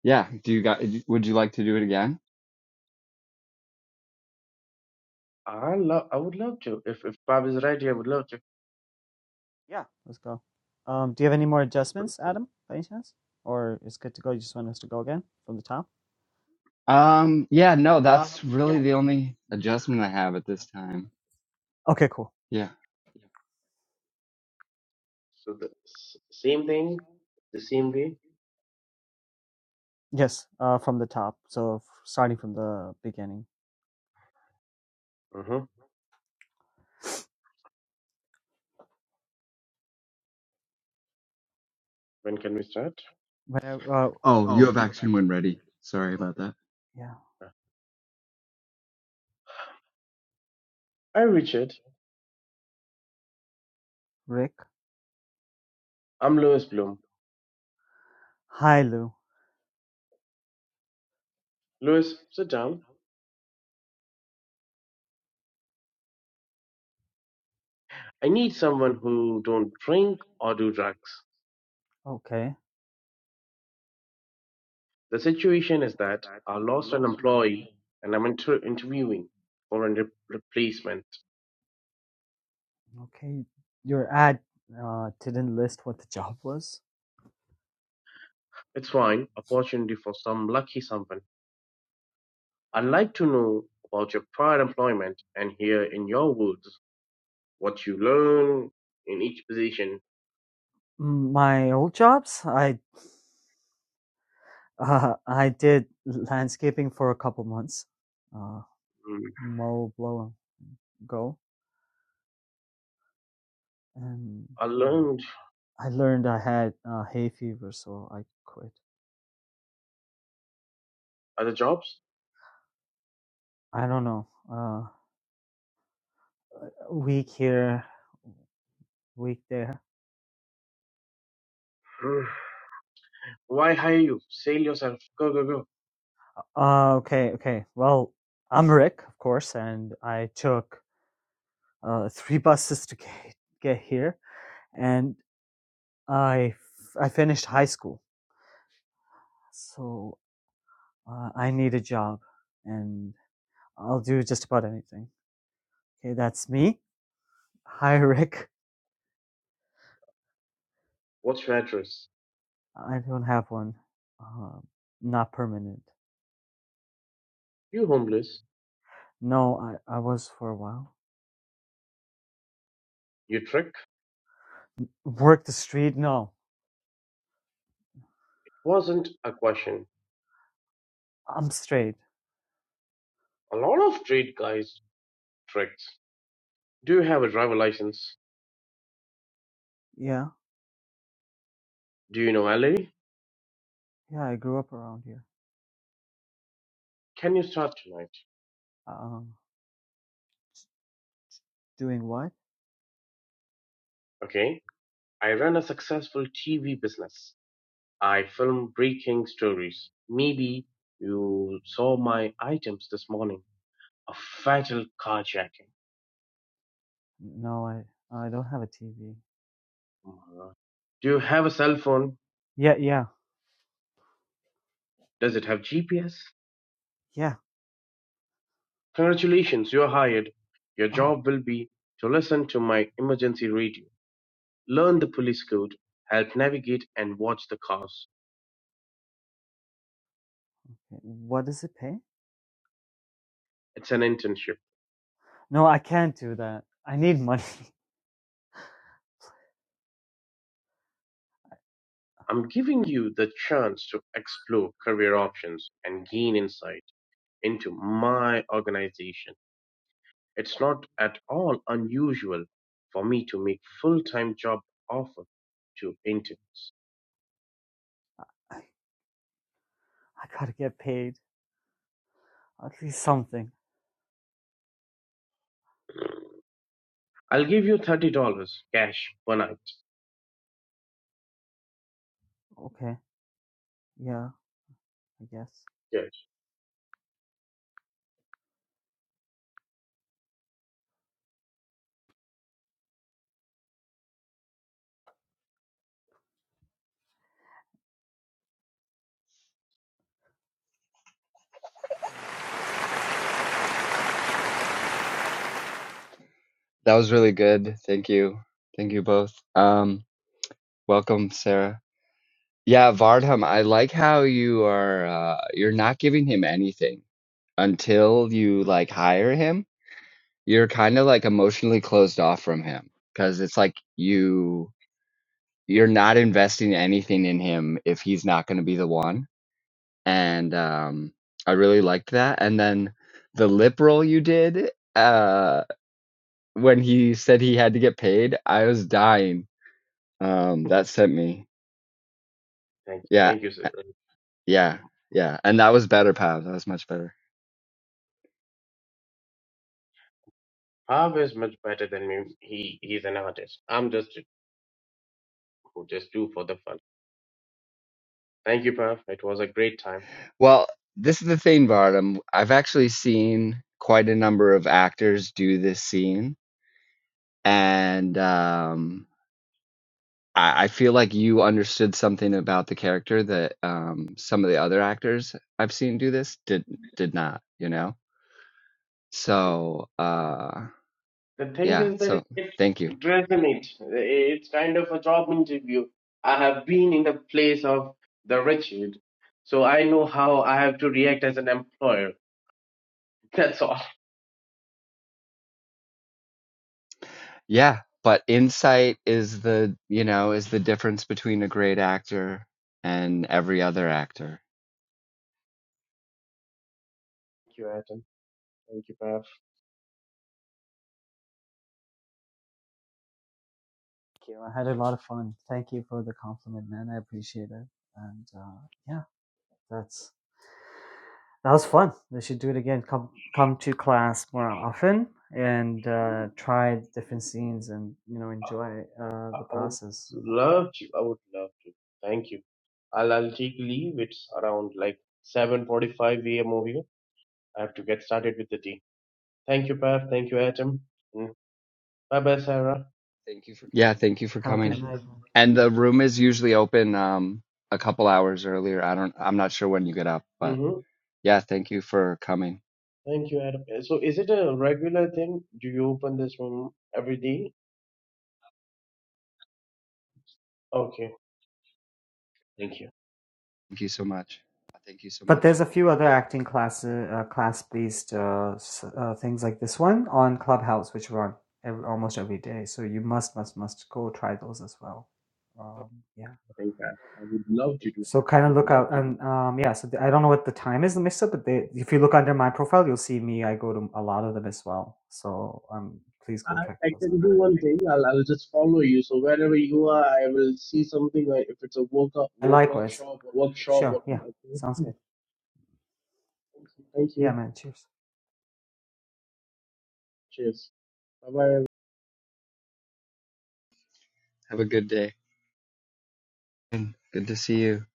Speaker 3: yeah, do you guys, would you like to do it again?
Speaker 5: I love. I would love to. If if Bob is right here, I would love to.
Speaker 2: Yeah, let's go. Um, do you have any more adjustments, Adam, by any chance? Or it's good to go? You just want us to go again from the top?
Speaker 3: Um, yeah, no, that's really the only adjustment I have at this time.
Speaker 2: Okay, cool.
Speaker 3: Yeah.
Speaker 5: So the s- same thing, the same way.
Speaker 2: Yes, uh, from the top. So f- starting from the beginning.
Speaker 5: Uh-huh. When can we start?
Speaker 2: Whenever, uh,
Speaker 3: Oh, you have action when ready. Sorry about that.
Speaker 2: yeah,
Speaker 5: Hi, Richard.
Speaker 2: Rick.
Speaker 5: I'm Louis Bloom.
Speaker 2: Hi, Lou.
Speaker 5: Louis, sit down. I need someone who don't drink or do drugs.
Speaker 2: Okay,
Speaker 5: The situation is that I lost an employee and I'm inter- interviewing for a re- replacement.
Speaker 2: okay. Your ad uh, didn't list what the job was.
Speaker 5: It's fine, opportunity for some lucky someone. I'd like to know about your prior employment and hear in your words what you learn in each position.
Speaker 2: Mm, My old jobs, I uh, I did landscaping for a couple months. Uh,
Speaker 5: Hmm,
Speaker 2: mow, blow, and go, and.
Speaker 5: I
Speaker 2: uh,
Speaker 5: learned
Speaker 2: I learned I had uh, hay fever, so I quit.
Speaker 5: other jobs.
Speaker 2: I don't know. Uh, week here, week there.
Speaker 5: Hmm, Why hire you? Sell yourself. Go, go, go.
Speaker 2: Uh, okay, okay. Well, I'm Rick, of course, and I took uh, three [LAUGHS] buses to get, get here, and I f- I finished high school, so uh, I need a job, and I'll do just about anything. Okay, that's me. Hi, [LAUGHS] Rick.
Speaker 5: What's your address?
Speaker 2: I don't have one. Uh, not permanent.
Speaker 5: You homeless.
Speaker 2: No, I, I was for a while.
Speaker 5: You trick.
Speaker 2: Work the street? No,
Speaker 5: Wasn't a question
Speaker 2: I'm straight.
Speaker 5: A lot of street guys tricks. Do you have a driver license?
Speaker 2: Yeah,
Speaker 5: Do you know Valerie?
Speaker 2: yeah. I grew up around here.
Speaker 5: Can you start tonight?
Speaker 2: Um, doing what?
Speaker 5: Okay. I run a successful TV business. I film breaking stories. Maybe you saw my items this morning. A fatal carjacking.
Speaker 2: No, I I don't have a TV.
Speaker 5: Oh my God. Do you have a cell phone?
Speaker 2: Yeah, yeah,
Speaker 5: Does it have GPS?
Speaker 2: yeah.
Speaker 5: Congratulations, you're hired. Your
Speaker 2: Oh,
Speaker 5: job will be to listen to my emergency radio, learn the police code, help navigate and watch the cars.
Speaker 2: okay. what does it pay?
Speaker 5: It's an internship.
Speaker 2: No, I can't do that. I need money. [LAUGHS]
Speaker 5: I'm giving you the chance to explore career options and gain insight into my organization. It's not at all unusual for me to make full-time job offer to interns.
Speaker 2: I I gotta get paid. At least something.
Speaker 5: I'll give you thirty dollars cash per night.
Speaker 2: Okay. Yeah, I guess.
Speaker 5: Yes.
Speaker 3: That was really good. Thank you. Thank you both. Um, welcome, Sarah. Yeah, Vardham, I like how you are, uh, you're not giving him anything until you like hire him. You're kind of like emotionally closed off from him because it's like you you're not investing anything in him if he's not going to be the one. And um, I really liked that. And then the lip roll you did uh, when he said he had to get paid, I was dying. Um, that sent me.
Speaker 5: Thank you.
Speaker 3: Yeah,
Speaker 5: Thank you, sir.
Speaker 3: uh, yeah, yeah. And that was better, Pav. That was much better.
Speaker 5: Pav is much better than me. He he's an artist. I'm just just do for the fun. Thank you, Pav. It was a great time.
Speaker 3: Well, this is the thing, Varnum. I've actually seen quite a number of actors do this scene. And um, I, I feel like you understood something about the character that um, some of the other actors I've seen do this did did not. You know, so uh,
Speaker 5: The thing
Speaker 3: yeah.
Speaker 5: is that it,
Speaker 3: So
Speaker 5: it,
Speaker 3: thank you.
Speaker 5: it resonates. It's kind of a job interview. I have been in the place of the Richard, so I know how I have to react as an employer. [LAUGHS] That's all. Thank
Speaker 3: Yeah, but insight is the you know is the difference between a great actor and every other actor.
Speaker 5: you, Adam. Thank you, Parag.
Speaker 2: Thank you. I had a lot of fun. Thank you for the compliment, man. I appreciate it. And uh, yeah, that's that was fun. We should do it again. Come come to class more often and uh, try different scenes and you know enjoy uh,
Speaker 5: I
Speaker 2: the
Speaker 5: I would
Speaker 2: process.
Speaker 5: love to. I would love to. Thank you. I'll, I'll take leave. It's around like 7.45 a.m. over here. I have to get started with the day. Thank you, Pav. Thank you, Adam. Mm. Bye-bye, Sarah.
Speaker 3: Yeah, thank you for
Speaker 2: Have a good
Speaker 3: coming.
Speaker 2: night.
Speaker 3: And the room is usually open um, a couple hours earlier. I don't. I'm not sure when you get up, but
Speaker 5: hmm
Speaker 3: yeah, thank you for coming.
Speaker 5: Thank you, Arab. So, is it a regular thing? Do you open this room every day? Okay. Thank you.
Speaker 3: Thank you so much.
Speaker 2: But there's a few other acting class uh, class based uh, s- uh, things like this one on Clubhouse, which run every, almost every day. So you must must must go try those as well. Um, yeah.
Speaker 5: Thank you. I would love to do that.
Speaker 2: So kind of look out and um, yeah. So the, I don't know what the time is the mix up, but they, if you look under my profile, you'll see me. I go to a lot of them as well. So um, please go check
Speaker 5: I, I
Speaker 2: those out.
Speaker 5: can do one thing. I'll, I'll just follow you. So wherever you are, I will see something. Or if it's a workout,
Speaker 2: And
Speaker 5: work,
Speaker 2: likewise.
Speaker 5: workshop,
Speaker 2: Sure.
Speaker 5: or
Speaker 2: Yeah. Sounds
Speaker 5: yeah.
Speaker 2: good.
Speaker 5: Thank
Speaker 2: Yeah,
Speaker 5: you.
Speaker 2: man. Cheers.
Speaker 5: Cheers. Bye bye.
Speaker 3: Have a good day. Good to see you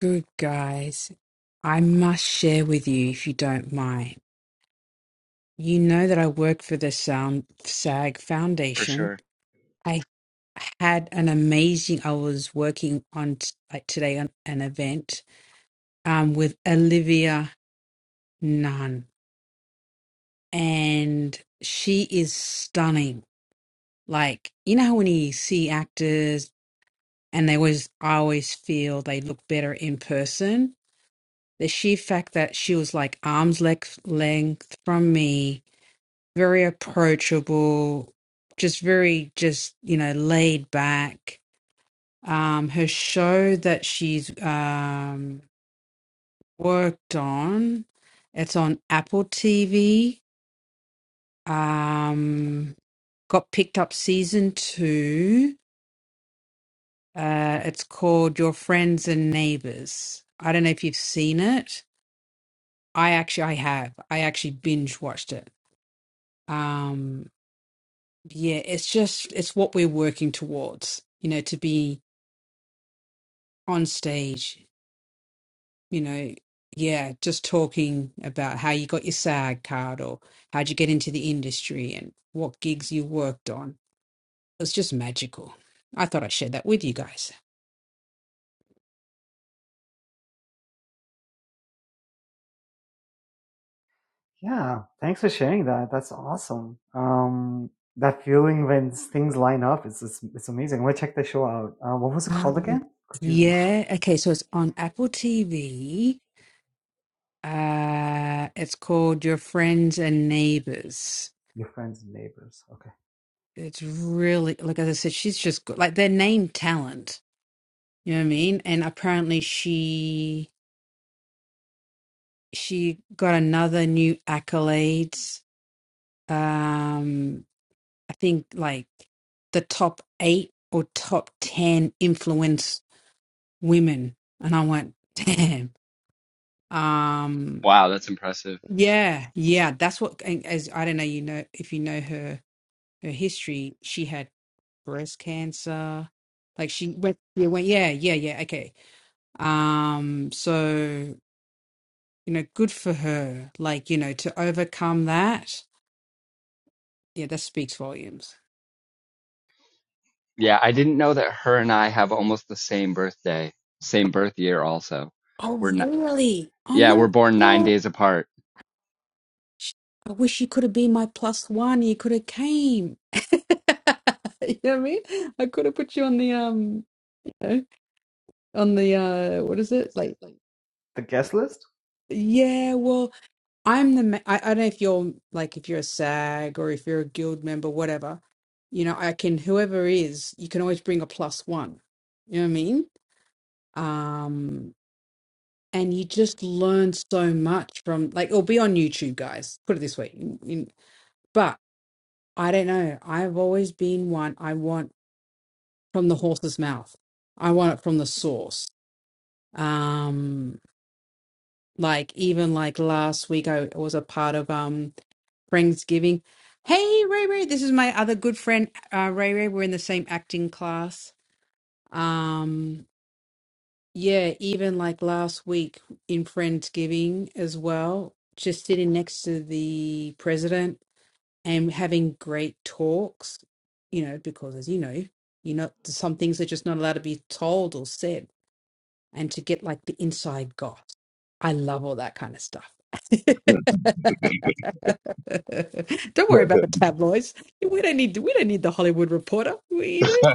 Speaker 6: Good guys, I must share with you if you don't mind. You know that I work for the Sound SAG
Speaker 3: for
Speaker 6: Foundation.
Speaker 3: sure.
Speaker 6: I had an amazing. I was working on t- like today on an event um, with Olivia Nunn, and she is stunning. Like you know how when you see actors and they always, I always feel they look better in person. The sheer fact that she was like arms length length from me very approachable, just very just you know laid back. Um, her show that she's um, worked on, it's on Apple TV. Um, got picked up season two. Uh, it's called Your Friends and Neighbors. I don't know if you've seen it. I actually I have. I actually binge watched it. Um, yeah, it's just it's what we're working towards. You know, to be on stage, you know, yeah, just talking about how you got your SAG card or how'd you get into the industry and what gigs you worked on. It was just magical. I thought I'd share that with you guys.
Speaker 2: Yeah, thanks for sharing that. That's awesome. Um, that feeling when s- things line up is it's, it's amazing. I'm gonna check the show out. Uh, what was it called
Speaker 6: Um,
Speaker 2: again? Could you repeat?
Speaker 6: yeah, okay, so it's on Apple TV. Uh, it's called Your Friends and Neighbors.
Speaker 2: Your friends and neighbors. Okay.
Speaker 6: It's really like as I said, she's just good. Like they're named talent. You know what I mean? And apparently she she got another new accolades. Um I think like the top eight or top ten influence women. And I went, [LAUGHS] damn. Um
Speaker 3: Wow, that's impressive.
Speaker 6: yeah, yeah, that's what and as I don't know you know if you know her her history, she had breast cancer. Like she went, yeah, went, yeah, yeah, yeah. Okay, Um, so, you know, good for her. Like, you know, to overcome that, yeah, that speaks volumes.
Speaker 3: Yeah, I didn't know that her and I have almost the same birthday, same birth year also.
Speaker 6: Oh,
Speaker 3: We're not,
Speaker 6: really? Oh
Speaker 3: yeah,
Speaker 6: my
Speaker 3: we're born nine
Speaker 6: gosh.
Speaker 3: days apart.
Speaker 6: I wish you could have been my plus one. You could have came. [LAUGHS] you know what I mean? I could have put you on the um, you know, on the uh, what is it like?
Speaker 2: The guest list.
Speaker 6: Yeah, well. I'm the ma- I, I don't know if you're like if you're a SAG or if you're a guild member, whatever. You know, I can whoever is, you can always bring a plus one. You know what I mean? Um, and you just learn so much from like it'll be on YouTube, guys. Put it this way. In, in, but I don't know. I've always been one. I want from the horse's mouth. I want it from the source. Um, like even like last week, I was a part of. um, Friendsgiving. Hey, Ray Ray, this is my other good friend, uh, Ray Ray. We're in the same acting class. Um, yeah, even like last week in Friendsgiving as well, just sitting next to the president and having great talks, you know, because as you know, you know, some things are just not allowed to be told or said and to get like the inside goss. I love all that kind of stuff.
Speaker 7: [LAUGHS] Good, good, good,
Speaker 6: [LAUGHS] don't worry
Speaker 7: good.
Speaker 6: about the tabloids. We don't need we don't need the Hollywood Reporter. We don't.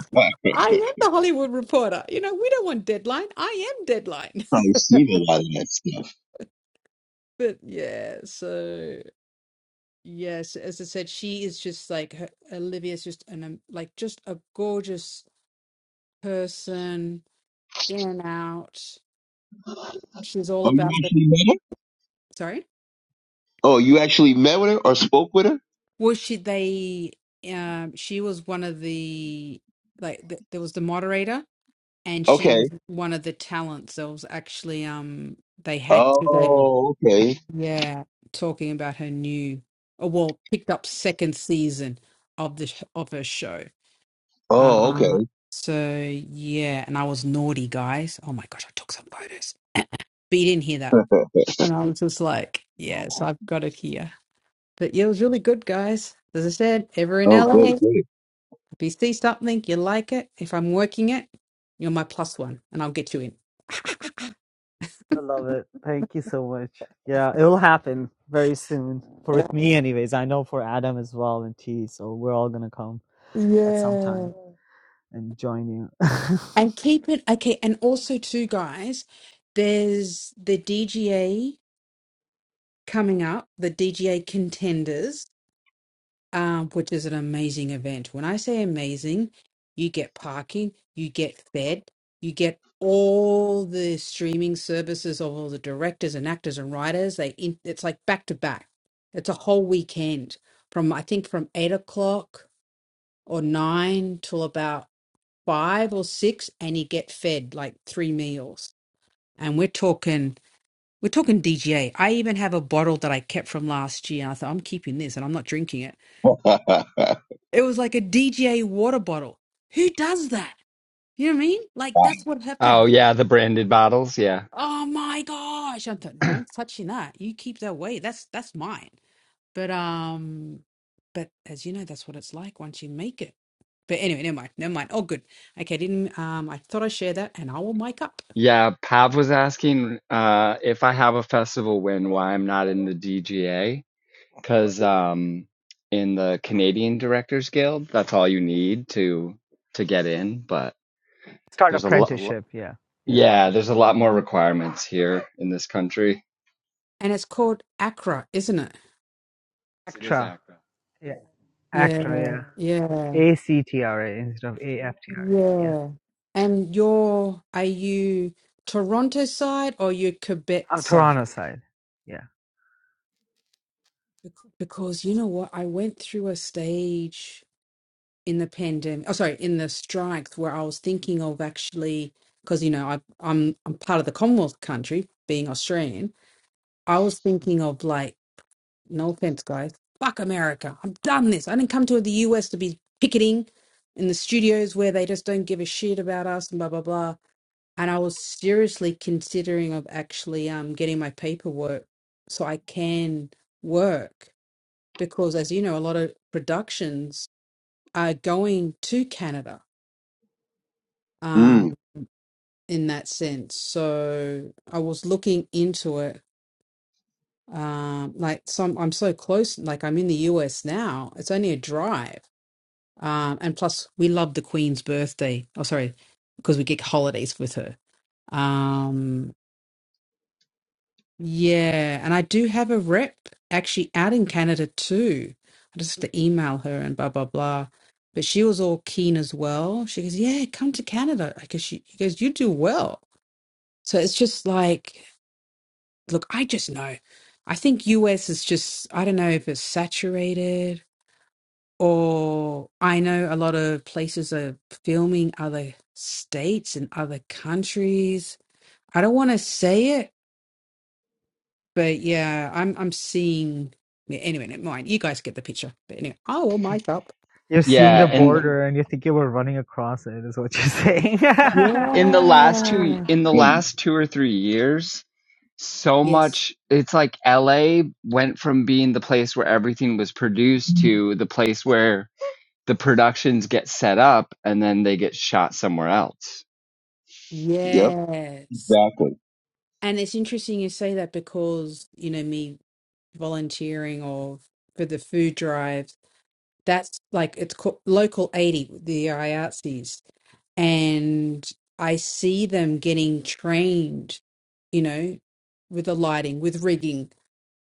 Speaker 6: I am the Hollywood Reporter. You know, we don't want deadline. I am deadline.
Speaker 7: [LAUGHS]
Speaker 6: [LAUGHS]
Speaker 7: Probably seen a lot of that stuff.
Speaker 6: But yeah, so yes, as I said, she is just like her, Olivia's just an um, like just a gorgeous person in and out. She's all
Speaker 7: Oh, you
Speaker 6: about the
Speaker 7: actually met her?
Speaker 6: sorry.
Speaker 7: Oh, you actually met with her or spoke with her?
Speaker 6: Well, she they um she was one of the like th there was the moderator and she
Speaker 7: Okay.
Speaker 6: was one of the talents that was actually um they had today.
Speaker 7: Oh, okay.
Speaker 6: Yeah, talking about her new or well picked up second season of the sh- of her show.
Speaker 7: Oh,
Speaker 6: Uh,
Speaker 7: okay.
Speaker 6: so yeah, and I was naughty, guys. Oh my gosh, I took some photos, but you didn't hear that. And I was just like, yes, I've got it here. But yeah, it was really good, guys. As I said, ever in
Speaker 7: Oh, good,
Speaker 6: LA.
Speaker 7: good.
Speaker 6: If you see something, you like it, if I'm working it, you're my plus one and I'll get you in.
Speaker 2: I love it. Thank you so much. Yeah, it'll happen very soon. For with me, anyways. I know for Adam as well and T. So we're all gonna come at some time
Speaker 6: Yeah.
Speaker 2: and join you. [LAUGHS] Start There's
Speaker 6: And keep it okay. And also, too, guys, there's the DGA coming up, the DGA contenders. um, which is an amazing event. When I say amazing, you get parking, you get fed, you get all the streaming services of all the directors and actors and writers. They in, it's like back to back. It's a whole weekend from I think from eight o'clock or nine till about five or six, and you get fed like three meals. And we're talking. We're talking DGA. I even have a bottle that I kept from last year. I thought I'm keeping this, and I'm not drinking it
Speaker 7: [LAUGHS]
Speaker 6: It was like a DJA water bottle. Who does that? You know what I mean? Like
Speaker 7: Wow.
Speaker 6: that's what
Speaker 3: Oh
Speaker 6: happened.
Speaker 3: yeah, the branded bottles, yeah. [CLEARS THROAT]
Speaker 6: Oh my gosh. I thought, no one's touching that. You keep that way. That's that's mine. But um but as you know, that's what it's like once you make it. But anyway, never mind, never mind. Oh good. Okay, didn't um I thought I'd share that and I will make up.
Speaker 3: Yeah, Pav was asking uh, if I have a festival win, why I'm not in the DGA. Because um, in the Canadian Directors Guild, that's all you need to to get in. But
Speaker 2: a lot.
Speaker 3: there's a lot,
Speaker 2: apprenticeship. Yeah, yeah.
Speaker 3: yeah, there's a lot more requirements here in this country.
Speaker 6: And it's called Accra, isn't it?
Speaker 2: It is Actra. act. Yeah,
Speaker 6: Yeah,
Speaker 2: Actra.
Speaker 6: yeah,
Speaker 2: Yeah. A C T R A instead of A F T R A.
Speaker 6: yeah. And you're are you Toronto side or you Quebec
Speaker 2: I'm
Speaker 6: side?
Speaker 2: Toronto side. Yeah.
Speaker 6: because you know what? I went through a stage in the pandemic. Oh, sorry, in the strikes where I was thinking of actually, because you know, I, I'm I'm part of the Commonwealth country, being Australian. I was thinking of like, no offense, guys, fuck America. I'm done this. I didn't come to the US to be picketing in the studios where they just don't give a shit about us and blah blah blah. And I was seriously considering of actually um getting my paperwork so I can work because, as you know, a lot of productions are going to Canada um,
Speaker 7: mm,
Speaker 6: in that sense. So I was looking into it. Um, like some, I'm so close. Like I'm in the US now. It's only a drive. Um, and plus, we love the Queen's birthday. Oh, sorry, because we get holidays with her. Um, Yeah, and I do have a rep actually out in Canada too. I just have to email her and blah blah blah. But she was all keen as well. She goes, "Yeah, come to Canada." I guess she, she goes, "You do well." So it's just like, look, I just know. I think US is just I don't know if it's saturated or I know a lot of places are filming other states and other countries. I don't want to say it But yeah, I'm I'm seeing. yeah, Anyway, never mind. You guys get the picture. But anyway, I will make up.
Speaker 2: You're seeing the
Speaker 3: Yeah, and
Speaker 2: border and you think you were running across it, is what you're saying. [LAUGHS] yeah,
Speaker 3: in the last two
Speaker 6: Yeah.
Speaker 3: in the
Speaker 7: mm.
Speaker 3: last two or three years, so
Speaker 6: Yes.
Speaker 3: much it's like LA went from being the place where everything was produced to the place where the productions get set up and then they get shot somewhere else.
Speaker 7: Yep,
Speaker 6: Yes.
Speaker 7: exactly.
Speaker 6: And it's interesting you say that because you know me volunteering or for the food drives. That's like it's called local eighty, the IATSEs, and I see them getting trained. You know, with the lighting, with rigging.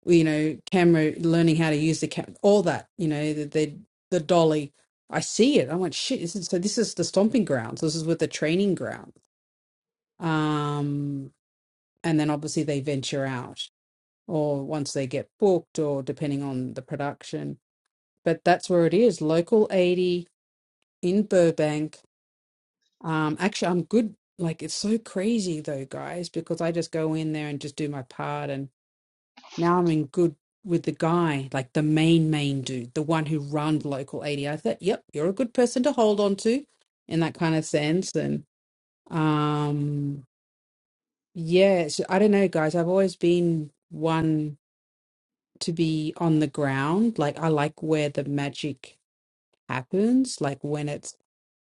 Speaker 6: well, you know camera learning how to use the camera all that you know the, the the dolly i see it i went shit this is, so this is the stomping grounds this is with the training ground um and then obviously they venture out or once they get booked or depending on the production but that's where it is local 80 in burbank um actually i'm good like it's so crazy though guys because i just go in there and just do my part and. Now I'm in good with the guy, like the main main dude, the one who runs local eighty. I thought, yep, you're a good person to hold on to, in that kind of sense. And um, yeah, it's, I don't know, guys. I've always been one to be on the ground. Like I like where the magic happens, like when it's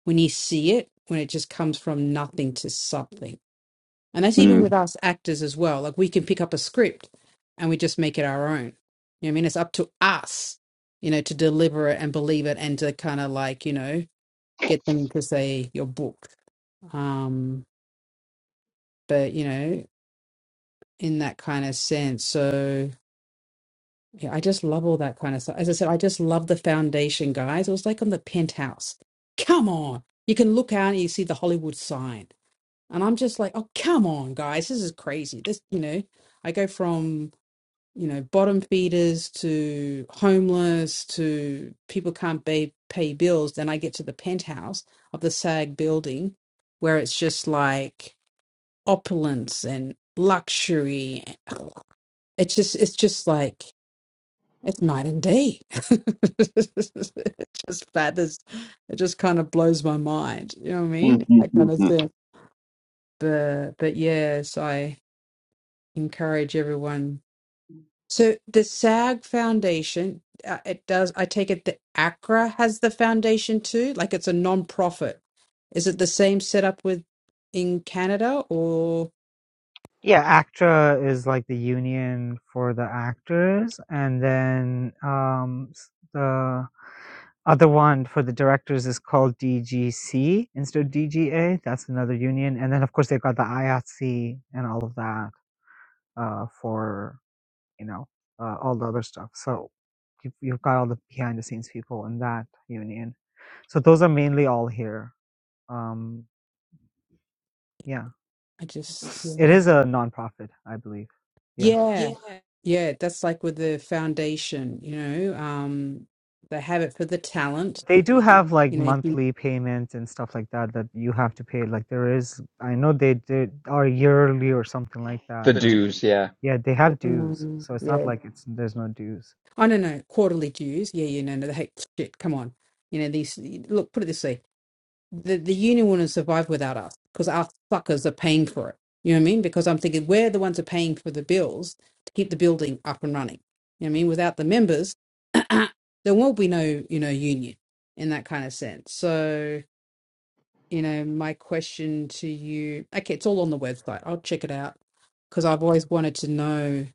Speaker 6: when you see it, when it just comes from nothing to something And that's even
Speaker 7: Mm.
Speaker 6: with us actors as well. Like we can pick up a script and we just make it our own. You know what I mean? It's up to us, you know, to deliver it and believe it and to kind of like, you know, get them to say your book. Um, but, you know, in that kind of sense. So yeah, I just love all that kind of stuff. As I said, I just love the foundation, guys. It was like on the penthouse. Come on. You can look out and you see the Hollywood sign. And I'm just like, oh, come on, guys. This is crazy. This, you know, I go from you know, bottom feeders to homeless to people can't pay, pay bills, then I get to the penthouse of the SAG building where it's just like opulence and luxury. It's just, it's just like, it's night and day. [LAUGHS] it just batters, it just kind of blows my mind. You know what I mean? That kind of
Speaker 7: [LAUGHS]
Speaker 6: thing. But, but yes, I encourage everyone So the SAG Foundation, uh, it does, I take it the ACRA has the foundation too, like it's a non-profit. Is it the same setup with in Canada or
Speaker 2: ACTRA is like the union for the actors, and then um, s- the other one for the directors is called DGC instead of DGA. That's another union, and then of course they've got the IATSE and all of that uh, for you know uh, all the other stuff. So you've, you've got all the behind the scenes people in that union So those are mainly all here. Um, yeah,
Speaker 6: I just,
Speaker 2: just it
Speaker 6: yeah.
Speaker 2: is a nonprofit, I believe. Yeah,
Speaker 6: Yeah, yeah, that's like with the foundation, you know, um, they have it for the talent,
Speaker 2: they do okay. have like
Speaker 6: you know, if you,
Speaker 2: monthly payments and stuff like that that you have to pay. Like there is, I know they did are yearly or something like that.
Speaker 3: The
Speaker 2: That
Speaker 3: dues, yeah.
Speaker 2: yeah, they have dues,
Speaker 6: Mm,
Speaker 2: so it's not
Speaker 6: yeah.
Speaker 2: like it's there's no dues.
Speaker 6: I don't know, quarterly dues. Yeah, you know, no, hey, shit, come on. You know, these, look, put it this way. the, the union wouldn't survive without us because our suckers are paying for it. You know what I mean? Because I'm thinking we're the ones who are paying for the bills to keep the building up and running. You know what I mean? Without the members, [CLEARS THROAT] there won't be no, you know, union in that kind of sense. So, you know, my question to you, okay, it's all on the website. I'll check it out because I've always wanted to know.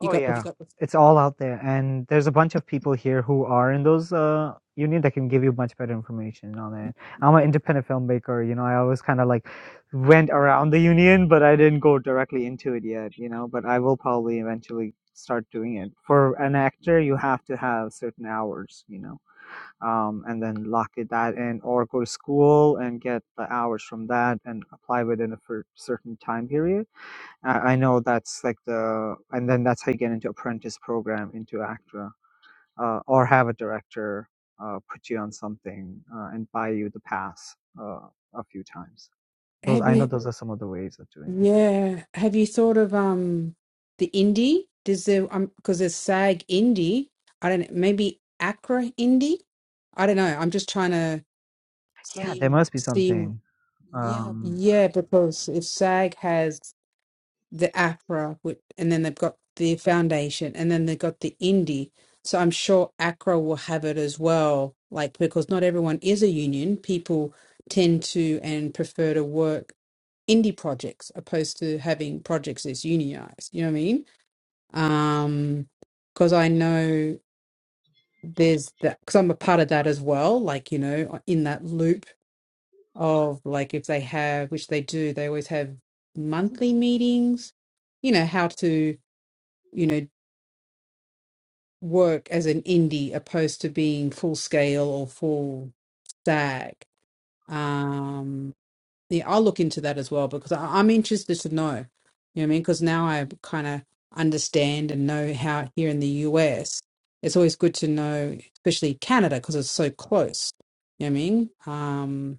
Speaker 6: You got the
Speaker 2: yeah, it's all out there, and there's a bunch of people here who are in those uh union that can give you much better information on it. I'm an independent filmmaker, you know. I always kind of like went around the union, but I didn't go directly into it yet, you know. But I will probably eventually start doing it. For an actor, you have to have certain hours, you know, um, and then lock it that in, or go to school and get the hours from that and apply within a for certain time period I, I know that's like the, and then that's how you get into apprentice program into ACTRA, uh, or have a director uh, put you on something uh, and buy you the pass uh, a few times. Those
Speaker 6: have
Speaker 2: I
Speaker 6: you?
Speaker 2: know those are some of the ways of doing it.
Speaker 6: Yeah. Have you thought of um the indie? Does there um because there's SAG indie. I don't know, maybe Accra indie? I don't know. I'm just trying to
Speaker 2: Yeah, there must be
Speaker 6: see.
Speaker 2: something. Um,
Speaker 6: Yeah, because if SAG has the Accra, whi- and then they've got the foundation, and then they've got the indie. So I'm sure Accra will have it as well. Like because not everyone is a union. People tend to and prefer to work indie projects opposed to having projects that's unionized. You know what I mean? um because i know there's that because i'm a part of that as well like you know in that loop of like if they have which they do they always have monthly meetings you know how to you know work as an indie opposed to being full scale or full stack Um, Yeah, I'll look into that as well because I, I'm interested to know. You know what I mean? Because now I kind of understand and know how here in the US, it's always good to know, especially Canada, because it's so close. You know what I mean? Um,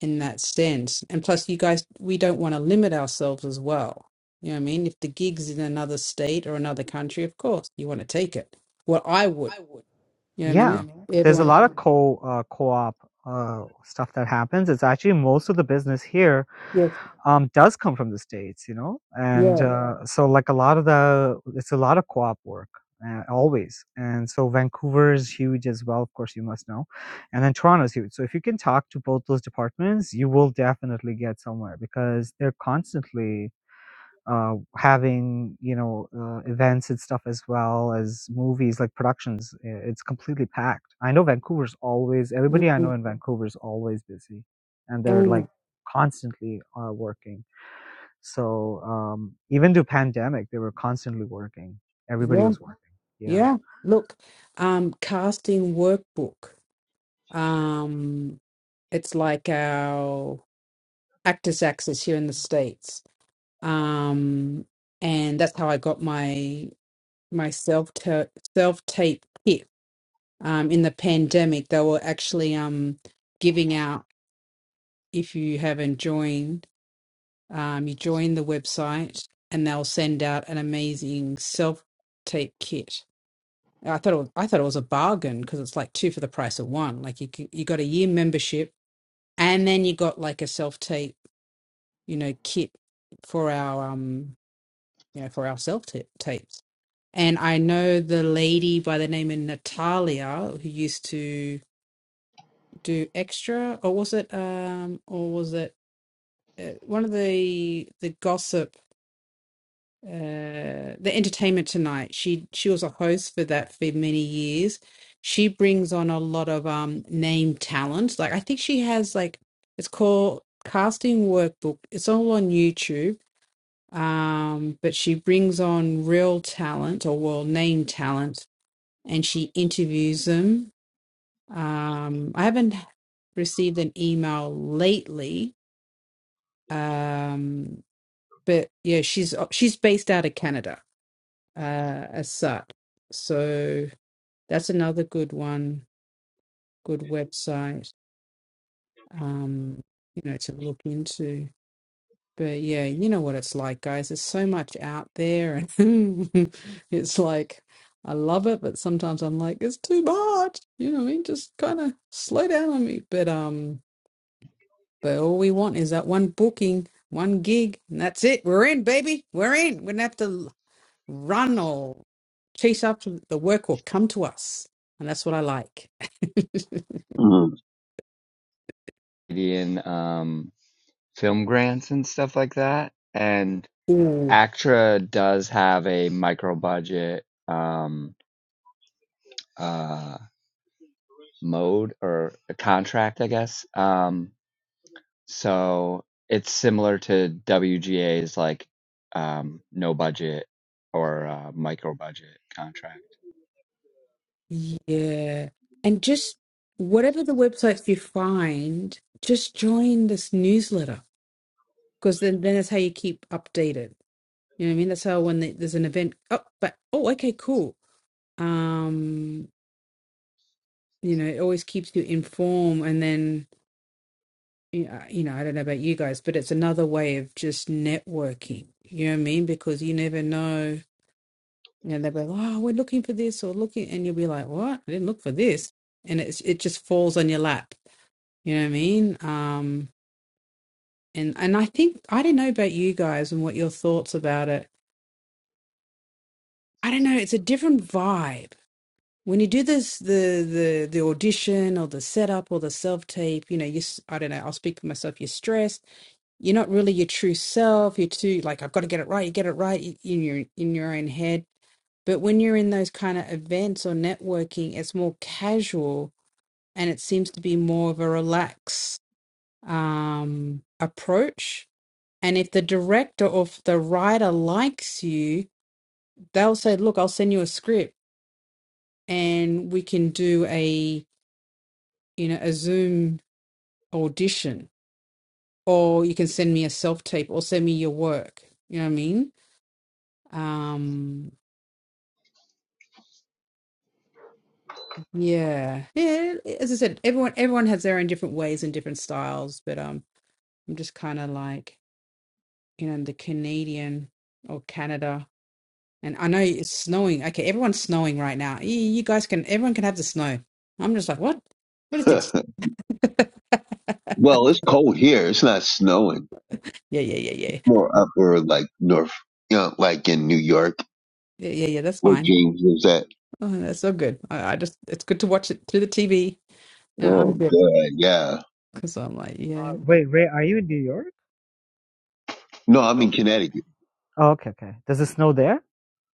Speaker 6: in that sense, and plus, you guys, we don't want to limit ourselves as well. You know what I mean? If the gig's in another state or another country, of course you want to take it. Well, I would. You know what I mean?
Speaker 2: Yeah, there's a
Speaker 6: Everyone,
Speaker 2: lot of co uh, co-op uh, stuff that happens. It's actually most of the business here
Speaker 6: yes,
Speaker 2: um, does come from the states, you know, and Yeah.
Speaker 6: yeah,
Speaker 2: uh, so like a lot of the it's a lot of co-op work uh, always, and so Vancouver is huge as well. Of course, you must know, and then Toronto is huge. So if you can talk to both those departments, you will definitely get somewhere because they're constantly uh, having you know uh, events and stuff as well as movies like productions i- it's completely packed i know vancouver's always everybody i know
Speaker 6: mm,
Speaker 2: in Vancouver is always busy and they're
Speaker 6: and
Speaker 2: like constantly uh, working so um, even through pandemic they were constantly working everybody
Speaker 6: yeah.
Speaker 2: was working yeah
Speaker 6: Yeah, look, um, casting workbook. Um, it's like our Actors Access here in the States. Um, and that's how I got my my self self tape kit. Um, in the pandemic, they were actually um giving out if you haven't joined, um, you join the website and they'll send out an amazing self tape kit I thought it was, I thought it was a bargain because it's like two for the price of one. Like you c- you got a year membership and then you got like a self tape, you know, kit for our um you know for our self tape tapes. And I know the lady by the name of Natalia who used to do extra, or was it um or was it uh, one of the the gossip? uh, the Entertainment Tonight. She she was a host for that for many years. She brings on a lot of um name talent. Like I think she has like it's called Casting Workbook. It's all on YouTube. Um, but she brings on real talent or well name talent, and she interviews them. Um, I haven't received an email lately. Um, but yeah, she's she's based out of Canada uh, as such. So that's another good one, good website, um, you know, to look into. But yeah, you know what it's like, guys. There's so much out there, and [LAUGHS] it's like I love it, but sometimes I'm like, it's too much. You know what I mean? Just kind of slow down on me. But um, but all we want is that one booking, one gig, and that's it. We're in, baby. We're in. We're gonna have to. run or chase after the work or come to us. And that's what I like. [LAUGHS]
Speaker 7: Mm.
Speaker 3: Canadian um film grants and stuff like that. And
Speaker 6: Mm.
Speaker 3: ACTRA does have a micro budget um uh mode or a contract, I guess. Um So it's similar to WGA's like um, no budget or uh, micro budget contract.
Speaker 6: Yeah. And just whatever the websites you find, just join this newsletter because then, then that's how you keep updated. You know what I mean? That's how when the, there's an event, oh, but oh, okay, cool. Um, you know, it always keeps you informed. And then, you know, you know, I don't know about you guys, but it's another way of just networking. You know what I mean? Because you never know And they'll be like, oh, we're looking for this or looking. And you'll be like, what? I didn't look for this. And it's, it just falls on your lap. You know what I mean? Um, and, and I think, I don't know about you guys and what your thoughts about it. I don't know. It's a different vibe. When you do this, the, the, the audition or the setup or the self tape, you know, you, s- I don't know, I'll speak for myself. You're stressed. You're not really your true self. You're too like, I've got to get it right. You get it right in your, in your own head But when you're in those kind of events or networking, it's more casual and it seems to be more of a relaxed um, approach. And if the director or if the writer likes you, they'll say, "Look, I'll send you a script and we can do a you know a Zoom audition, or you can send me a self tape or send me your work." You know what I mean? Um, yeah, yeah. As I said, everyone everyone has their own different ways and different styles, but um I'm just kind of like, you know, the Canadian or Canada. And I know it's snowing. Okay, everyone's snowing right now. You, you guys can, everyone can have the snow. I'm just like, what? What is this?
Speaker 7: [LAUGHS]
Speaker 6: [LAUGHS]
Speaker 7: well, it's cold here. It's not snowing.
Speaker 6: Yeah, yeah, yeah, yeah.
Speaker 7: More upper, like north, you know, like in New York,
Speaker 6: Yeah, yeah, yeah, that's
Speaker 7: where
Speaker 6: fine.
Speaker 7: James is at.
Speaker 6: Oh, that's so good. I, I just, it's good to watch it through the TV. Yeah, I'm
Speaker 7: Oh,
Speaker 6: good.
Speaker 7: good. Yeah.
Speaker 6: Because I'm like, yeah.
Speaker 2: uh, wait ray are you in new york
Speaker 7: No, I'm in Connecticut.
Speaker 2: oh, okay okay does it snow there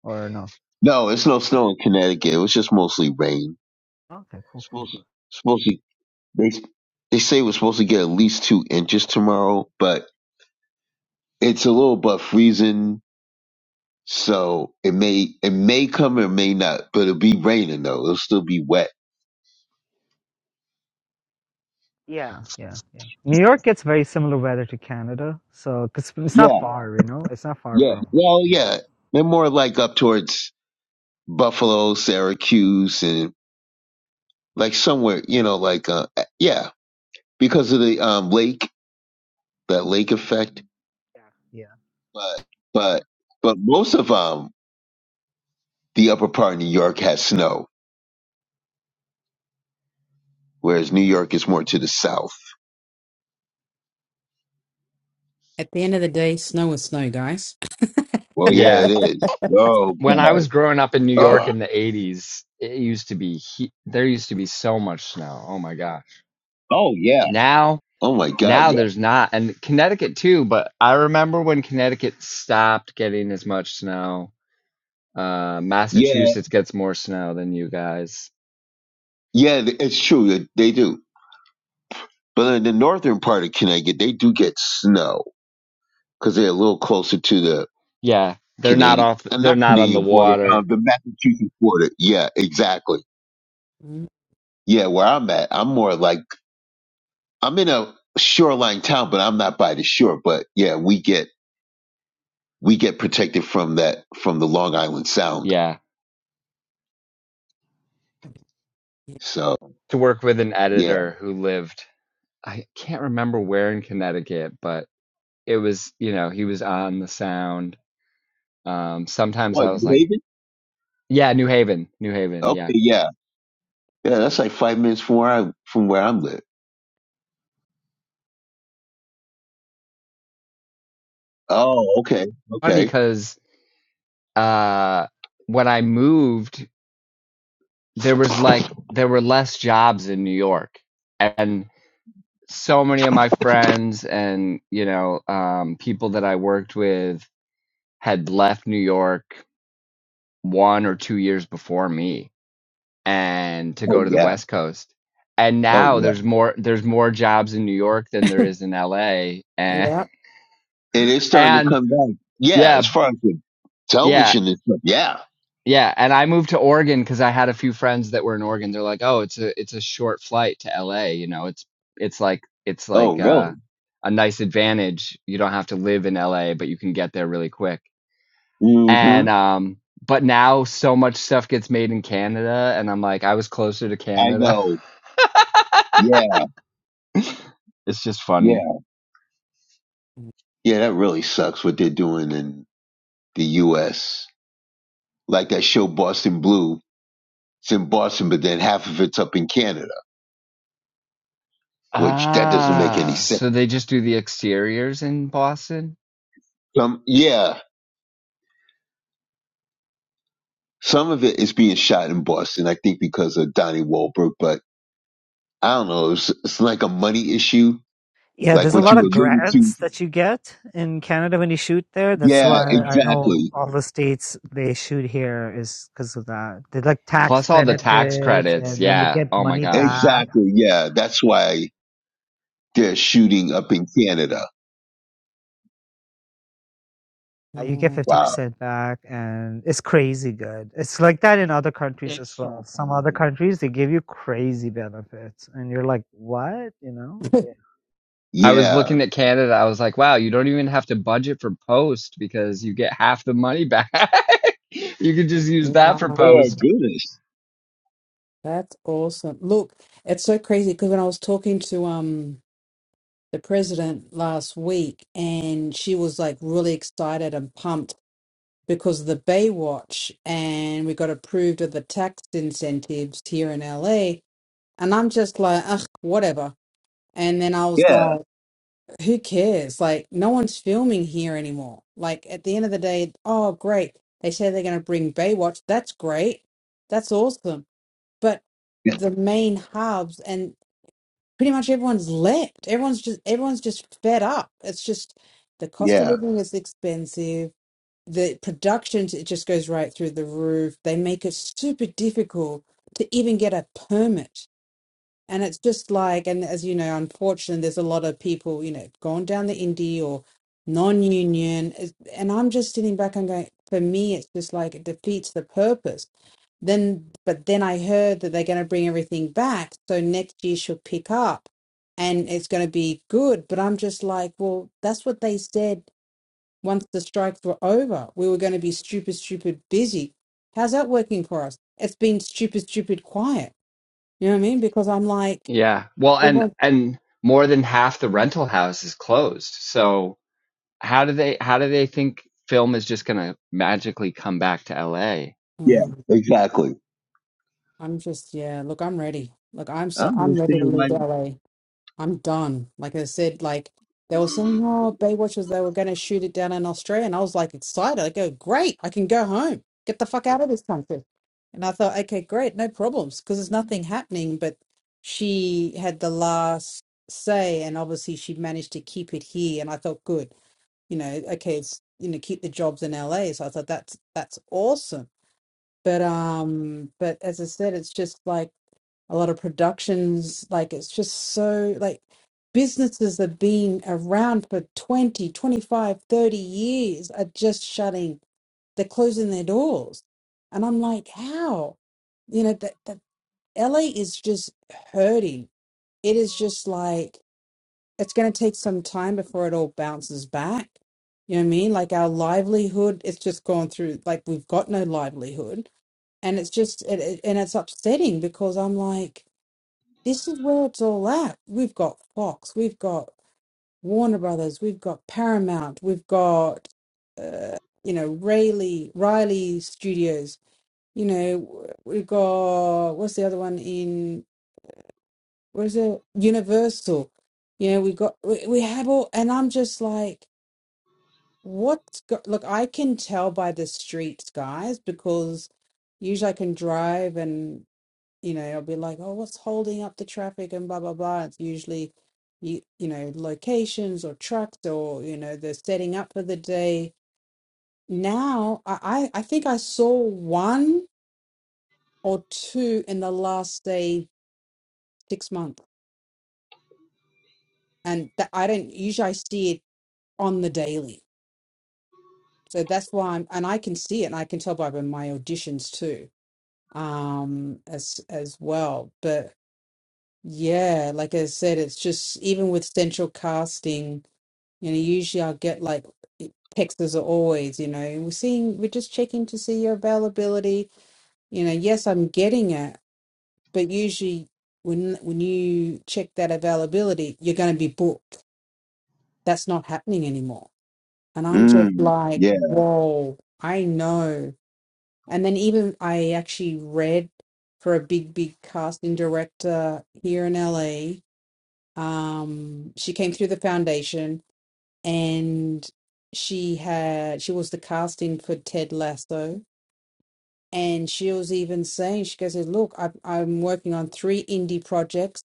Speaker 2: or no
Speaker 7: No, it's no snow in Connecticut. It was just mostly rain.
Speaker 2: okay cool cool
Speaker 7: Supposed to, they they say we're supposed to get at least two inches tomorrow, but it's a little but freezing, so it may it may come or may not, but it'll be raining though. It'll still be wet.
Speaker 2: Yeah, yeah, yeah. New York gets very similar weather to Canada, so cause it's not
Speaker 7: Yeah,
Speaker 2: far, you know, it's not far
Speaker 7: yeah.
Speaker 2: from.
Speaker 7: Well,
Speaker 2: Yeah,
Speaker 7: yeah. They're more like up towards Buffalo, Syracuse, and like somewhere, you know, like uh, yeah, because of the um lake, that lake effect.
Speaker 2: yeah,
Speaker 7: But but most of um the upper part of New York has snow, whereas New York is more to the south.
Speaker 6: At the end of the day, snow is snow, guys.
Speaker 7: Well, yeah,
Speaker 3: Yeah.
Speaker 7: it is. Oh
Speaker 3: When
Speaker 7: god.
Speaker 3: I was growing up in New
Speaker 6: [LAUGHS]
Speaker 3: York
Speaker 7: Oh,
Speaker 3: in the 80s, it used to be he- there used to be so much snow. Oh my gosh.
Speaker 7: oh yeah.
Speaker 3: Now,
Speaker 7: Oh my god.
Speaker 3: now
Speaker 7: Yeah.
Speaker 3: there's not and Connecticut too, but I remember when Connecticut stopped getting as much snow. Uh
Speaker 7: Yeah.
Speaker 3: Massachusetts gets more snow than you guys.
Speaker 7: Yeah. th- It's true. They they do. But in the northern part of Connecticut, they do get snow because they're a little closer to the
Speaker 3: Yeah, they're not
Speaker 7: Canadian,
Speaker 3: off
Speaker 7: uh,
Speaker 3: they're
Speaker 7: not
Speaker 3: not on the
Speaker 7: Canadian border, uh,
Speaker 3: water.
Speaker 7: the Massachusetts border. Yeah, exactly.
Speaker 6: Mm,
Speaker 7: Yeah, where I'm at, I'm more like I'm in a shoreline town, but I'm not by the shore. But yeah, we get we get protected from that from the Long Island Sound.
Speaker 3: Yeah.
Speaker 7: So
Speaker 3: to work with an
Speaker 7: yeah.
Speaker 3: editor who lived I can't remember where in Connecticut, but it was, you know, he was on the sound. Um sometimes
Speaker 7: What,
Speaker 3: I was
Speaker 7: New
Speaker 3: like,
Speaker 7: Haven?
Speaker 3: yeah, New Haven, New Haven,
Speaker 7: Okay,
Speaker 3: yeah.
Speaker 7: yeah. Yeah, that's like five minutes from where I from where I'm live. Oh, okay.
Speaker 3: Funny
Speaker 7: Okay.
Speaker 3: cuz uh when I moved, there was like there were less jobs in New York and so many of my friends and, you know, um people that I worked with had left New York 1 or 2 years before me and to
Speaker 7: Oh
Speaker 3: go to the
Speaker 7: yeah.
Speaker 3: West Coast. And
Speaker 7: Oh
Speaker 3: now
Speaker 7: yeah.
Speaker 3: there's more there's more jobs in New York than there is in LA. And
Speaker 6: Yeah.
Speaker 7: And it's starting to
Speaker 3: and
Speaker 7: come back. Yeah,
Speaker 3: yeah,
Speaker 7: as far as the
Speaker 3: yeah,
Speaker 7: television and stuff. Yeah.
Speaker 3: yeah. And I moved to Oregon because I had a few friends that were in Oregon. They're like, oh, it's a it's a short flight to LA. You know, it's it's like it's
Speaker 7: Oh
Speaker 3: like uh,
Speaker 7: really?
Speaker 3: a nice advantage. You don't have to live in LA, but you can get there really quick. And
Speaker 7: Mm-hmm.
Speaker 3: um, but now so much stuff gets made in Canada, and I'm like, I was closer to
Speaker 7: I
Speaker 3: Canada.
Speaker 7: know.
Speaker 3: [LAUGHS]
Speaker 7: Yeah,
Speaker 3: [LAUGHS] It's just
Speaker 7: yeah.
Speaker 3: funny.
Speaker 7: Yeah, that really sucks what they're doing in the US. Like that show Boston Blue. It's in Boston, but then half of it's up in Canada, which that doesn't make any
Speaker 3: Ah,
Speaker 7: sense.
Speaker 3: so they just do the exteriors in Boston?
Speaker 7: Some, yeah, some of it is being shot in Boston, I think, because of Donnie Wahlberg. But I don't know. It's, it's like a money issue,
Speaker 2: yeah.
Speaker 7: like
Speaker 2: There's a But
Speaker 7: what
Speaker 2: lot
Speaker 7: you
Speaker 2: But of would you?
Speaker 7: alluded to.
Speaker 2: grants that you get in Canada when you shoot there. That's
Speaker 7: Yeah,
Speaker 2: why I know
Speaker 7: exactly,
Speaker 2: all the states they shoot here is because of that. They like tax
Speaker 3: Plus all the tax
Speaker 2: benefits,
Speaker 3: credits.
Speaker 2: and then they
Speaker 3: Yeah.
Speaker 2: get
Speaker 3: Oh my
Speaker 2: money
Speaker 3: gosh.
Speaker 2: back.
Speaker 7: exactly. Yeah, that's why they're shooting up in Canada.
Speaker 2: Uh, you get
Speaker 6: Yeah.
Speaker 7: Wow.
Speaker 2: 50% back, and it's crazy good. It's like that in other countries as well. Some other Exactly. countries, they give you crazy benefits, and you're like, what? You know? Yeah.
Speaker 3: I was
Speaker 7: Yeah.
Speaker 3: looking at Canada. I was like, wow, you don't even have to budget for post because you get half the money back. [LAUGHS] You could just use that for
Speaker 7: Oh my
Speaker 6: Nice.
Speaker 3: post.
Speaker 7: goodness.
Speaker 6: That's awesome. Look, it's so crazy because when I was talking to um the president last week and she was like really excited and pumped because of the Baywatch and we got approved of the tax incentives here in LA and I'm just like, ugh, whatever. And then I was
Speaker 7: Yeah.
Speaker 6: like, who cares? Like no one's filming here anymore. Like at the end of the day, oh great. They say they're gonna bring Baywatch. That's great. That's awesome. but the main hubs and pretty much everyone's left. Everyone's just everyone's just fed up. It's just the cost of
Speaker 7: Yeah.
Speaker 6: living is expensive. The production it just goes right through the roof. They make it super difficult to even get a permit. And it's just like, and as you know, unfortunately, there's a lot of people, you know, going down the indie or non-union. It's- And I'm just sitting back and going, for me, it's just like it defeats the purpose then, but then I heard that they're going to bring everything back. So next year she'll pick up and it's going to be good. But I'm just like, well, that's what they said once the strikes were over. We were going to be stupid, stupid busy. How's that working for us? It's been stupid, stupid quiet. You know what I mean? Because I'm like,
Speaker 3: Yeah. Well, and
Speaker 6: everyone,
Speaker 3: and more than half the rental house is closed. So how do they how do they think film is just gonna magically come back to LA?
Speaker 7: Yeah.
Speaker 6: Mm,
Speaker 7: Exactly.
Speaker 6: I'm just, yeah, look, I'm ready. Look, I'm
Speaker 7: I
Speaker 6: so,
Speaker 7: don't
Speaker 6: I'm ready to
Speaker 7: understand why.
Speaker 6: leave LA. I'm done. Like I said, like they were saying, oh, Baywatch was they were going to shoot it down in Australia, and I was like excited. I go, great, I can go home, get the fuck out of this country. And I thought, okay, great, no problems, because there's nothing happening. But she had the last say, and obviously she managed to keep it here. And I thought, good, you know, okay, it's you know, keep the jobs in LA. So I thought that's that's awesome. But um, but as I said, it's just like a lot of productions like it's just so like businesses that have been around for 20, 25, 30 years are just shutting they're closing their doors and i'm like how you know that, that la is just hurting it is just like it's going to take some time before it all bounces back you know what i mean like our livelihood it's just gone through like we've got no livelihood and it's just it, it, and it's upsetting because i'm like this is where it's all at. We've got Fox, we've got Warner Brothers, we've got Paramount, we've got uh, you know Rayleigh Riley Studios. You know we've got what's the other one in what is it Universal? You know we got we, we have all, and I'm just like, what's go-? look? I can tell by the streets, guys, because usually I can drive and you know, I'll be like, oh, what's holding up the traffic and blah blah blah. It's usually you you know locations or trucks or you know they're setting up for the day. Now I I I think I saw one or two in the last say six months, and that I don't usually I see it on the daily. So that's why I'm and I can see it and I can tell by my auditions too um as as well but yeah like i said it's just even with central casting You know, usually I'll get like texts as always, you know, we're seeing, we're just checking to see your availability. You know, yes, I'm getting it, but usually when when you check that availability, you're going to be booked. That's not happening anymore. And I'm just
Speaker 7: Mm,
Speaker 6: like,
Speaker 7: yeah.
Speaker 6: whoa, I know. And then even I actually read for a big, big casting director here in LA. Um, she came through the foundation and she had she was the casting for Ted Lasso, and she was even saying she goes, "Look, I, I'm working on three indie projects,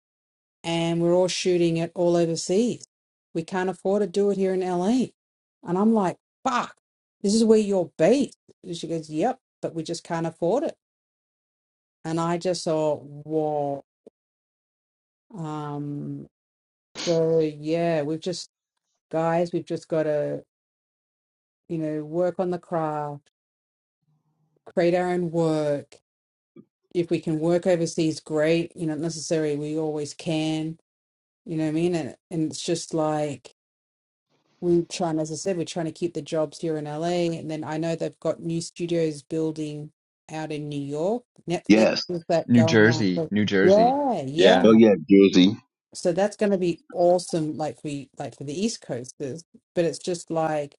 Speaker 6: and we're all shooting it all overseas. We can't afford to do it here in LA." And I'm like, "Fuck, this is where you're based." And she goes, "Yep, but we just can't afford it." And I just thought, "Whoa." Um, so yeah, we've just guys, we've just got to you know work on the craft create our own work. If we can work overseas, great. You know, not necessarily we always can. You know what I mean? And and it's just like we trying, as I said, we're trying to keep the jobs here in LA. And then I know they've got new studios building out in New York. Netflix
Speaker 7: Yes.
Speaker 6: with that
Speaker 3: New
Speaker 6: going on.
Speaker 3: Jersey,
Speaker 6: So,
Speaker 3: New Jersey.
Speaker 6: yeah,
Speaker 3: Yeah.
Speaker 7: Oh
Speaker 6: yeah.
Speaker 7: yeah, Jersey.
Speaker 6: So that's going to be awesome. Like we like for the East Coasters, but it's just like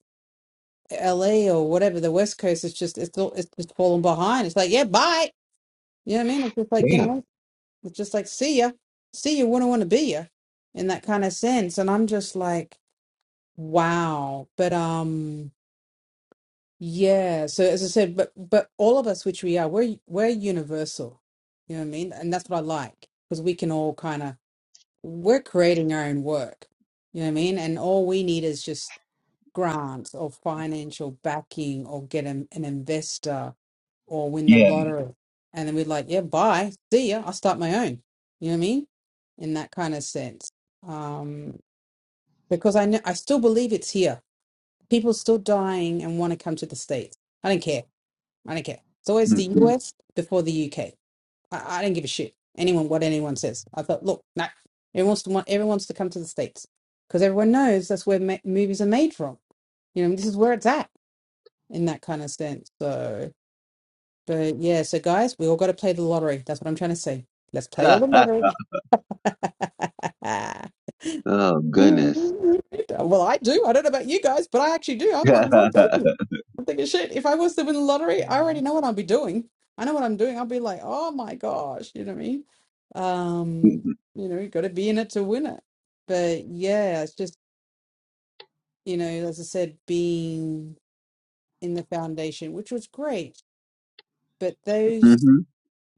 Speaker 6: LA or whatever the West Coast is just it's all it's just falling behind. It's like yeah, bye. You know what I mean? It's just like,
Speaker 7: Damn.
Speaker 6: you know, It's just like, see ya, see ya, wouldn't want to be ya, in that kind of sense. And I'm just like, wow. But um, yeah. So as I said, but but all of us, which we are, we're we're universal. You know what I mean? And that's what I like because we can all kind of we're creating our own work. You know what I mean? And all we need is just grants or financial backing or get an, an investor or win the
Speaker 7: Yeah.
Speaker 6: lottery. And then we would like, yeah, bye, see ya, I'll start my own. You know what I mean? In that kind of sense. Um, because I know, I still believe it's here. People still dying and want to come to the States. I don't care. I don't care. It's always the
Speaker 7: Mhm.
Speaker 6: US before the UK. I, I don't give a shit. Anyone, what anyone says. I thought, look, nah, everyone wants to, want, everyone wants to come to the States because everyone knows that's where ma- movies are made from. You know, this is where it's at in that kind of sense. So, but yeah, so guys, we all got to play the lottery. That's what I'm trying to say. Let's play all the
Speaker 7: [LAUGHS]
Speaker 6: lottery.
Speaker 7: oh goodness.
Speaker 6: [LAUGHS] well, I do. I don't know about you guys, but I actually do. I'm not, not
Speaker 7: [LAUGHS] hmm
Speaker 6: joking. I'm thinking, shit, if I was to win the lottery, I already know what I'll be doing. I know what I'm doing. I'll be like, oh my gosh, you know what I mean? Um, you know, you got to be in it to win it. But yeah, it's just, you know, as I said, being in the foundation, which was great. But those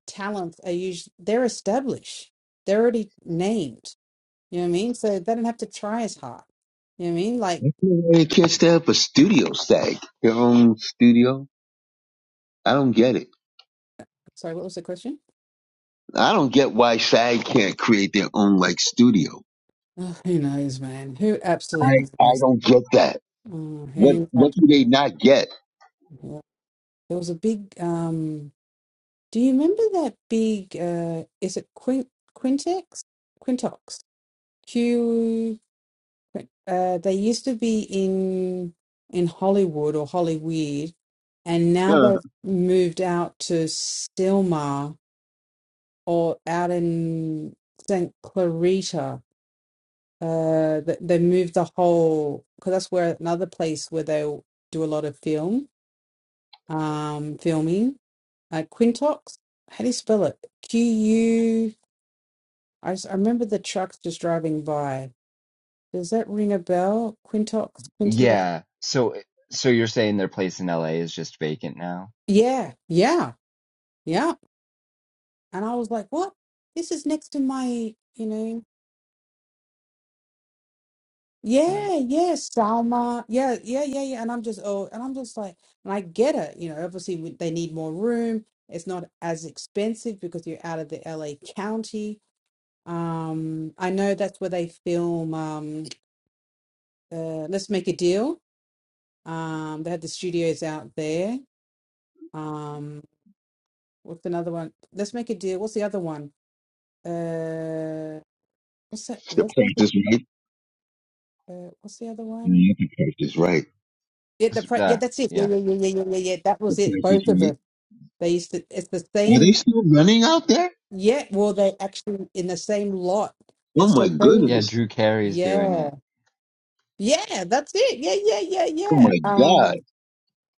Speaker 6: talents are usually they're established. They're already named. You know what I mean? So they don't have to try as hard. You know what I mean? Like,
Speaker 7: I can't really catch that for studio SAG. Their own studio. I don't get it.
Speaker 6: sorry, what was the question?
Speaker 7: I don't get why SAG can't create their own like studio.
Speaker 6: Oh, who knows, man? Who
Speaker 7: I
Speaker 6: absolutely
Speaker 7: I
Speaker 6: knows?
Speaker 7: don't get that.
Speaker 6: Oh,
Speaker 7: What
Speaker 6: who
Speaker 7: what do they
Speaker 6: absolutely?
Speaker 7: not get? [LAUGHS]
Speaker 6: knows? There was a big. um Do you remember that big? uh Is it Quint Quintex? Quintox? Q. Uh, they used to be in in Hollywood or Hollyweird, and now
Speaker 7: Huh.
Speaker 6: they've moved out to Stillmar or out in St. Clarita. Uh, th- they moved the whole because that's where another place where they do a lot of film, um, filming. Uh, Quintox. How do you spell it? Q U. I s- I remember the trucks just driving by. Does that ring a bell? Quintox. Quintiox.
Speaker 3: Yeah. So so you're saying their place in LA is just vacant now?
Speaker 6: Yeah, yeah, yeah. And I was like, what? This is next to my, you know.
Speaker 3: Like
Speaker 6: Yeah, yeah, Salma. Yeah, yeah, yeah, yeah. And I'm just, oh, and I'm just like, and I get it. You know, obviously we- they need more room. It's not as expensive because you're out of the LA county. Um, I know that's where they film, um, uh, Let's Make a Deal. Um, they had the studios out there. Um, what's another one? Let's Make a Deal. What's the other one? Uh, what's that?
Speaker 7: the
Speaker 6: Let's Make
Speaker 7: price
Speaker 6: a,
Speaker 7: is right.
Speaker 6: uh, what's the other one?
Speaker 7: Yeah, the price is right.
Speaker 6: Yeah, the
Speaker 3: just-
Speaker 6: pre- yeah,
Speaker 3: uh,
Speaker 6: that's it. Yeah,
Speaker 3: yeah.
Speaker 6: yeah, yeah, yeah, yeah, yeah. yeah. That
Speaker 7: The
Speaker 6: was it.
Speaker 7: price is
Speaker 6: Both of them.
Speaker 7: right.
Speaker 6: They used to, it's the
Speaker 7: Are they
Speaker 6: same,
Speaker 7: still running out there?
Speaker 6: yeah. Well, they actually in the same lot.
Speaker 7: Oh
Speaker 6: It's
Speaker 7: my
Speaker 6: so
Speaker 3: Yeah,
Speaker 6: crazy.
Speaker 7: goodness.
Speaker 3: Drew Carey's doing
Speaker 6: Yeah.
Speaker 3: it.
Speaker 6: Yeah, that's it. Yeah, yeah, yeah,
Speaker 7: Oh
Speaker 6: yeah.
Speaker 7: my god.
Speaker 6: Um,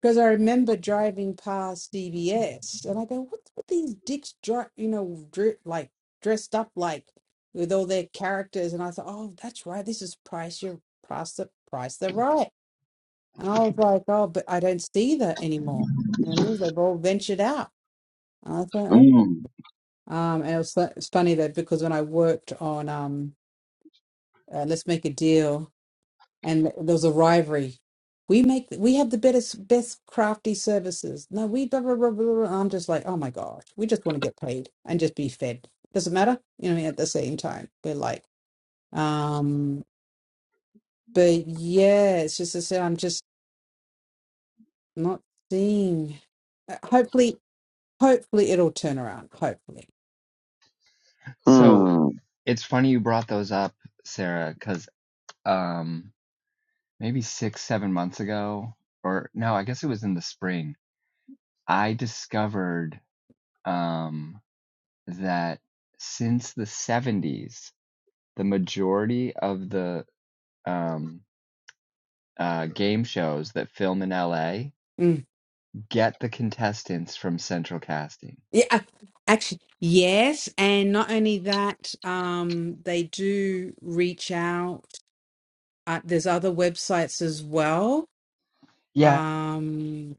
Speaker 6: because I remember driving past CVS and I go, what's with these dicks, dri- you know, dri- like dressed up like with all their characters? And I thought, oh, that's right. This is price. You're price the price. They're right. And I was like, oh, but I don't see that anymore. You know, what I mean? they've all ventured out. And I thought,
Speaker 7: Mm.
Speaker 6: Um, and it was, fu- it's funny that because when I worked on um, uh, Let's Make a Deal, and there was a rivalry. We make we have the best best crafty services. No, we blah, blah, blah, blah, blah. I'm just like, oh my gosh, we just want to get paid and just be fed. Doesn't matter, you know. what I mean, At the same time, we're like, um, but yeah, it's just I said, I'm just not seeing. uh, Hopefully, hopefully it'll turn around. Hopefully.
Speaker 3: So
Speaker 7: Mm.
Speaker 3: it's funny you brought those up, Sarah, because um maybe 6 7 months ago or no, I guess it was in the spring, I discovered um that since the 70s, the majority of the um uh game shows that film in LA get the contestants from central casting.
Speaker 6: Yeah, ac- actually, yes, and not only that, um, they do reach out. Uh, there's other websites as well.
Speaker 3: Yeah,
Speaker 6: Um,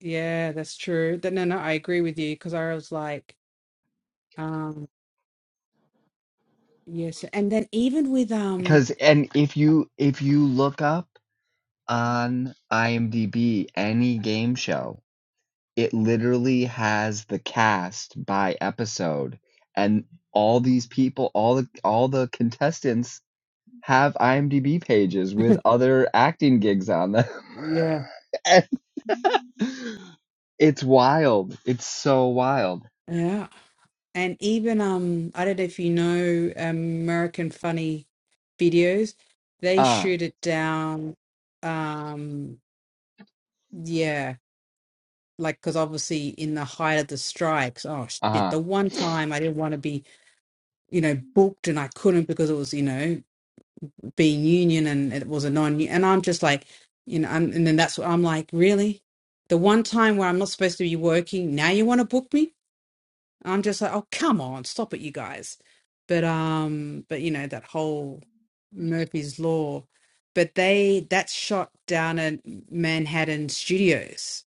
Speaker 6: yeah, that's true. Th- No, no, I agree with you because I was like, um, yes, and then even with um,
Speaker 3: because and if you if you look up on IMDb any game show, it literally has the cast by episode and all these people, all the all the contestants have IMDb pages
Speaker 6: [LAUGHS]
Speaker 3: with other acting gigs on them. [LAUGHS]
Speaker 6: yeah,
Speaker 3: And it's wild. It's so wild.
Speaker 6: yeah, and even um, I don't know if you know American Funny videos, they
Speaker 3: Uh,
Speaker 6: shoot it down. Um, yeah. like because obviously in the height of the strikes oh shit
Speaker 3: uh-huh.
Speaker 6: the one time i didn't want to be you know booked and i couldn't because it was you know being union and it was a non and i'm just like you know and, and then that's what i'm like really the one time where i'm not supposed to be working now you want to book me i'm just like oh come on stop it you guys but um but you know that whole murphy's law but they that shot down at manhattan studios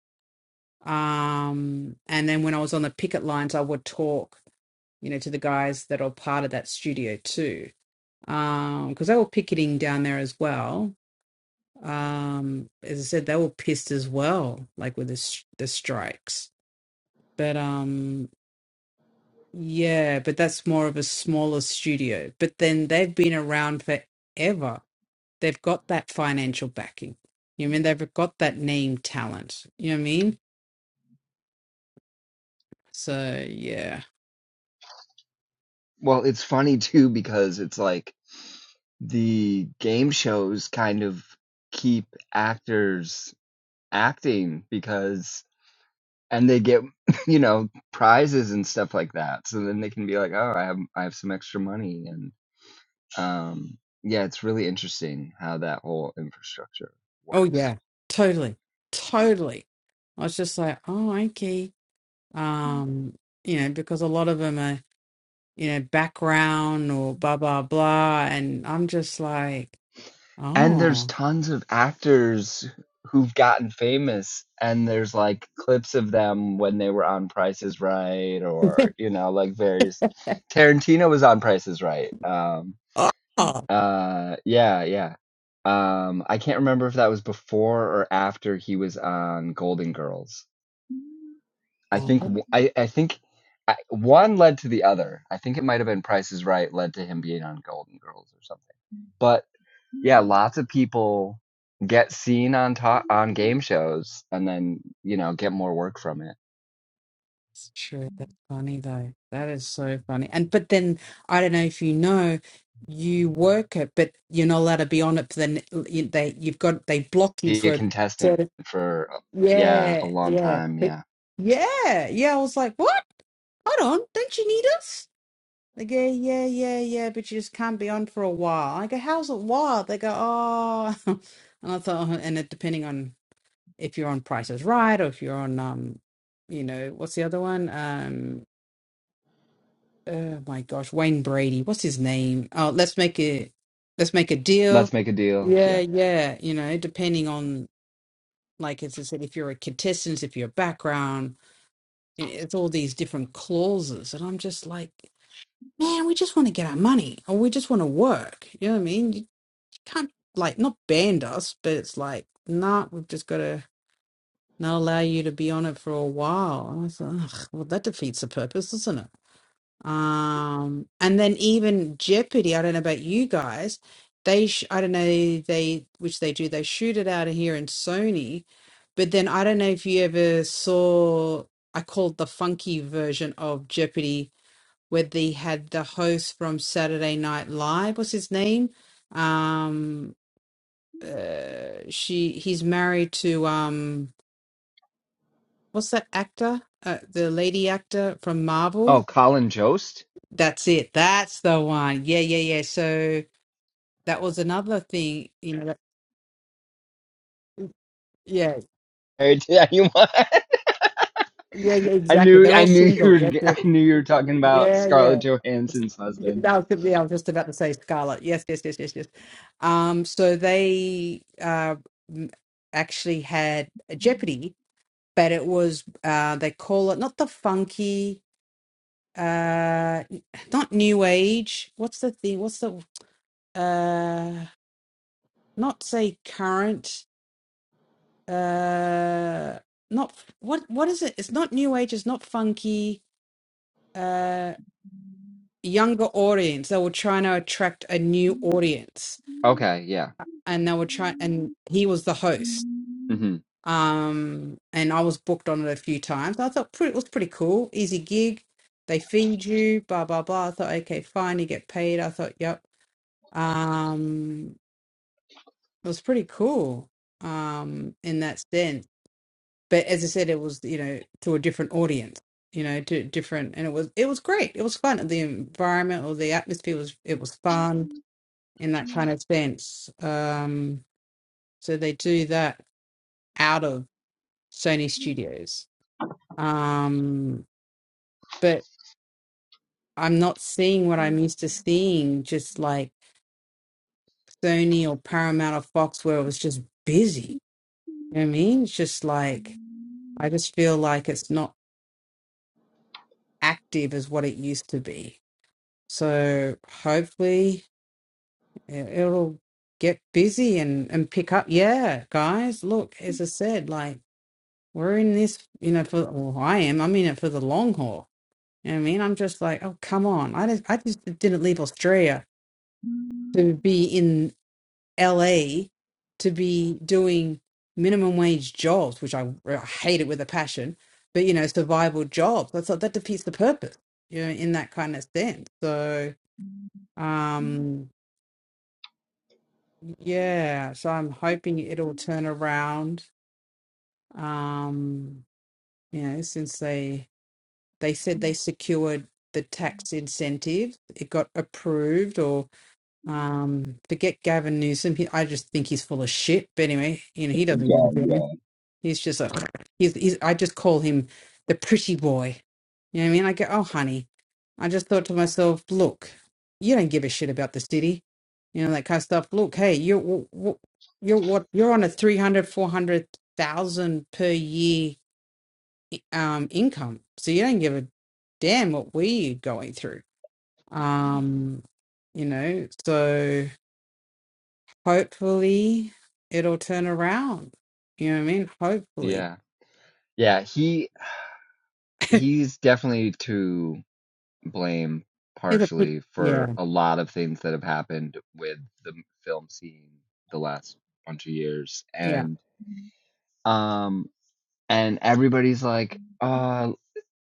Speaker 6: um, and then when I was on the picket lines, I would talk, you know, to the guys that are part of that studio too, Um, because they were picketing down there as well. Um, as I said, they were pissed as well, like with the s- the strikes. But um, yeah, but that's more of a smaller studio. But then they've been around forever. They've got that financial backing. You know what I mean they've got that name talent. You know what I mean? So yeah.
Speaker 3: Well, it's funny too because it's like the game shows kind of keep actors acting because and they get [LAUGHS] you know prizes and stuff like that so then they can be like oh i have i have some extra money and um yeah it's really interesting how that whole infrastructure
Speaker 6: Oh
Speaker 3: works
Speaker 6: yeah, totally, totally. I was just like, oh, okay, um, you know, because a lot of them are, you know, background or blah blah blah, and I'm just like,
Speaker 3: and there's
Speaker 6: oh,
Speaker 3: tons of actors who've gotten famous and there's like clips of them when they were on prices right or you know like various tarantino was on prices right um
Speaker 6: oh, oh,
Speaker 3: Uh, yeah, yeah. Um, I can't remember if that was before or after he was on Golden Girls. I think w- I I think I, one led to the other. I think it might have been Price is Right led to him being on Golden Girls or something. But yeah, lots of people get seen on top on game shows and then you know get more work from it.
Speaker 6: that's true. That's funny though. That is so funny. And but then I don't know if you know, you work it, but you're not allowed to be on it for the. n- you- They you've got they block you
Speaker 3: Be a
Speaker 6: for a
Speaker 3: contestant
Speaker 6: certain.
Speaker 3: for uh, yeah a
Speaker 6: Yeah,
Speaker 3: long
Speaker 6: yeah,
Speaker 3: time.
Speaker 6: but-
Speaker 3: Yeah,
Speaker 6: yeah, yeah. I was like, what? hold on, don't you need us? They go, yeah, yeah, yeah, but you just can't be on for a while. I go, how's it wild? They go, oh, [LAUGHS] and I thought, oh, and it depending on if you're on Price is Right or if you're on, um, you know, what's the other one? Um, oh my gosh, Wayne Brady, what's his name? Oh, let's make a, let's make a deal.
Speaker 3: let's make a deal.
Speaker 6: Yeah,
Speaker 3: Yeah.
Speaker 6: yeah, you know, depending on like as I said, if you're a contestant, if you're a background, i- it's all these different clauses, and I'm just like. man, we just want to get our money or we just want to work. You know what I mean? You can't like not banned us, but it's like, nah, we've just got to not allow you to be on it for a while. And I thought, Ugh, well, that defeats the purpose, doesn't it? Um, and then even Jeopardy, I don't know about you guys, they, sh- I don't know, they, which they do, they shoot it out of here in Sony, but then I don't know if you ever saw, I called the funky version of Jeopardy where they had the host from Saturday Night Live. What's his name? Um, uh, she he's married to um, what's that actor? Uh, the lady actor from Marvel.
Speaker 3: Oh, Colin Jost.
Speaker 6: That's it. That's the one. Yeah, yeah, yeah. So that was another thing. You know. That, yeah.
Speaker 3: [LAUGHS] Married you want.
Speaker 6: Yeah, yeah,
Speaker 3: I
Speaker 6: exactly.
Speaker 3: knew
Speaker 6: They're
Speaker 3: I
Speaker 6: all
Speaker 3: knew you
Speaker 6: single.
Speaker 3: were [LAUGHS]
Speaker 6: Yeah,
Speaker 3: I knew you were talking about
Speaker 6: Yeah, yeah.
Speaker 3: Scarlett
Speaker 6: It's-
Speaker 3: Johansson's husband.
Speaker 6: That was yeah, I was just about to say Scarlet. Yes, yes, yes, yes, yes. Um, so they uh m- actually had a Jeopardy, but it was uh they call it not the funky uh not new age. What's the thing? What's the uh not say current uh not what what is it? It's not new age, it's not funky. uh, younger audience. They were trying to attract a new audience,
Speaker 3: Okay, yeah.
Speaker 6: and they were trying. And he was the host.
Speaker 3: hmm
Speaker 6: Um, and I was booked on it a few times. I thought pretty, it was pretty cool, easy gig. They feed you, blah blah blah. I thought, okay, fine, you get paid. I thought, yep. Um, it was pretty cool. Um, in that sense, but as I said, it was you know to a different audience. You know, to different, and it was it was great. It was fun. The environment or the atmosphere was it was fun in that kind of sense. Um, so they do that out of Sony Studios. Um, but I'm not seeing what I'm used to seeing, just like Sony or Paramount or Fox, where it was just busy. You know what I mean? It's just like, I just feel like it's not active as what it used to be. So hopefully it- it'll get busy and, and pick up. Yeah, guys, look, as I said, like, We're in this, you know, for well, I am. I'm in it for the long haul. You know what I mean? I'm just like, oh come on. I just I just didn't leave Australia to be in LA to be doing minimum wage jobs, which I, I hate it with a passion, but you know, survival jobs. That's like, that defeats the purpose, you know, in that kind of sense. So um yeah, so I'm hoping it'll turn around. Um, you know, since they they said they secured the tax incentive. It got approved, or um, forget Gavin Newsom. He, I just think he's full of shit. But anyway, you know he doesn't give a
Speaker 7: God, yeah.
Speaker 6: damn. He's just a. He's, he's. I just call him the pretty boy. You know what I mean? I go, oh honey. I just thought to myself, look, you don't give a shit about the city. You know that kind of stuff. Look, hey, you're w- w- you're what you're on a three hundred, four hundred thousand per year i- um, income. So you don't give a damn what we're going through. Um, you know, so hopefully it'll turn around. You know what I mean? Hopefully.
Speaker 3: Yeah. Yeah, he he's definitely to blame
Speaker 6: It's a pit-
Speaker 3: partially for
Speaker 6: yeah,
Speaker 3: a lot of things that have happened with the film scene the last bunch of years
Speaker 6: yeah.
Speaker 3: and um and everybody's like uh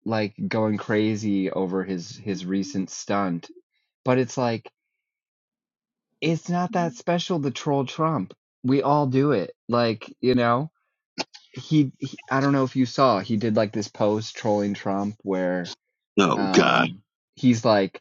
Speaker 3: like going crazy over his his recent stunt, but it's like it's not that special to troll Trump. We all do it. Like, you know, he, he I don't know if you saw, he did like this post trolling Trump where
Speaker 7: Oh god.
Speaker 3: um he's like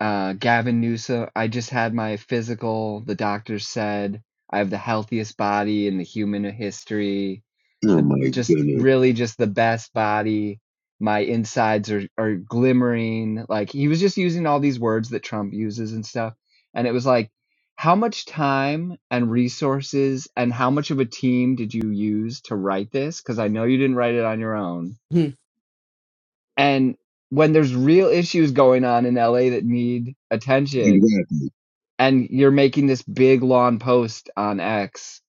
Speaker 3: uh, Gavin Newsom, I just had my physical. The doctor said I have the healthiest body in the human history.
Speaker 7: Oh
Speaker 3: The
Speaker 7: my
Speaker 3: just
Speaker 7: goodness.
Speaker 3: really just the best body. My insides are are glimmering. Like he was just using all these words that Trump uses and stuff. And it was like, how much time and resources and how much of a team did you use to write this? Because I know you didn't write it on your own.
Speaker 6: Mhm.
Speaker 3: And when there's real issues going on in LA that need attention
Speaker 7: Exactly.
Speaker 3: and you're making this big long post on X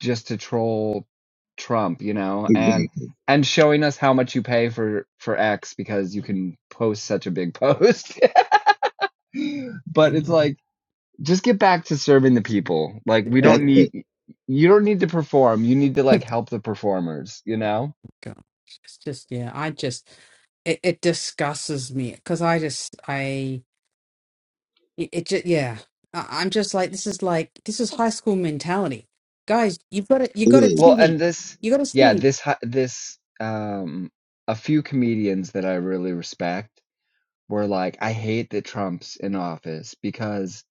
Speaker 3: just to troll Trump, you know, and
Speaker 7: Exactly.
Speaker 3: and showing us how much you pay for for X because you can post such a big post. [LAUGHS] but it's
Speaker 6: Mhm.
Speaker 3: like just get back to serving the people. Like we
Speaker 6: Yeah.
Speaker 7: That's
Speaker 3: don't need
Speaker 7: it.
Speaker 3: you don't need to perform. You need to like
Speaker 6: [LAUGHS]
Speaker 3: help the performers, you know?
Speaker 6: God. It's just yeah, I just it, it disgusts me because I just I it, it just yeah. I, I'm just like this is like this is high school mentality. Guys, you've got to you
Speaker 7: It
Speaker 6: got a
Speaker 7: is.
Speaker 3: Well, and
Speaker 6: city.
Speaker 3: this
Speaker 6: You got a
Speaker 3: yeah,
Speaker 6: city.
Speaker 3: this hi- this um a few comedians that I really respect were like, I hate that Trump's in office because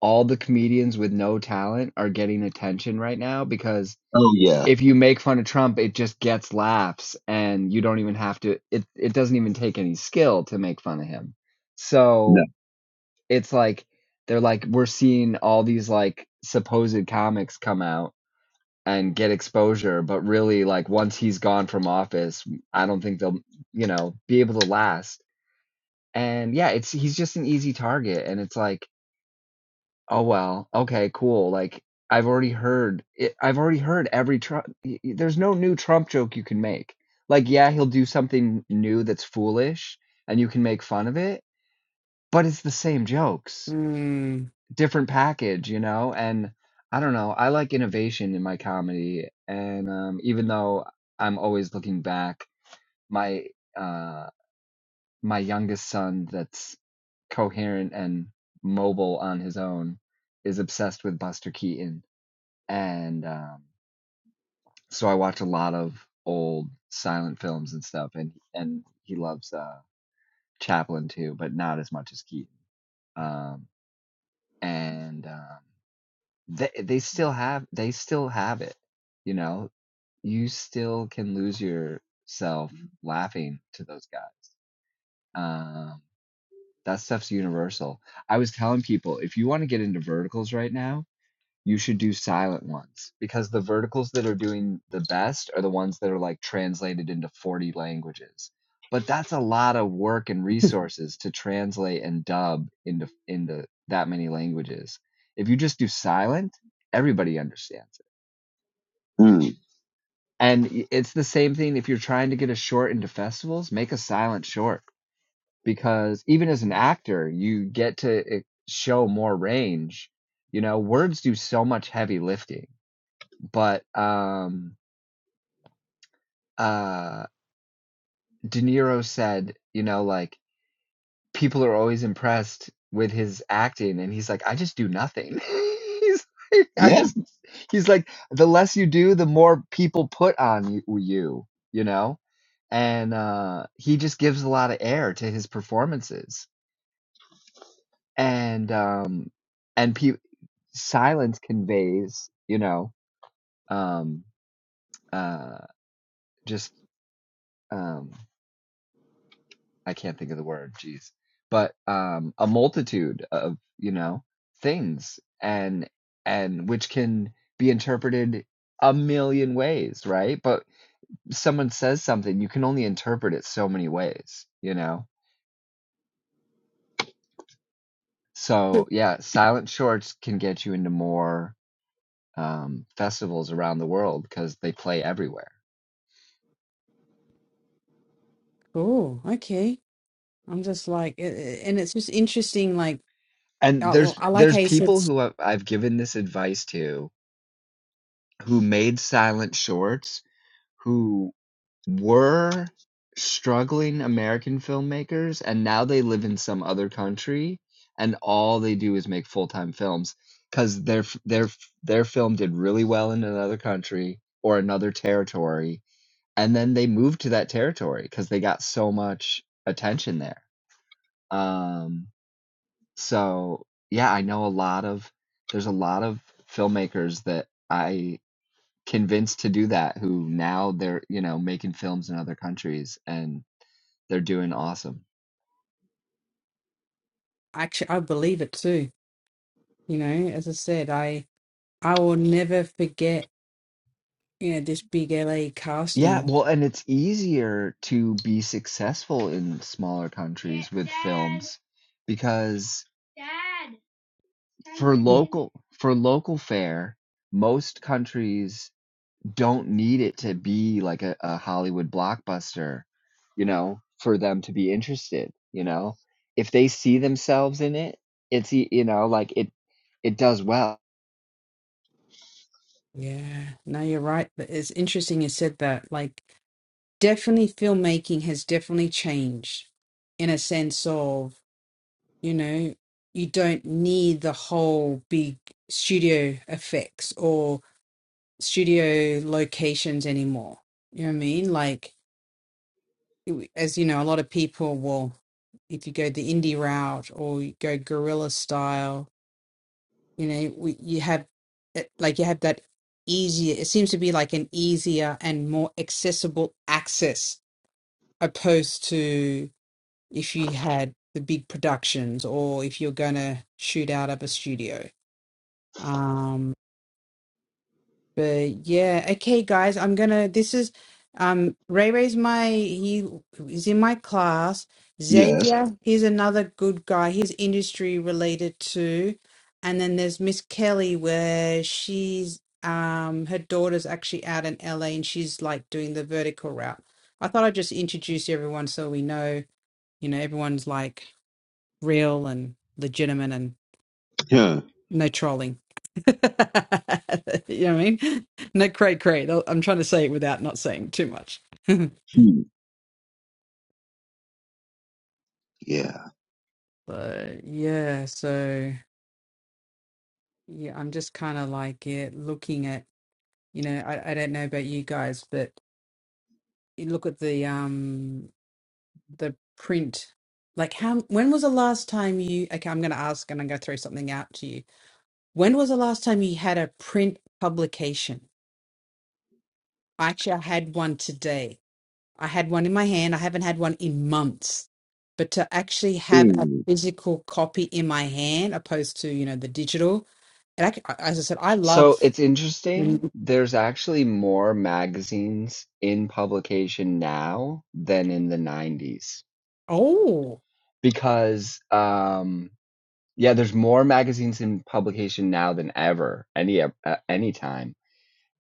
Speaker 3: all the comedians with no talent are getting attention right now because
Speaker 7: Oh yeah.
Speaker 3: if you make fun of Trump, it just gets laughs and you don't even have to it it doesn't even take any skill to make fun of him.
Speaker 7: No.
Speaker 3: So it's like they're like we're seeing all these like supposed comics come out and get exposure, but really like once he's gone from office, I don't think they'll, you know, be able to last and yeah, it's he's just an easy target and it's like, "Oh well, okay, cool." Like I've already heard it, I've already heard every Trump y- y- there's no new Trump joke you can make. Like yeah, he'll do something new that's foolish and you can make fun of it, but it's the same jokes, different package, you know? And I don't know, I like innovation in my comedy and um even though I'm always looking back, my uh my youngest son that's coherent and mobile on his own is obsessed with Buster Keaton. And um, so I watch a lot of old silent films and stuff and and he loves uh Chaplin too, but not as much as Keaton. Um and um they they still have they still have it, you know. You still can lose yourself laughing to those guys. Um That stuff's universal. I was telling people if you want to get into verticals right now, you should do silent ones because the verticals that are doing the best are the ones that are like translated into 40 languages. But that's a lot of work and resources to translate and dub into into that many languages. If you just do silent, everybody understands it.
Speaker 7: Mm.
Speaker 3: And it's the same thing if you're trying to get a short into festivals, make a silent short because even as an actor, you get to e- show more range. You know, words do so much heavy lifting. But um uh De Niro said, you know, like people are always impressed with his acting and he's like, I just do nothing. [LAUGHS] he's like, I
Speaker 7: Yeah.
Speaker 3: just he's like the less you do, the more people put on you, you, you know? And uh he just gives a lot of air to his performances and um and pe- silence conveys you know um uh just um i can't think of the word jeez but um a multitude of you know things and and which can be interpreted a million ways right but someone says something you can only interpret it so many ways you know so yeah silent shorts can get you into more um, festivals around the world because they play everywhere
Speaker 6: Cool. Okay. I'm just like, it, it- and it's just interesting. Like,
Speaker 3: And
Speaker 6: I, well,
Speaker 3: there's
Speaker 6: I like
Speaker 3: there's
Speaker 6: how you said,
Speaker 3: people who I've I've given this advice to who made silent shorts who were struggling American filmmakers, and now they live in some other country, and all they do is make full-time films films because their f their f their film did really well in another country or another territory, and then they moved to that territory because they got so much attention there. Um So, yeah, I know a lot of there's a lot of filmmakers that I convinced to do that who now they're, you know, making films in other countries and they're doing awesome.
Speaker 6: actually, I believe it too. You know, as I said, I I will never forget, you know, this big LA
Speaker 3: Yeah,
Speaker 6: casting.
Speaker 3: well, and it's easier to be successful in smaller countries with films because for
Speaker 6: Mm.
Speaker 3: local for local fare, most countries don't need it to be like a, a Hollywood blockbuster, you know, for them to be interested, you know. If they see themselves in it, it's e- you know, like it it does well.
Speaker 6: Yeah. No, you're right. But it's interesting you said that. Like, definitely filmmaking has definitely changed in a sense of, you know, you don't need the whole big studio effects or. studio locations anymore. You know what I mean? Like, it- as you know, a lot of people will, if you go the indie route or you go guerrilla style, you know, we, you have it- like you have that easier. It seems to be like an easier and more accessible access opposed to if you had the big productions or if you're gonna shoot out of a studio. Um, But yeah, okay, guys, I'm gonna. This is um Ray Ray's my he is in my class.
Speaker 7: Yes.
Speaker 6: Xavier, he's another good guy. He's industry related too. And then there's Miss Kelly, where she's um her daughter's actually out in LA and she's like doing the vertical route. I thought I'd just introduce everyone so we know, you know, everyone's like real and legitimate and
Speaker 7: Huh.
Speaker 6: no trolling. [LAUGHS] you know what I mean? No, great, great. I'm trying to say it without not saying too much. [LAUGHS]
Speaker 7: Hmm. Yeah.
Speaker 6: but yeah, so yeah, I'm just kind of like yeah, looking at you know I, I don't know about you guys, but you look at the um the print. Like how when was the last time you okay, I'm gonna ask and I'm gonna throw something out to you. When was the last time you had a print publication? Actually I had one today I had one in my hand. I haven't had one in months. But to actually have a
Speaker 7: Mm.
Speaker 6: physical copy in my hand, opposed to you know the digital, and I, c- as I said, I
Speaker 3: So
Speaker 6: love.
Speaker 3: it's interesting.
Speaker 6: the-
Speaker 3: There's actually more magazines in publication now than in the 90s
Speaker 6: Oh,
Speaker 3: because um yeah, there's more magazines in publication now than ever any uh, any time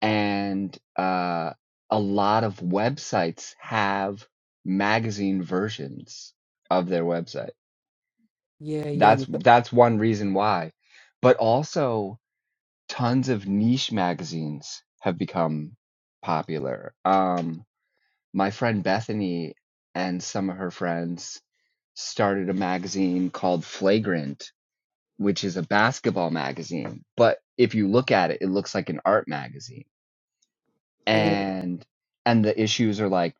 Speaker 3: and uh, a lot of websites have magazine versions of their website.
Speaker 6: yeah, yeah,
Speaker 3: That's
Speaker 6: you got-
Speaker 3: that's one reason why, but also tons of niche magazines have become popular. Um, my friend Bethany and some of her friends started a magazine called Flagrant, which is a basketball magazine. But if you look at it, it looks like an art magazine
Speaker 6: oh,
Speaker 3: and and the issues are like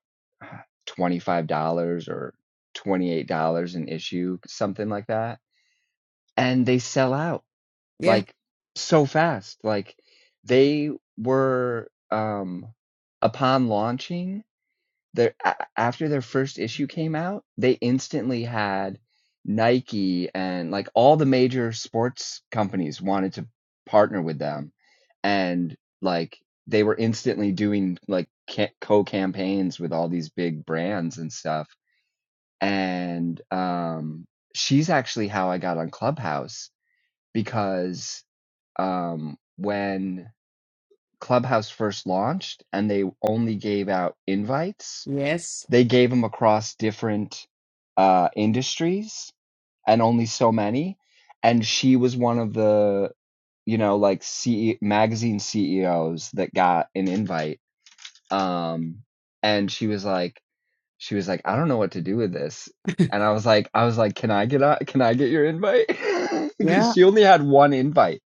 Speaker 3: $25 or $28 an issue something like that and they sell out
Speaker 6: yeah,
Speaker 3: like so fast like they were um upon launching their a after their first issue came out, they instantly had Nike and, like, all the major sports companies wanted to partner with them, and, like, they were instantly doing, like, ca co-campaigns with all these big brands and stuff, and, um, she's actually how I got on Clubhouse because, um, when Clubhouse first launched and they only gave out invites
Speaker 6: yes,
Speaker 3: they gave them across different uh, industries and only so many. And she was one of the, you know, like CE- magazine CEOs that got an invite. Um, and she was like, she was like, I don't know what to do with this. And I was like, I was like, can I get out? Can I get your invite? [LAUGHS] because
Speaker 6: yeah.
Speaker 3: she only had one invite.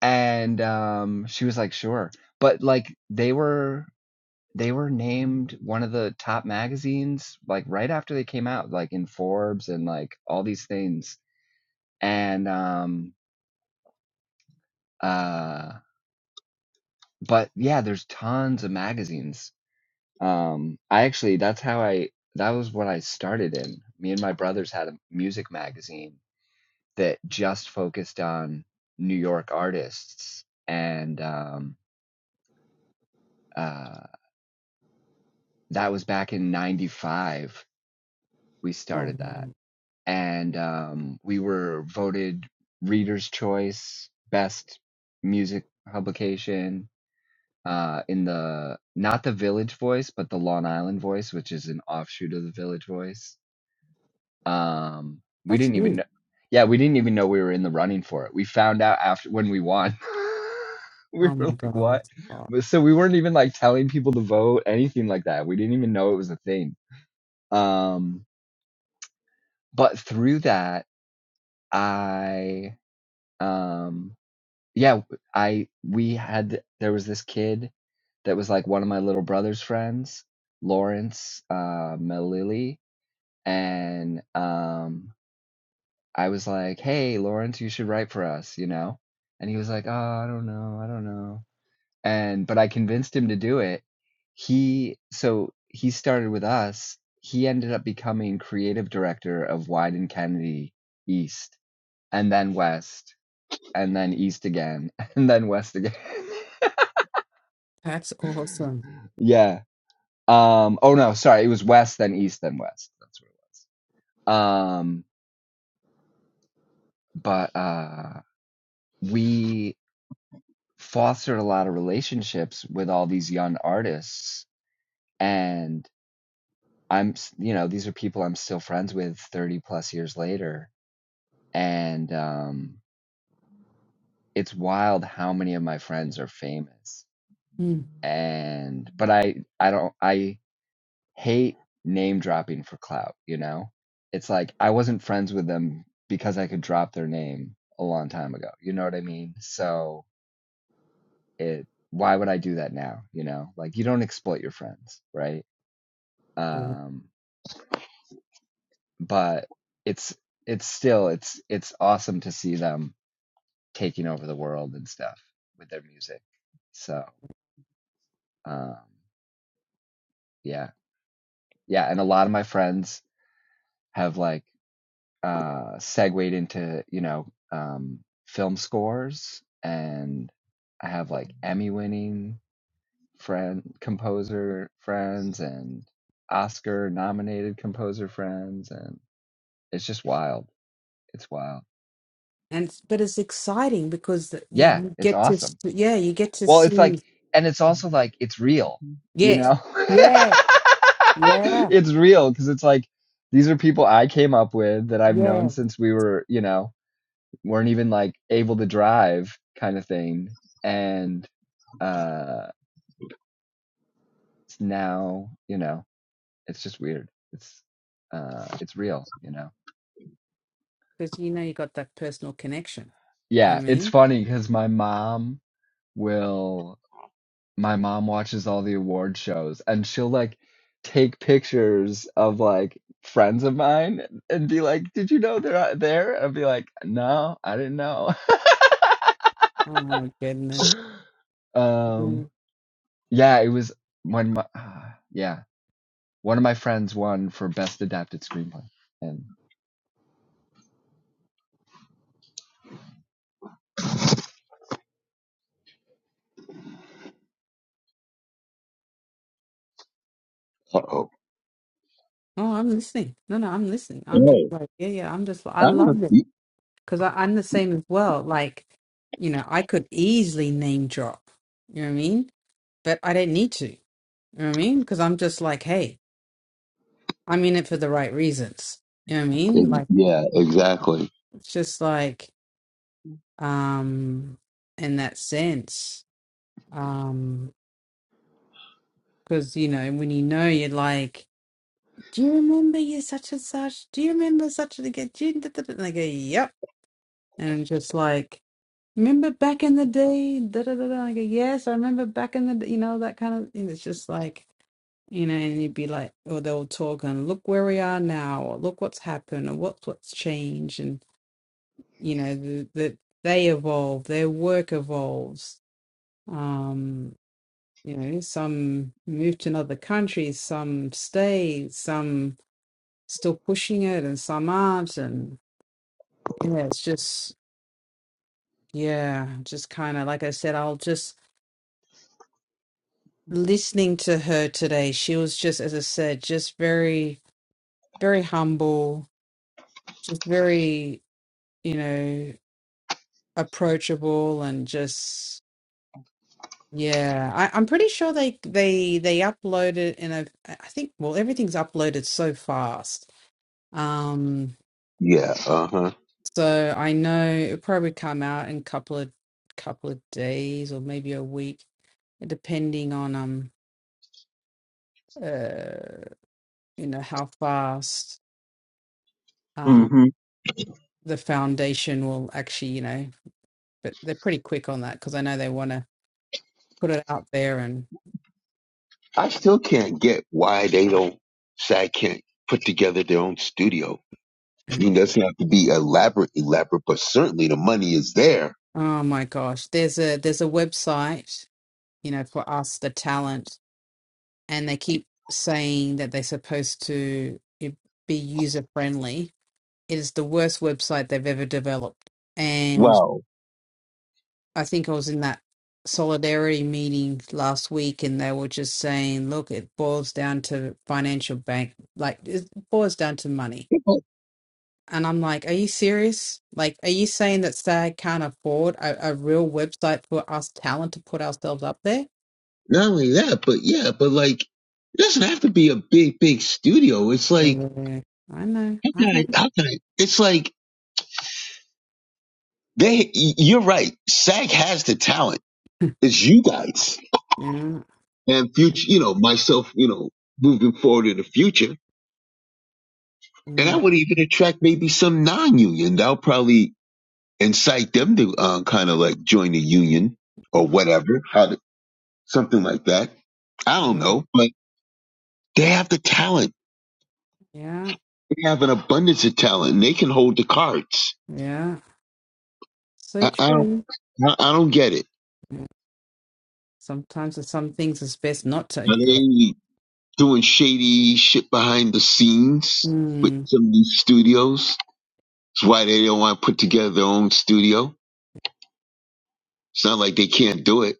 Speaker 3: And um, she was like, sure. But like they were they were named one of the top magazines like right after they came out like in forbes and like all these things and um uh but yeah there's tons of magazines um i actually that's how i that was what i started in me and my brothers had a music magazine that just focused on new york artists and um uh that was back in 95 we
Speaker 6: Oh,
Speaker 3: started that
Speaker 6: man,
Speaker 3: and um, we were voted Reader's Choice Best Music Publication uh, in the not the Village Voice, but the Long Island Voice, which is an offshoot of the Village Voice. Um, we
Speaker 6: that's
Speaker 3: didn't even
Speaker 6: good.
Speaker 3: know, yeah, we didn't even know we were in the running for it. We found out after when we won. [LAUGHS] we
Speaker 6: Oh
Speaker 3: were
Speaker 6: my
Speaker 3: like, what?
Speaker 6: god, oh,
Speaker 3: But- So we weren't even like telling people to vote, anything like that. We didn't even know it was a thing. Um, but through that, I um yeah i we had there was this kid that was like one of my little brother's friends lawrence uh melilly and um i was like hey lawrence you should write for us you know and he was like oh i don't know i don't know and but i convinced him to do it he so he started with us he ended up becoming creative director of wyden kennedy east and then west and then east again [LAUGHS] and then west again.
Speaker 6: that's awesome.
Speaker 3: [LAUGHS] yeah. Um oh no, sorry, it was west then east then west. That's what it was. Um but uh we fostered a lot of relationships with all these young artists and I'm s- you know, these are people I'm still friends with 30 plus years later and um it's wild how many of my friends are famous.
Speaker 6: Mm,
Speaker 3: And but I I don't I hate name dropping for clout, you know? It's like I wasn't friends with them because I could drop their name a long time ago. You know what I mean? So it why would I do that now, you know? Like you don't exploit your friends, right?
Speaker 6: yeah.
Speaker 3: Um but it's it's still it's it's awesome to see them taking over the world and stuff with their music. So, um yeah. Yeah, and a lot of my friends have like uh, segued into you know um, film scores, and I have like Emmy winning friend composer friends and Oscar nominated composer friends, and it's just wild. It's wild.
Speaker 6: And it's- but it's exciting because the- you,
Speaker 3: Yeah,
Speaker 6: you
Speaker 3: it's
Speaker 6: get to, s-
Speaker 3: awesome.
Speaker 6: yeah, you get to
Speaker 3: Well, it's like,
Speaker 6: see.
Speaker 3: and it's also like it's real, you
Speaker 6: Yes,
Speaker 3: know. [LAUGHS]
Speaker 6: yeah, yeah,
Speaker 3: it's real because it's like these are people I came up with that I've
Speaker 6: yeah.
Speaker 3: known since we were, you know, weren't even like able to drive kind of thing and uh now you know it's just weird it's uh it's real you know
Speaker 6: because you know you got that personal connection. You know
Speaker 3: yeah
Speaker 6: what I
Speaker 3: it's
Speaker 6: mean?
Speaker 3: funny because my mom will my mom watches all the award shows and she'll like take pictures of like friends of mine and be like did you know they're out there and be like no i didn't know [LAUGHS]
Speaker 6: Oh my goodness.
Speaker 3: um
Speaker 6: Mm.
Speaker 3: yeah it was when my, [SIGHS] yeah One of my friends won for best adapted screenplay, and
Speaker 7: Uh oh.
Speaker 6: Oh, I'm listening. No, no, I'm listening. I'm just
Speaker 7: Oh.
Speaker 6: like, yeah, yeah, I'm just, I
Speaker 7: I don't.
Speaker 6: love it
Speaker 7: e,
Speaker 6: because I'm the same as well. Like, you know, I could easily name drop, you know what I mean? But I don't need to, you know what I mean? Because I'm just like, hey, I'm in it for the right reasons. You know what I mean? Like,
Speaker 7: Yeah. Exactly.
Speaker 6: it's just like, um, in that sense, um, because, you know, when you know, you're like, do you remember you such and such? Do you remember such and again? Do you, da, da, da?" And I go, yep. And I'm just like, remember back in the day? Da, da, da, da. I go, yes, I remember back in the, d-" you know, that kind of thing. It's just like, you know, and you'd be like, or they'll talk and look where we are now, or look what's happened, or what's what's changed, and you know, the, the they evolve, their work evolves. Um, you know, some move to another country, some stay, some still pushing it and some aren't, and yeah, it's just yeah, just kind of like I said, I'll just listening to her today. She was just, as I said, just very, very humble, just very, you know, approachable and just yeah. I, I'm pretty sure they they they upload it in a I think well everything's uploaded so fast. Um
Speaker 7: Yeah. Uh huh.
Speaker 6: so I know it'll probably come out in a couple of couple of days or maybe a week depending on um uh you know how fast um
Speaker 7: hmm
Speaker 6: the foundation will actually you know but they're pretty quick on that because I know they want to put it out there and
Speaker 7: I still can't get why they don't. SAG can't put together their own studio. I mean, it doesn't have to be elaborate, elaborate, but certainly the money is there.
Speaker 6: oh my gosh there's a there's a website you know for us the talent and they keep saying that they're supposed to i- be user friendly it is the worst website they've ever developed and.
Speaker 7: Wow.
Speaker 6: I think I was in that solidarity meeting last week, and they were just saying, look, it boils down to financial bank, like it boils down to money. And I'm like, are you serious? Like, are you saying that SAG can't afford a, a real website for us talent to put ourselves up there?
Speaker 7: Not only that, but yeah, but like it doesn't have to be a big, big studio. It's
Speaker 6: Yeah,
Speaker 7: like
Speaker 6: I know,
Speaker 7: how
Speaker 6: I
Speaker 7: can I?
Speaker 6: know.
Speaker 7: How can I? It's like they. You're right. SAG has the talent.
Speaker 6: [LAUGHS]
Speaker 7: It's you guys
Speaker 6: Yeah,
Speaker 7: and future. You know myself. You know moving forward in the future, and I
Speaker 6: mm,
Speaker 7: would even attract maybe some non-union. That'll probably incite them to uh, kind of like join the union or whatever. How to, something like that. I don't
Speaker 6: yeah,
Speaker 7: know, but they have the talent.
Speaker 6: yeah,
Speaker 7: They have an abundance of talent, and they can hold the cards.
Speaker 6: yeah. So
Speaker 7: I, I don't
Speaker 6: true.
Speaker 7: I, I don't get it.
Speaker 6: Sometimes there's some things it's best not to
Speaker 7: Are
Speaker 6: get.
Speaker 7: they doing shady shit behind the scenes with
Speaker 6: Mm,
Speaker 7: some of these studios? It's why they don't want to put together their own studio. It's not like they can't do it.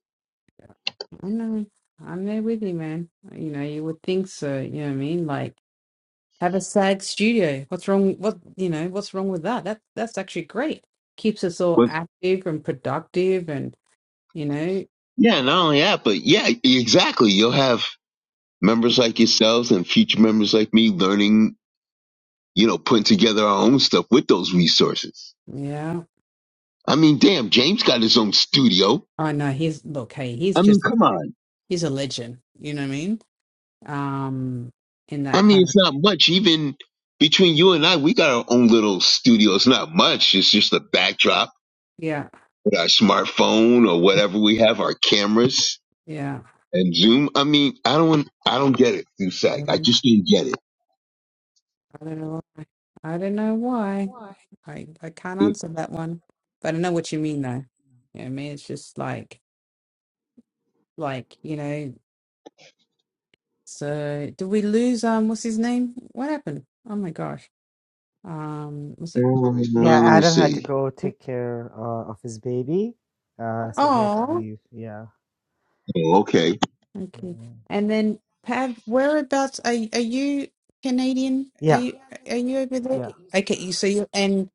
Speaker 6: I know. I'm there with you, man. You know, you would think so. You know what I mean? Like, have a SAG studio. What's wrong? What you know? What's wrong with that? That that's actually great. Keeps us all
Speaker 7: But
Speaker 6: active and productive, and you know,
Speaker 7: yeah, not only that, but yeah, exactly. You'll have members like yourselves and future members like me learning, you know, putting together our own stuff with those resources.
Speaker 6: yeah.
Speaker 7: I mean, damn, James got his own studio.
Speaker 6: I know. He's look. Hey, he's
Speaker 7: I mean,
Speaker 6: just
Speaker 7: come on.
Speaker 6: he's a legend. You know what I mean? Um, in that
Speaker 7: I mean,
Speaker 6: kind of
Speaker 7: it's not much. Even between you and I, we got our own little studio. It's not much. It's just a backdrop
Speaker 6: yeah,
Speaker 7: with our smartphone or whatever we have, our cameras
Speaker 6: yeah.
Speaker 7: and Zoom. I mean, I don't, I don't get it, Dusac. I just didn't get it.
Speaker 6: I don't know why. I don't know why. I I can't
Speaker 7: It-
Speaker 6: answer that one. But I know what you mean though. Yeah, I mean it's just like like, you know, so did we lose um what's his name? What happened? Oh my gosh. Um was it
Speaker 7: uh,
Speaker 2: Yeah,
Speaker 7: let me
Speaker 2: Adam had to
Speaker 7: see.
Speaker 2: go take care uh, of his baby, uh, so he had to
Speaker 6: Oh
Speaker 2: leave. Yeah,
Speaker 7: Oh, okay.
Speaker 2: yeah,
Speaker 6: okay. And then Pav, whereabouts are y- are you Canadian? Are
Speaker 2: yeah, yeah.
Speaker 6: you are you over there?
Speaker 2: yeah.
Speaker 6: Okay, you so you and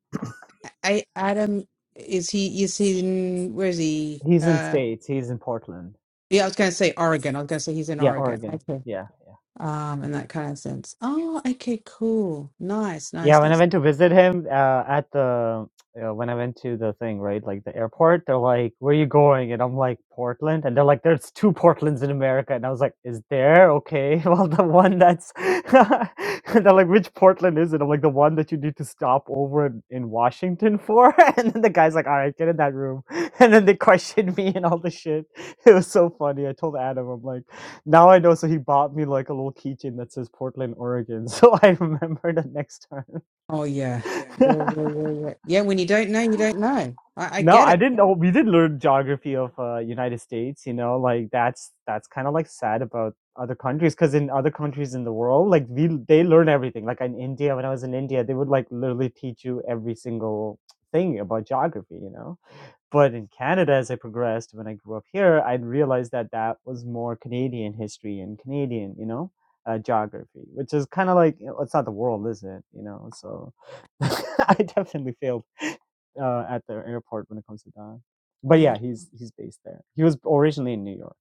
Speaker 6: I Adam is he is he in where is he?
Speaker 2: He's in
Speaker 6: Uh,
Speaker 2: states. He's in Portland.
Speaker 6: Yeah, I was gonna say Oregon. I was gonna say he's in
Speaker 2: Yeah,
Speaker 6: Oregon.
Speaker 2: Oregon.
Speaker 6: Okay.
Speaker 2: Yeah, yeah.
Speaker 6: Um, in that kind of sense. Oh, okay, cool. Nice,
Speaker 2: Yeah,
Speaker 6: nice,
Speaker 2: when I
Speaker 6: nice.
Speaker 2: went to visit him uh, at the uh, when I went to the thing right, like the airport, they're like, "Where are you going?" And I'm like, "Portland," and they're like, "There's two Portlands in America," and I was like, "Is there? Okay, [LAUGHS] well, the one that's," [LAUGHS] and they're like, "Which Portland is it?" I'm like, "The one that you need to stop over in, in Washington for," [LAUGHS] and then the guy's like, "All right, get in that room," [LAUGHS] and then they questioned me and all the shit. [LAUGHS] It was so funny. I told Adam, I'm like, now I know. So he bought me like a little keychain that says Portland, Oregon. [LAUGHS] So I remember the next time.
Speaker 6: Oh yeah. Yeah,
Speaker 2: [LAUGHS]
Speaker 6: yeah, yeah, yeah. Yeah, when you don't know, you don't know. I, I
Speaker 2: no,
Speaker 6: get
Speaker 2: I
Speaker 6: it.
Speaker 2: didn't. Oh, we did learn geography of uh, United States. You know, like that's that's kind of like sad about other countries because in other countries in the world, like we they learn everything. Like in India, when I was in India, they would like literally teach you every single thing about geography. You know, but in Canada, as I progressed, when I grew up here, I realized that that was more Canadian history and Canadian, you know. Uh, geography, which is kind of like you know, it's not the world, is it? You know, so [LAUGHS] I definitely failed uh, at the airport when it comes to that. But
Speaker 6: Oh,
Speaker 2: yeah, he's he's based there. He was originally in New York,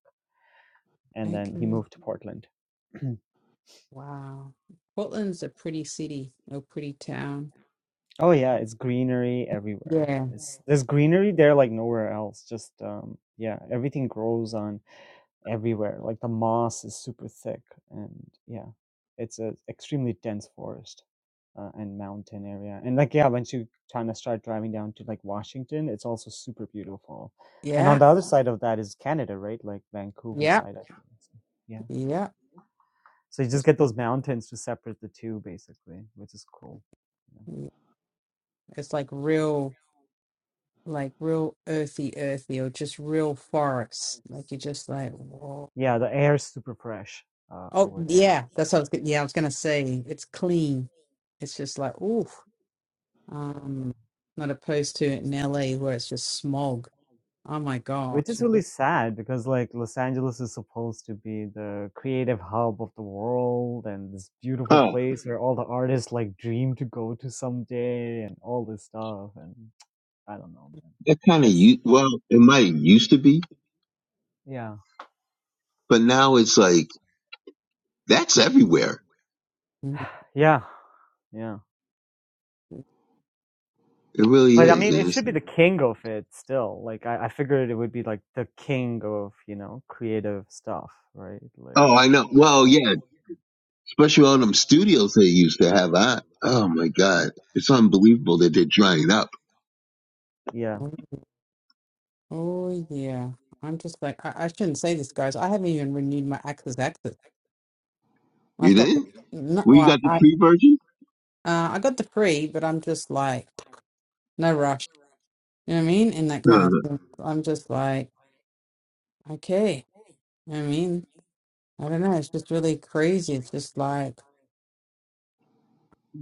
Speaker 2: and then he
Speaker 6: okay.
Speaker 2: moved to Portland. [CLEARS THROAT]
Speaker 6: Wow. Portland's a pretty city, a pretty town.
Speaker 2: oh yeah, it's greenery everywhere.
Speaker 6: Yeah.
Speaker 2: It's there's greenery there like nowhere else. Just um, yeah, everything grows on everywhere. Like the moss is super thick, and yeah, it's a extremely dense forest uh, and mountain area. And like yeah, once you kind of start driving down to like Washington, it's also super beautiful. And on
Speaker 6: Yeah.
Speaker 2: the other side of that is Canada, right? Like Vancouver
Speaker 6: Yeah.
Speaker 2: side, I think. So, yeah.
Speaker 6: Yeah.
Speaker 2: So you just
Speaker 6: Just
Speaker 2: get
Speaker 6: like-
Speaker 2: those mountains to separate the two, basically, which is cool. Yeah,
Speaker 6: yeah. it's like real like real earthy, earthy, or just real forest. Like you're just like, whoa.
Speaker 2: yeah the air is super fresh uh,
Speaker 6: Oh
Speaker 2: over there.
Speaker 6: yeah, that's what I was. go- Yeah, I was gonna say it's clean. It's just like oof. Um, not opposed to it in LA where it's just smog. Oh my
Speaker 2: which
Speaker 6: gosh.
Speaker 2: is
Speaker 6: It's
Speaker 2: really
Speaker 6: just,
Speaker 2: sad because like Los Angeles is supposed to be the creative hub of the world and this beautiful
Speaker 7: Huh.
Speaker 2: place where all the artists like dream to go to someday and all this stuff and I don't know man.
Speaker 7: That kind of,
Speaker 2: It's
Speaker 7: you. well, it might used to be,
Speaker 2: yeah.
Speaker 7: but now it's like, that's everywhere.
Speaker 6: mm,
Speaker 2: Yeah. Yeah.
Speaker 7: It
Speaker 2: Yeah.
Speaker 7: really
Speaker 2: But I
Speaker 7: is.
Speaker 2: mean
Speaker 7: And
Speaker 2: it
Speaker 7: it's-
Speaker 2: should be the king of it still. Like I, I figured it would be like the king of, you know, creative stuff, right? Like
Speaker 7: oh, I know. Well, yeah. especially all them studios they used to have. I, oh my God, it's unbelievable that they're drying up.
Speaker 2: yeah.
Speaker 6: oh oh, yeah. I'm just like I, I shouldn't say this, guys. I haven't even renewed my access access. I
Speaker 7: You
Speaker 6: thought
Speaker 7: didn't?
Speaker 6: no,
Speaker 7: Well, you
Speaker 6: I
Speaker 7: got the
Speaker 6: I,
Speaker 7: free version?
Speaker 6: uh, I got the free, but I'm just like no rush. You know what I mean? And that kind of
Speaker 7: Uh,
Speaker 6: thing. I'm just like okay. You know what I mean, I don't know. It's just really crazy. It's just like.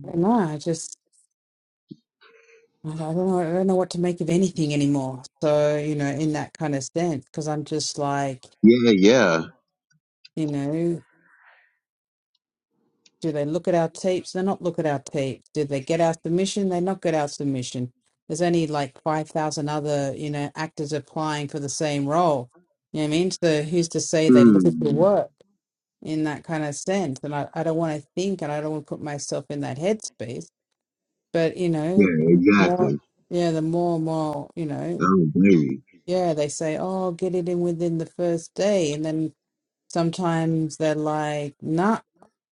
Speaker 6: I don't know. I just I don't know. I don't know what to make of anything anymore. So, you know, in that kind of sense, because I'm just like,
Speaker 7: yeah, yeah.
Speaker 6: you know, do they look at our tapes? They not look at our tapes. Do they get our submission? They not get our submission. There's only like 5,000 other, you know, actors applying for the same role. You know what I mean? So who's to say they look at your
Speaker 7: Mm,
Speaker 6: work in that kind of sense? And I, I don't want to think and I don't want to put myself in that headspace. But, you know,
Speaker 7: yeah,
Speaker 6: the more,
Speaker 7: exactly.
Speaker 6: yeah, the more and more, you know.
Speaker 7: I don't blame you.
Speaker 6: Yeah, they say, oh, get it in within the first day. And then sometimes they're like, nah.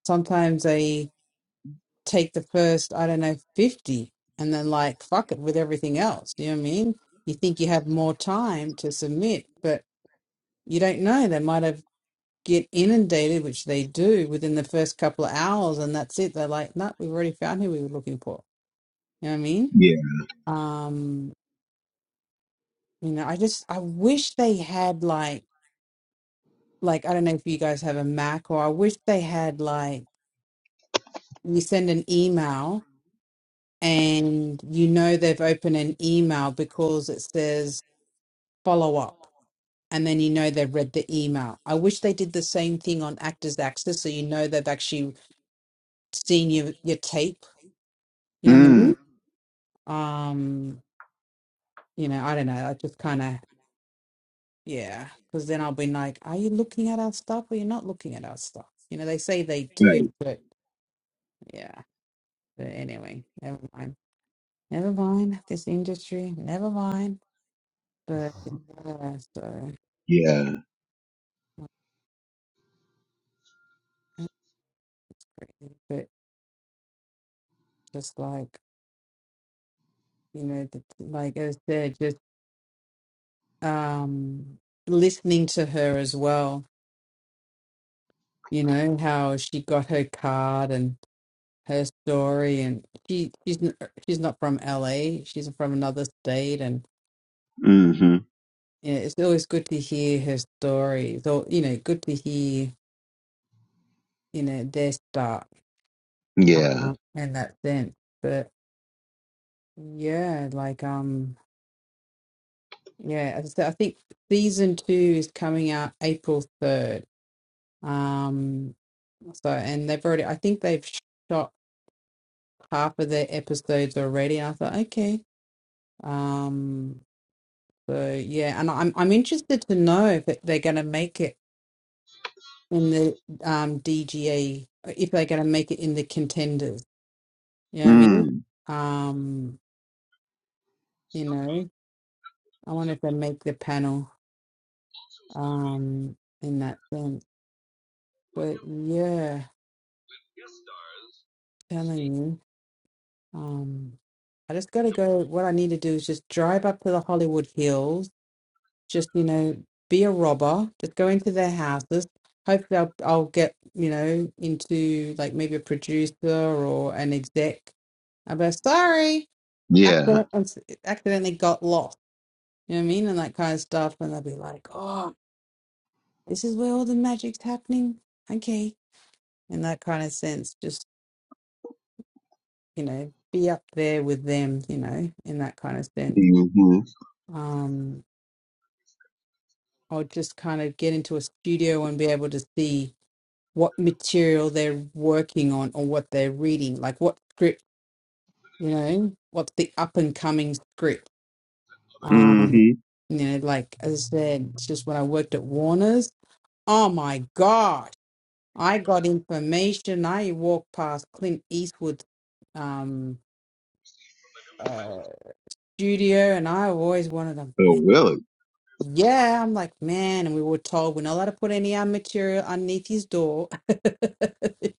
Speaker 6: Sometimes they take the first, I don't know, 50 and then like, fuck it with everything else. You know what I mean? You think you have more time to submit, but you don't know. They might have get inundated, which they do within the first couple of hours. And that's it. They're like, nah, we've already found who we were looking for. You know what I mean?
Speaker 7: Yeah.
Speaker 6: Um, you know, I just, I wish they had like, like I don't know if you guys have a Mac or I wish they had like you send an email and you know they've opened an email because it says follow up and then you know they've read the email. I wish they did the same thing on Actors Access so you know they've actually seen your your tape. You know what I
Speaker 7: Mm,
Speaker 6: mean? Um, you know, I don't know. I just kind of yeah, because then I'll be like, are you looking at our stuff or you're not looking at our stuff? You know, they say they
Speaker 7: right.
Speaker 6: do, but yeah. But anyway, never mind. Never mind this industry. Never mind. But yeah, so
Speaker 7: Yeah.
Speaker 6: [LAUGHS] not crazy, but just like you know, the, like I said, just um listening to her as well. You know how she got her card and her story, and she she's n- she's not from LA. She's from another state, and
Speaker 7: Mm-hmm.
Speaker 6: you know, it's always good to hear her story. So you know, good to hear you know their start
Speaker 7: Yeah.
Speaker 6: uh, in that sense. Yeah, like um, yeah, as I said, I think season two is coming out April 3rd. Um, so and they've already I think they've shot half of their episodes already. And I thought, okay. Um, so yeah, and I'm I'm interested to know if it- they're going to make it in the um DGA if they're going to make it in the contenders. You know what I mean?
Speaker 7: Mm,
Speaker 6: Um, you know, I wonder if they make the panel um in that sense. But yeah, telling you, um, I just gotta go. What I need to do is just drive up to the Hollywood Hills. Just you know, be a robber. Just go into their houses. Hopefully, I'll, I'll get you know into like maybe a producer or an exec. I'll be like, sorry,
Speaker 7: yeah.
Speaker 6: accidentally, accidentally got lost. You know what I mean, and that kind of stuff. And they'll be like, oh, this is where all the magic's happening. Okay, in that kind of sense, you know, be up there with them, you know, in that kind of sense.
Speaker 7: Mm-hmm.
Speaker 6: Um, will just kind of get into a studio and be able to see what material they're working on or what they're reading, like what script, you know, what's the up and coming script. Um,
Speaker 7: Mm-hmm.
Speaker 6: you know, like as I said, it's just when I worked at Warner's, oh my gosh, I got information. I walked past Clint Eastwood's um, uh, studio and I always wanted to,
Speaker 7: Oh,
Speaker 6: man.
Speaker 7: really?
Speaker 6: Yeah, I'm like, man, and we were told we're not allowed to put any of our material underneath his door. [LAUGHS] you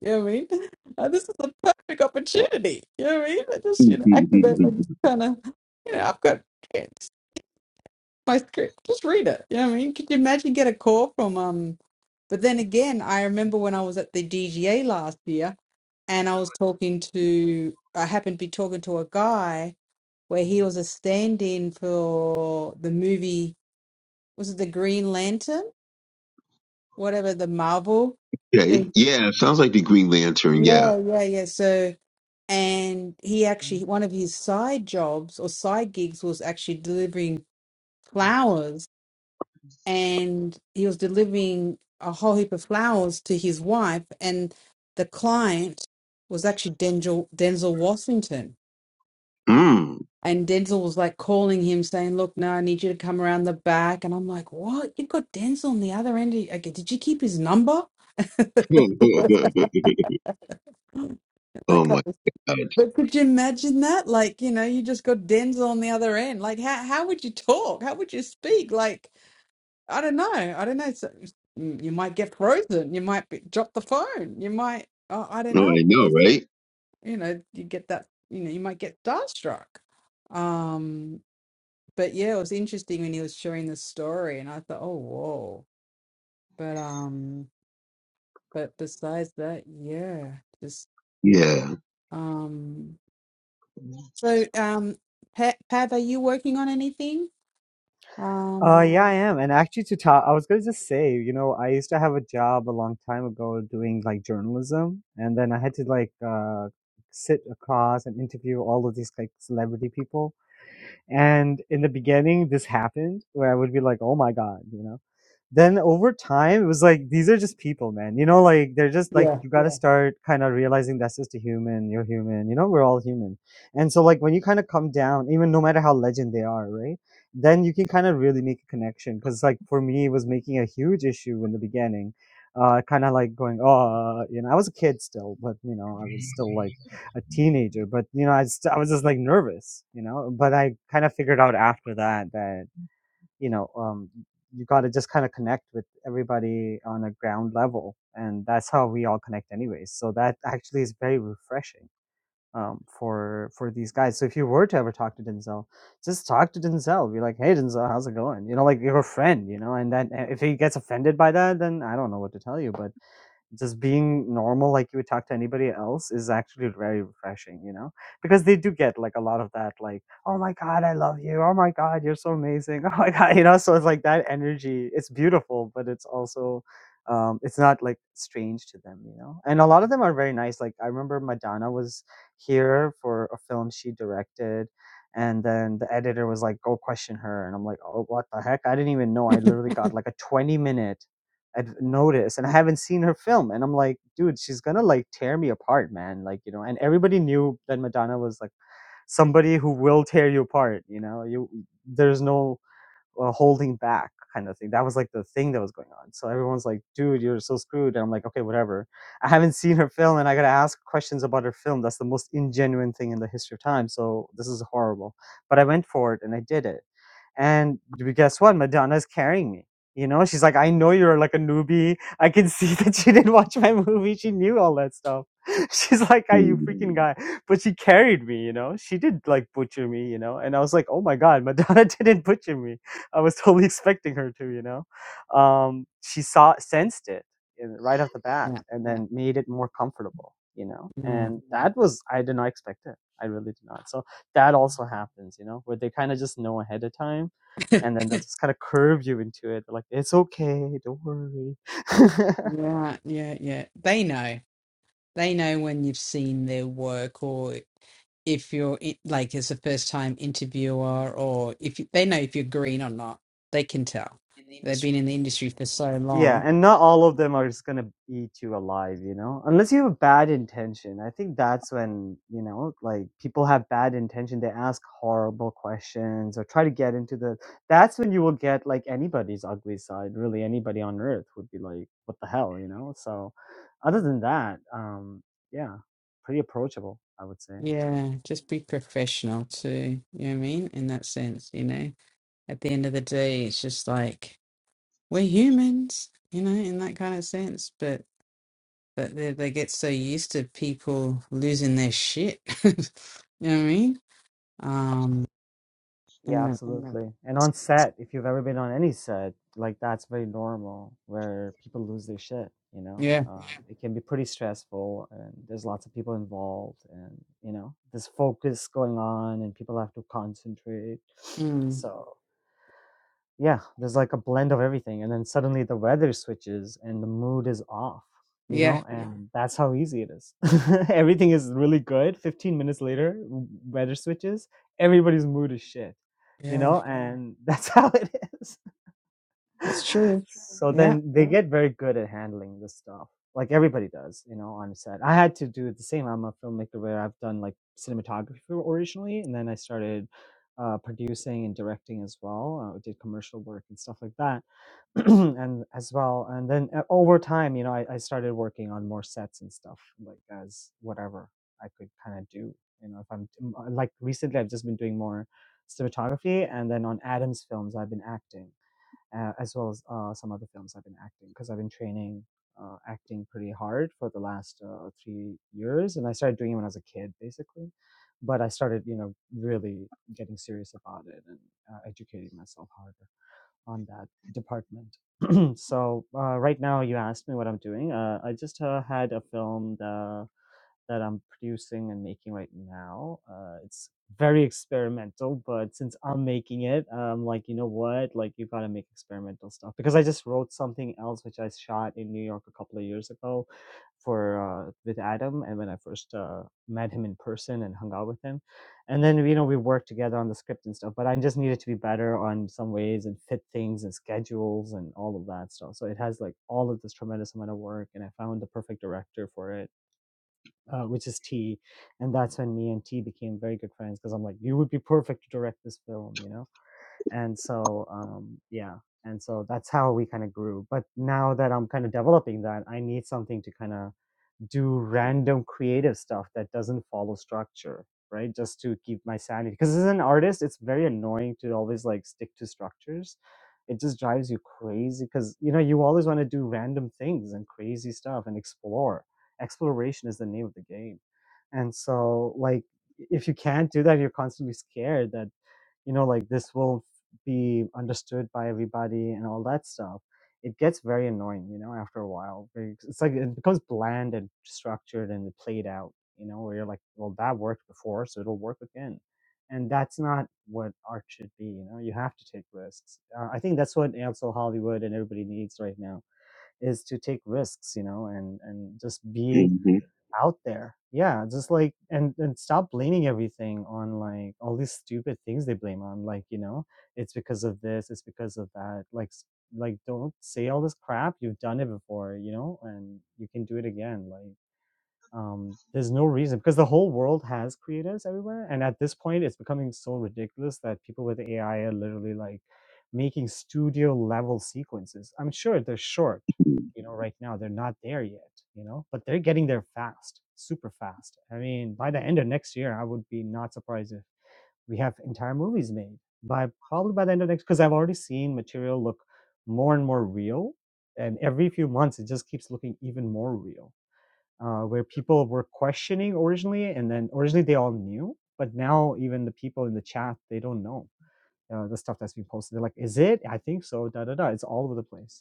Speaker 6: know what I mean? Uh, this is a perfect opportunity. You know what I mean? I just, you know, activate like
Speaker 7: [LAUGHS]
Speaker 6: kind of, you know, I've got it's my script. Just read it. You know what I mean? Could you imagine get a call from um? But then again, I remember when I was at the DGA last year, and I was talking to, I happened to be talking to a guy where he was a stand-in for the movie. Was it the Green Lantern? whatever the Marvel. The,
Speaker 7: okay. Yeah, sounds like the Green Lantern. Yeah.
Speaker 6: yeah, yeah, yeah. So, and he actually, one of his side jobs or side gigs was actually delivering flowers. And he was delivering a whole heap of flowers to his wife. And the client was actually Denzel, Denzel Washington.
Speaker 7: Mm.
Speaker 6: And Denzel was like calling him saying, Look, no, I need you to come around the back. And I'm like, What? You've got Denzel on the other end. Of you. Okay, did you keep his number? [LAUGHS]
Speaker 7: [LAUGHS]
Speaker 6: that kind
Speaker 7: oh
Speaker 6: of
Speaker 7: my God.
Speaker 6: But could you imagine that? Like, you know, you just got Denzel on the other end. Like, how how would you talk? How would you speak? Like, I don't know. I don't know. So, you you might get frozen. You might be, drop the phone. You might. Uh, I don't
Speaker 7: No,
Speaker 6: know.
Speaker 7: I know,
Speaker 6: Just,
Speaker 7: right?
Speaker 6: you know, you get that. You know, you might get starstruck. Um, but yeah, it was interesting when he was sharing the story, and I thought, oh whoa. But um, but besides that, yeah, just
Speaker 7: Yeah.
Speaker 6: um. So um, Pa Pav, are you working on anything?
Speaker 2: Uh,
Speaker 6: Um,
Speaker 2: yeah, I am. And actually, to talk, I was gonna just say, you know, I used to have a job a long time ago doing like journalism, and then I had to like uh, sit across and interview all of these like celebrity people. And in the beginning, this happened where I would be like, "Oh my god," you know. Then over time, it was like these are just people, man. You know, like they're just like
Speaker 6: Yeah.
Speaker 2: you got to Yeah. start kind of realizing that's just a human. You're human. You know, we're all human. And so, like when you kind of come down, even no matter how legend they are, right? Then you can kind of really make a connection. Because like for me, it was making a huge issue in the beginning. Uh, kind of like going, oh, you know, I was a kid still, but you know, I was still like a teenager, but you know, I, st- I was just like nervous, you know. But I kind of figured out after that that you know um, you got to just kind of connect with everybody on a ground level and that's how we all connect anyways so that actually is very refreshing um, for for these guys so if you were to ever talk to denzel just talk to denzel be like hey denzel how's it going you know like you're a friend you know and then uh, if he gets offended by that then i don't know what to tell you but just being normal like you would talk to anybody else is actually very refreshing you know because they do get like a lot of that like oh my god i love you oh my god you're so amazing [LAUGHS] oh my god you know so it's like that energy it's beautiful but it's also um it's not like strange to them you know and a lot of them are very nice like i remember madonna was here for a film she directed and then the editor was like go question her and i'm like oh what the heck i didn't even know i
Speaker 6: [LAUGHS]
Speaker 2: literally got [LAUGHS] like a 20 minute i have noticed, and I haven't seen her film, and I'm like, dude, she's gonna like tear me apart, man. Like, you know, and everybody knew that Madonna was like somebody who will tear you apart. You know, you there's no uh, holding back kind of thing. That was like the thing that was going on. So everyone's like, dude, you're so screwed. And I'm like, okay, whatever. I haven't seen her film, and I gotta ask questions about her film. That's the most ingenuine thing in the history of time. So this is horrible. But I went for it, and I did it. And guess what? Madonna's carrying me. You know, she's like, I know you're like a newbie. [LAUGHS] I can see [LAUGHS] that she didn't watch my movie. She knew all that stuff. [LAUGHS] She's like, I you
Speaker 7: Mm-hmm.
Speaker 2: freaking guy. But she carried me, you know. She did like butcher me, you know. And I was like, oh my god, Madonna [LAUGHS] didn't butcher me. I was totally [LAUGHS] expecting her to, you know. Um, she saw sensed it in, right off the bat,
Speaker 6: yeah,
Speaker 2: and then made it more comfortable, you know.
Speaker 6: yeah,
Speaker 2: And that was I did not expect it. I really did not. So that also happens, you know, where they kind of just know ahead of time. And then they [LAUGHS] just kind of curve you into it. They're like, it's okay, don't worry. [LAUGHS]
Speaker 6: yeah, yeah, yeah. They know. They know when you've seen their work, or if you're i- like as a first-time interviewer, or if you, they know if you're green or not. They can tell. They've been in the industry for so
Speaker 2: Yeah,
Speaker 6: long.
Speaker 2: and not all of them are just gonna eat you alive, you know? Unless you have bad intention. I think that's when, you know, like people have bad intention, they ask horrible questions or try to get into the that's when you will get like anybody's ugly side. Really anybody on earth would be like, What the hell, you know? So other than that, um, yeah, pretty approachable, I would say.
Speaker 6: Yeah, just be professional too. You know what I mean? In that sense, you know. At the end of the day, it's just like we're humans, you know, in that kind of sense. but. But they, they get so used to people losing their shit. [LAUGHS] you know what I mean? Um,
Speaker 2: Yeah, like,
Speaker 6: and the,
Speaker 2: absolutely. And on set, if you've ever been on any set, like that's very normal where people lose their shit, you know?
Speaker 6: yeah,
Speaker 2: Um, [LAUGHS] it can be pretty stressful and there's lots of people involved and, you know, there's focus going on and people have to concentrate.
Speaker 6: mm,
Speaker 2: So, yeah, there's like a blend of everything, and then suddenly the weather switches and the mood is off, you
Speaker 6: yeah,
Speaker 2: know, Yeah. and that's how easy it is. [LAUGHS] everything is really good. 15 minutes later, w- weather switches, everybody's mood is shit, you
Speaker 6: yeah,
Speaker 2: know, Yeah. and [LAUGHS] that's how it is
Speaker 6: it's true.
Speaker 2: so
Speaker 6: Yeah,
Speaker 2: then they get very good at handling this stuff like everybody does you know on set i had to do the same i'm a filmmaker where i've done like cinematography originally and then i started uh, producing and directing as well uh, did commercial work and stuff like that [CLEARS THROAT] and as well and then uh, over time you know I, I started working on more sets and stuff like as whatever i could kind of do you know if i'm like recently i've just been doing more cinematography and then on adam's films i've been acting uh, as well as uh, some other films I've been acting because I've been training uh, acting pretty hard for the last uh, three years, and I started doing it when I was a kid, basically. But I started, you know, really getting serious about it and uh, educating myself harder on that department. [CLEARS THROAT] so uh, right now, you asked me what I'm doing. Uh, I just uh, had a film. that that I'm producing and making right now. Uh, it's very experimental, but since I'm making it, I'm like, you know what? Like, you gotta make experimental stuff because I just wrote something else which I shot in New York a couple of years ago for uh, with Adam, and when I first uh, met him in person and hung out with him, and then you know we worked together on the script and stuff. But I just needed to be better on some ways and fit things and schedules and all of that stuff. So it has like all of this tremendous amount of work, and I found the perfect director for it uh, which is T, and that's when me and T became very good friends because I'm like, you would be perfect to direct this film, you know. And so, um, yeah, and so that's how we kind of grew. But now that I'm kind of developing that, I need something to kind of do random creative stuff that doesn't follow structure, right? Just to keep my sanity. Because as an artist, it's very annoying to always like stick to structures. It just drives you crazy because you know you always want to do random things and crazy stuff and explore. Exploration is the name of the game, and so like if you can't do that, you're constantly scared that you know like this will be understood by everybody and all that stuff it gets very annoying you know after a while Very- it's like it becomes bland and structured and played out you know where you're like well that worked before so it'll work again and that's not what art should be you know you have to take risks uh, i think that's what also hollywood and everybody needs right now is to take risks you know and and just be
Speaker 7: Mm-hmm.
Speaker 2: out there. Yeah, just like and and stop blaming everything on like all these stupid things they blame on. Like you know, it's because of this, it's because of that. Like s- like don't say all this crap. You've done it before, you know, and you can do it again. Like um, there's no reason because the whole world has creatives everywhere and at this point it's becoming so ridiculous that people with ai are literally like making studio level sequences i'm sure they're short you know right now they're not there yet you know but they're getting there fast super fast i mean by the end of next year i would be not surprised if we have entire movies made by probably by the end of next because i've already seen material look more and more real and every few months it just keeps looking even more real uh, where people were questioning originally, and then originally they all knew, but now even the people in the chat they don't know uh, the stuff that's being posted. They're like, "Is it? I think so." Da da da. It's all over the place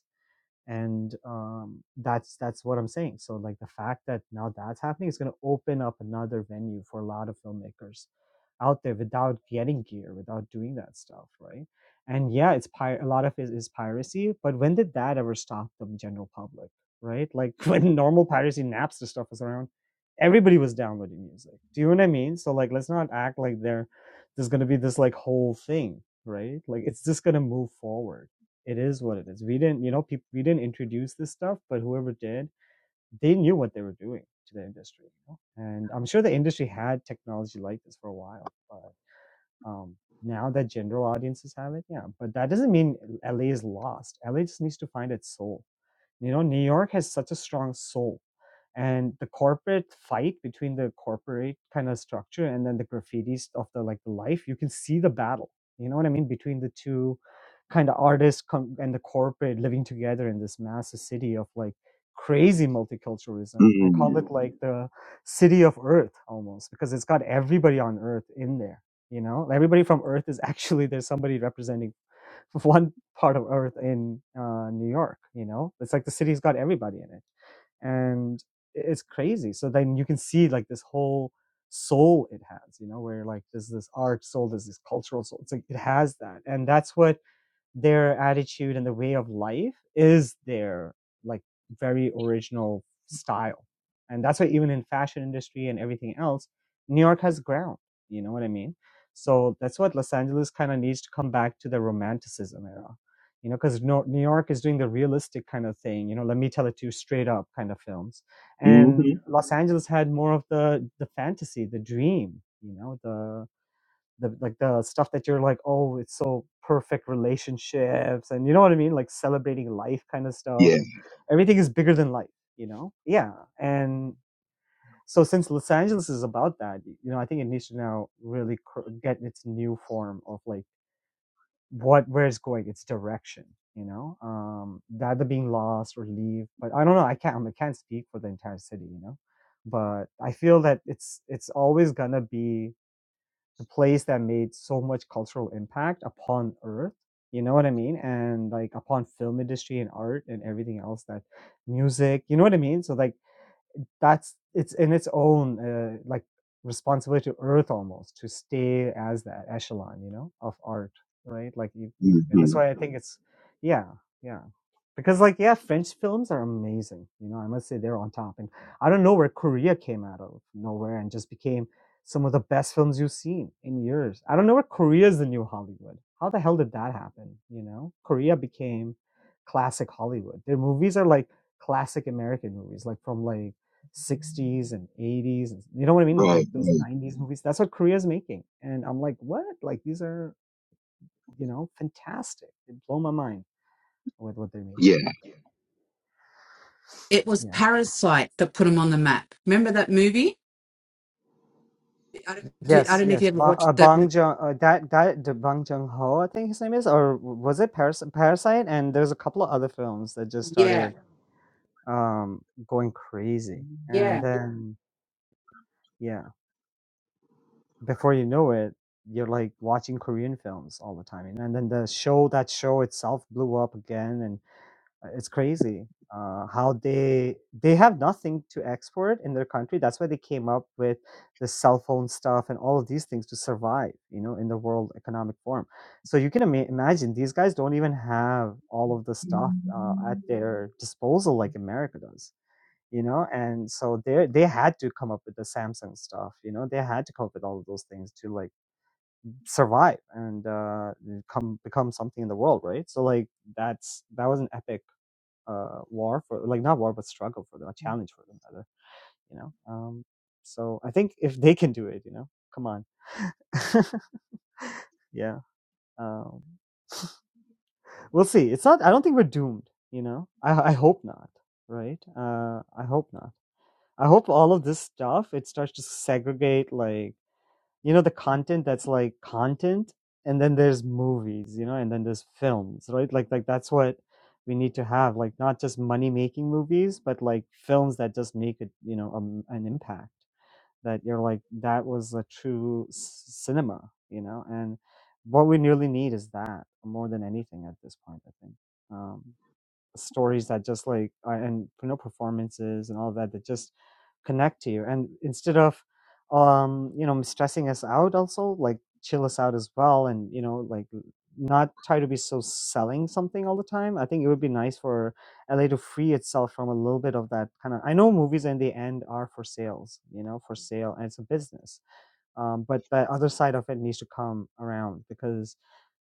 Speaker 2: and um, that's that's what I'm saying. So like the fact that now that's happening is going to open up another venue for a lot of filmmakers out there without getting gear, without doing that stuff, right? And yeah, it's pir- a lot of it is piracy, but when did that ever stop the general public, right? Like [LAUGHS] when normal piracy Napster stuff was around, everybody was downloading music. Do you know what I mean? So like, let's not act like there, there's going to be this like whole thing, right? Like it's just going to move forward it is what it is. We didn't, you know, people we didn't introduce this stuff, but whoever did, they knew what they were doing to the industry. You know? And I'm sure the industry had technology like this for a while, but um, now that general audiences have it, yeah. But that doesn't mean LA is lost. LA just needs to find its soul you know, New York has such a strong soul. And the corporate fight between the corporate kind of structure and then the graffitis of the like the life, you can see the battle. You know what I mean? Between the two kind of artists com- and the corporate living together in this massive city of like crazy multiculturalism. I call
Speaker 7: Mm-hmm.
Speaker 2: it like the city of earth almost because it's got everybody on earth in there. You know, everybody from earth is [LAUGHS] actually there's somebody representing [LAUGHS] one part of Earth in uh, New York. You know, it's like the city's got everybody in it, and it's crazy. So then you can see like this whole soul it has. You know, where like there's this art soul, there's this cultural soul. It's like it has that, and that's what their attitude and the way of life is their like very original style and that's why even in fashion industry and everything else new york has ground you know what i mean so that's what los angeles kind of needs to come back to the romanticism era you know because new york is doing the realistic kind of thing you know let me tell it to you straight up kind of films and
Speaker 7: Mm-hmm.
Speaker 2: los angeles had more of the the fantasy the dream you know the the like the stuff that you're like oh it's so perfect relationships and you know what i mean like celebrating life kind of stuff
Speaker 7: Yeah.
Speaker 2: and everything is bigger than life you know yeah and so since los angeles is about that you know i think it needs to now really cr- get its new form of like what where it's going its direction you know um the either being lost or leave but i don't know i can't i can't speak for the entire city you know but i feel that it's it's always gonna be the place that made so much cultural impact upon earth you know what i mean and like upon film industry and art and everything else that music you know what i mean so like that's it's in its own uh, like responsibility to earth almost to stay as that echelon you know of art right like you, you that's
Speaker 7: Mm-hmm.
Speaker 2: why i think it's yeah yeah because like yeah french films are amazing you know i must say they're on top and i don't know where korea came out of nowhere and just became some of the best films you've seen in years i don't know where korea is the new hollywood how the hell did that happen you know korea became classic hollywood their movies are like classic american movies like from like 60s and 80s and you know what i mean like
Speaker 7: Right,
Speaker 2: those
Speaker 7: right.
Speaker 2: 90s movies that's what korea's making and i'm like what like these are you know fantastic they blow my mind with what they're
Speaker 7: Yeah,
Speaker 2: making out
Speaker 6: it was
Speaker 2: yeah
Speaker 6: Parasite that put them on the map. Remember that movie? Do, I
Speaker 2: yes
Speaker 6: don't know if you
Speaker 2: yes
Speaker 6: ever
Speaker 2: ba-
Speaker 6: watched
Speaker 2: uh,
Speaker 6: that.
Speaker 2: bang
Speaker 6: mo-
Speaker 2: jung uh, that that the bang jung ho i think his name is or was it Paras- parasite and there's a couple of other films that just
Speaker 6: Yeah,
Speaker 2: started um going crazy and
Speaker 6: yeah.
Speaker 2: then yeah before you know it, you're like watching Korean films all the time, you know. And then the show, that show itself, blew up again, and uh, it's crazy uh, how they they have nothing to export in their country. That's why they came up with the cell phone stuff and all of these things to survive, you know, in the World Economic Forum. So you can ima- imagine these guys don't even have all of the stuff uh, at their disposal like America does you know and so they they had to come up with the samsung stuff you know they had to come up with all of those things to like survive and uh come become something in the world right so like that's that was an epic uh war for like not war but struggle for them a challenge for them rather you know um so i think if they can do it you know come on [LAUGHS] yeah um we'll see it's not i don't think we're doomed you know i i hope not right uh i hope not I hope all of this stuff it starts to segregate like you know the content that's like content and then there's movies you know and then there's films right like like that's what we need to have like not just money making movies but like films that just make it you know um, an impact that you're like that was a true s- cinema you know and what we really need is that more than anything at this point i think Um, stories that just like and you know performances and all of that that just connect to you and instead of um you know stressing us out also like chill us out as well and you know like not try to be so selling something all the time i think it would be nice for la to free itself from a little bit of that kind of i know movies in the end are for sales you know for sale and it's a business um, but that other side of it needs to come around because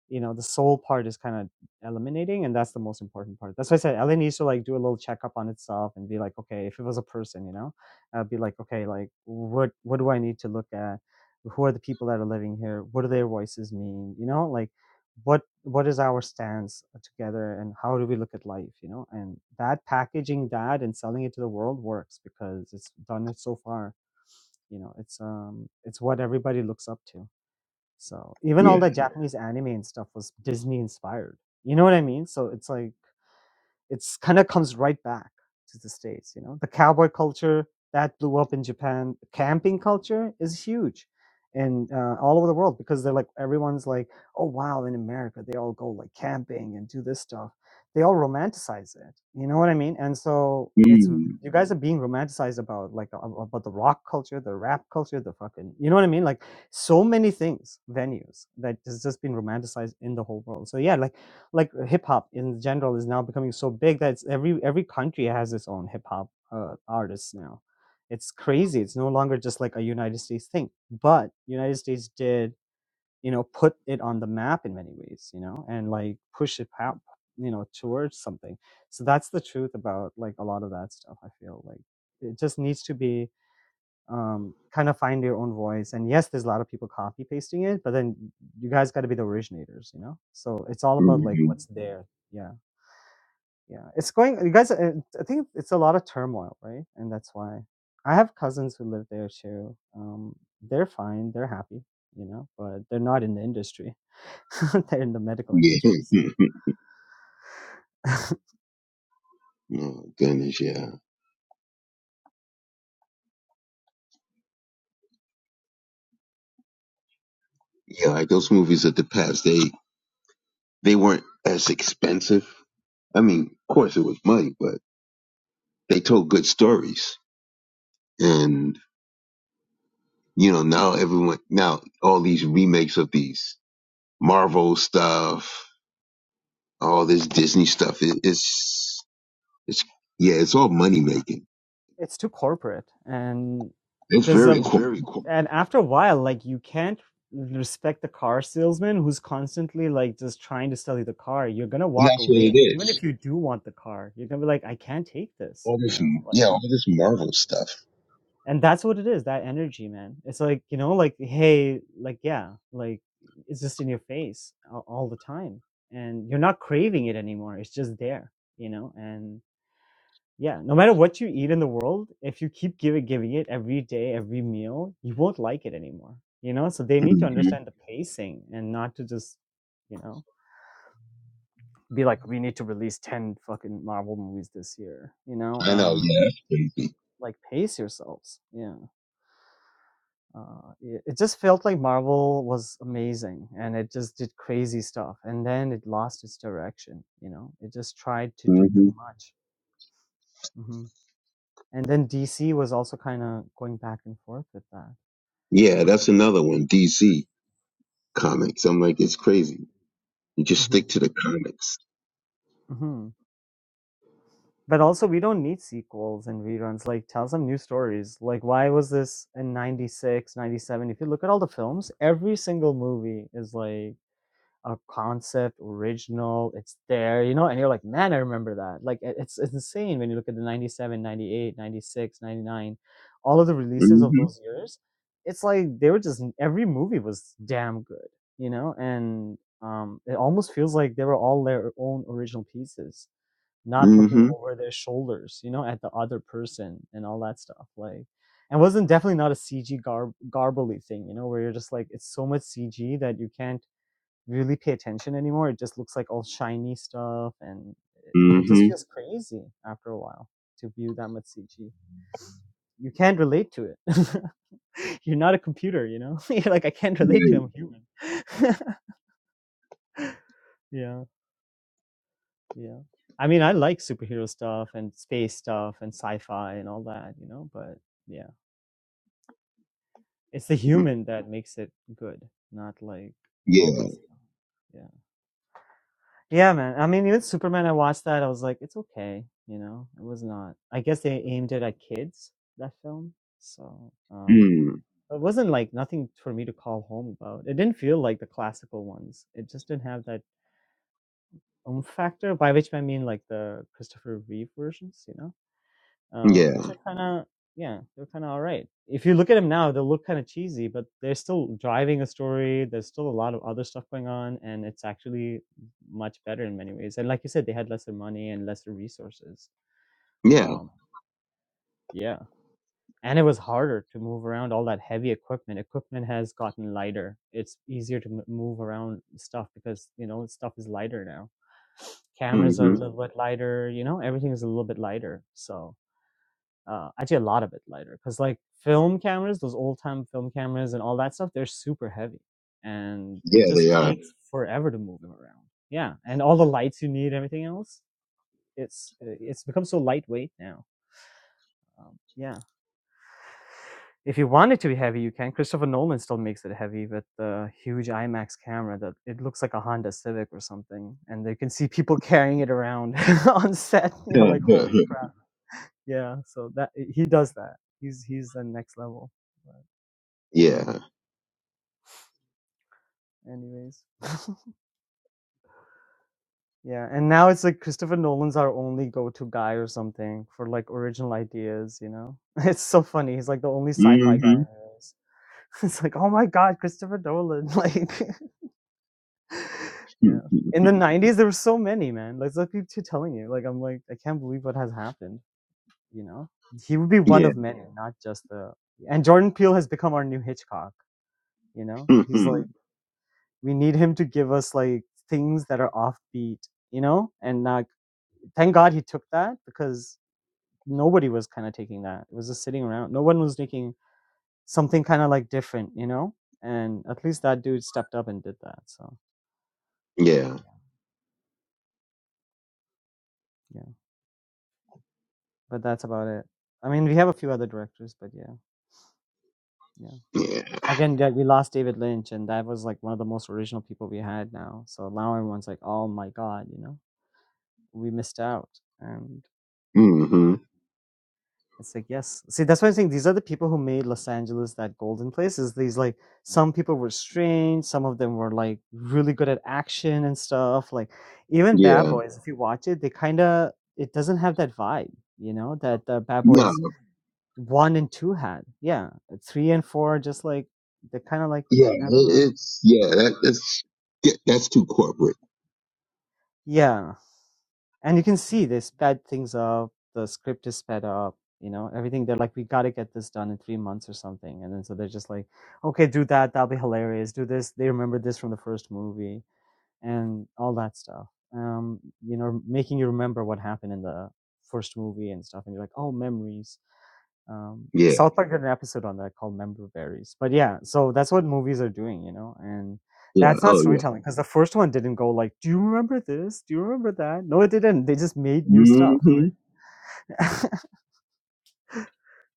Speaker 2: you know the soul part is kind of eliminating and that's the most important part that's why i said la needs to like do a little checkup on itself and be like okay if it was a person you know I'd be like okay like what what do i need to look at who are the people that are living here what do their voices mean you know like what what is our stance together and how do we look at life you know and that packaging that and selling it to the world works because it's done it so far you know it's um it's what everybody looks up to so even
Speaker 7: yeah.
Speaker 2: all the Japanese anime and stuff was Disney inspired. You know what I mean? So it's like it's kind of comes right back to the states you know the cowboy culture that blew up in japan camping culture is huge and uh, all over the world because they're like everyone's like oh wow in america they all go like camping and do this stuff they all romanticize it you know what i mean and so it's
Speaker 7: Mm-hmm.
Speaker 2: you guys are being romanticized about like a- about the rock culture the rap culture the fucking you know what i mean like so many things venues that has just been romanticized in the whole world so yeah like like uh, hip hop in general is now becoming so big that it's every every country has its own hip hop uh, artists now. It's crazy. It's no longer just like a United States thing, but United States did you know put it on the map in many ways, you know, and like push it out you know towards something. So that's the truth about like a lot of that stuff. I feel like it just needs to be um, kind of find your own voice. And yes, there's a lot of people copy pasting it, but then you guys got to be the originators, you know. So it's all about like
Speaker 7: Mm-hmm.
Speaker 2: what's there. Yeah, yeah. It's going. You guys, uh, I think it's a lot of turmoil, right? And that's why I have cousins who live there too. Um, they're fine. They're happy, you know, but they're not in the industry. [LAUGHS] they're in the medical
Speaker 7: Yeah.
Speaker 2: industry. So.
Speaker 7: [LAUGHS]
Speaker 2: [LAUGHS]
Speaker 7: oh, goodness, yeah. Yeah, like those movies of the past, they, they weren't as expensive. I mean, of course it was money, but they told good stories. And, you know, now everyone, now all these remakes of these Marvel stuff, all this Disney stuff, it, it's, It's yeah, it's all money making.
Speaker 2: it's too corporate and
Speaker 7: It's
Speaker 2: there's
Speaker 7: very
Speaker 2: a
Speaker 7: cool.
Speaker 2: And after a while, like you can't respect the car salesman who's constantly like just trying to sell you the car. You're gonna walk
Speaker 7: That's what it
Speaker 2: away, even
Speaker 7: is.
Speaker 2: if you do want the car. You're gonna be like, I can't take this,
Speaker 7: All
Speaker 2: you
Speaker 7: this,
Speaker 2: know. Like,
Speaker 7: yeah, all this Marvel stuff.
Speaker 2: and that's what it is. That energy, man. It's like you know, like hey, like yeah, like it's just in your face all, all the time, and you're not craving it anymore. It's just there, you know, and yeah, no matter what you eat in the world, if you keep giving giving it every day, every meal, you won't like it anymore. You know, so they need to
Speaker 7: hmm
Speaker 2: understand the pacing and not to just, you know, be like, we need to release ten fucking Marvel movies this year. You know,
Speaker 7: I know.
Speaker 2: um,
Speaker 7: Yeah, that's crazy.
Speaker 2: like pace yourselves. Yeah, uh, it, it just felt like Marvel was amazing and it just did crazy stuff, and then it lost its direction. You know, it just tried to do
Speaker 7: hmm
Speaker 2: too much. hmm And then DC was also kind of going back and forth with that
Speaker 7: Yeah, that's another one. DC comics. I'm like, it's crazy. You just
Speaker 2: hmm
Speaker 7: stick to the comics.
Speaker 2: hmm But also, we don't need sequels and reruns. Like, tell some new stories. Like, why was this in 96, 97? If you look at all the films, every single movie is like a concept, original, it's there, you know? And you're like, man, I remember that. Like, it- it's, it's insane when you look at the 97, 98, 96, 99, all of the releases of
Speaker 7: hmm
Speaker 2: those years. It's like they were just, every movie was damn good, you know? And um, it almost feels like they were all their own original pieces not looking
Speaker 7: hmm
Speaker 2: over their shoulders, you know, at the other person and all that stuff. Like, and wasn't definitely not a CG gar- garbly thing, you know, where you're just like, it's so much CG that you can't really pay attention anymore. It just looks like all shiny stuff and it just
Speaker 7: hmm
Speaker 2: feels crazy after a while to view that much CG. You can't relate to it. [LAUGHS] you're not a computer, you know? [LAUGHS] you're like, I can't relate to it.
Speaker 7: Right.
Speaker 2: I'm human. [LAUGHS] yeah. Yeah. I mean, I like superhero stuff and space stuff and sci-fi and all that, you know, but yeah. It's the
Speaker 7: Mm.
Speaker 2: human that makes it good, not like all this
Speaker 7: Yeah.
Speaker 2: stuff. Yeah. Yeah, man. I mean, even Superman I watched that, I was like, it's okay, you know. It was not. I guess they aimed it at kids that film. So, um
Speaker 7: Mm.
Speaker 2: it wasn't like nothing for me to call home about. It didn't feel like the classical ones. It just didn't have that um factor, by which I mean like the Christopher Reeve versions, you know uh,
Speaker 7: Yeah.
Speaker 2: which are kind of yeah, they're kind of all right. If you look at them now, they look kind of cheesy, but they're still driving a story. There's still a lot of other stuff going on, and it's actually much better in many ways. And like you said, they had lesser money and lesser resources.
Speaker 7: Yeah.
Speaker 2: Um, yeah, and it was harder to move around all that heavy equipment. Equipment has gotten lighter. It's easier to m- move around stuff because you know stuff is lighter now. Cameras are
Speaker 7: hmm
Speaker 2: a little bit lighter. You know, everything is a little bit lighter. So Uh, actually, a lot of it lighter because like film cameras, those old time film cameras and all that stuff, they're super heavy, and it
Speaker 7: Yeah, they
Speaker 2: just
Speaker 7: are.
Speaker 2: takes forever to move them around. Yeah, and all the lights you need, everything else, it's it's become so lightweight now. Um, yeah, if you want it to be heavy, you can. Christopher Nolan still makes it heavy with the huge IMAX camera that it looks like a Honda Civic or something, and you can see people [LAUGHS] carrying it around [LAUGHS] on set. You're
Speaker 7: yeah.
Speaker 2: like,
Speaker 7: [LAUGHS]
Speaker 2: holy crap! Yeah, so that he does that. He's he's the next level. But Yeah, Anyways. [LAUGHS] Yeah, and now it's like Christopher Nolan's our only go-to guy or something for like original ideas, you know? [LAUGHS] It's so funny. He's like the only sci-fi guy
Speaker 7: hmm
Speaker 2: anyways. [LAUGHS] It's like, "Oh my god, Christopher Nolan." [LAUGHS] Like, [LAUGHS] yeah. In the 90s there were so many, man. Like I keep t- telling you. Like I'm like I can't believe what has happened, you know? He would be
Speaker 7: Yeah. hmm
Speaker 2: one
Speaker 7: Yeah.
Speaker 2: of many, not just the And Jordan Peele has become our new Hitchcock, you know? He's like
Speaker 7: [LAUGHS]
Speaker 2: we need him to give us like things that are offbeat, you know? And not Thank God he took that because nobody was kind of taking that. It was just sitting around. No one was taking something kind of like different, you know? And at least that dude stepped up and did that. So,
Speaker 7: Yeah.
Speaker 2: yeah. Yeah. But that's about it. I mean, we have a few other directors, but yeah. Yeah.
Speaker 7: Yeah.
Speaker 2: Again, yeah, we lost David Lynch, and that was like one of the most original people we had now. So now everyone's like, oh my God, you know, we missed out. And
Speaker 7: hmm
Speaker 2: It's like, yes. See, that's why I'm saying these are the people who made Los Angeles that golden place. Is these like some people were strange, some of them were like really good at action and stuff. Like even Bad
Speaker 7: Yeah.
Speaker 2: Boys, if you watch it, they kind of it doesn't have that vibe, you know, that uh, Bad Boys one and two had. Yeah, three and four are just like they're kind of like
Speaker 7: Yeah,
Speaker 2: I don't know.
Speaker 7: it, it's yeah, that, that's yeah, that's too corporate.
Speaker 2: Yeah, and you can see they sped things up the script is sped up you know everything they're like we got to get this done in three months or something and then so they're just like okay do that that'll be hilarious do this they remember this from the first movie and all that stuff um you know making you remember what happened in the first movie and stuff and you're like oh memories um,
Speaker 7: Yeah,
Speaker 2: South Park did an episode on that called Member Berries. But yeah, so that's what movies are doing, you know, and
Speaker 7: yeah,
Speaker 2: that's not
Speaker 7: oh yeah.
Speaker 2: storytelling because the first one didn't go like, do you remember this? Do you remember that? No, it didn't. They just made new stuff. Right.
Speaker 7: Mm-hmm.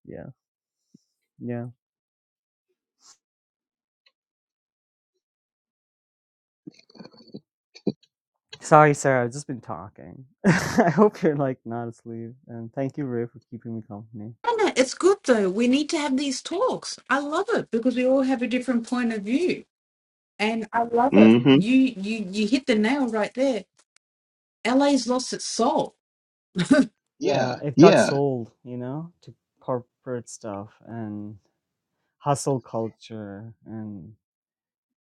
Speaker 2: Yeah, yeah. Sorry, Sarah. I've just been talking. [LAUGHS] I hope you're like not asleep. And thank you, Ray, for keeping me company.
Speaker 6: No, know, It's good though. We need to have these talks. I love it because we all have a different point of view, and I love it.
Speaker 7: Mm-hmm.
Speaker 6: You you you hit the nail right there. LA's lost its soul
Speaker 2: it got
Speaker 7: Yeah,
Speaker 2: sold, you know, to corporate stuff and hustle culture and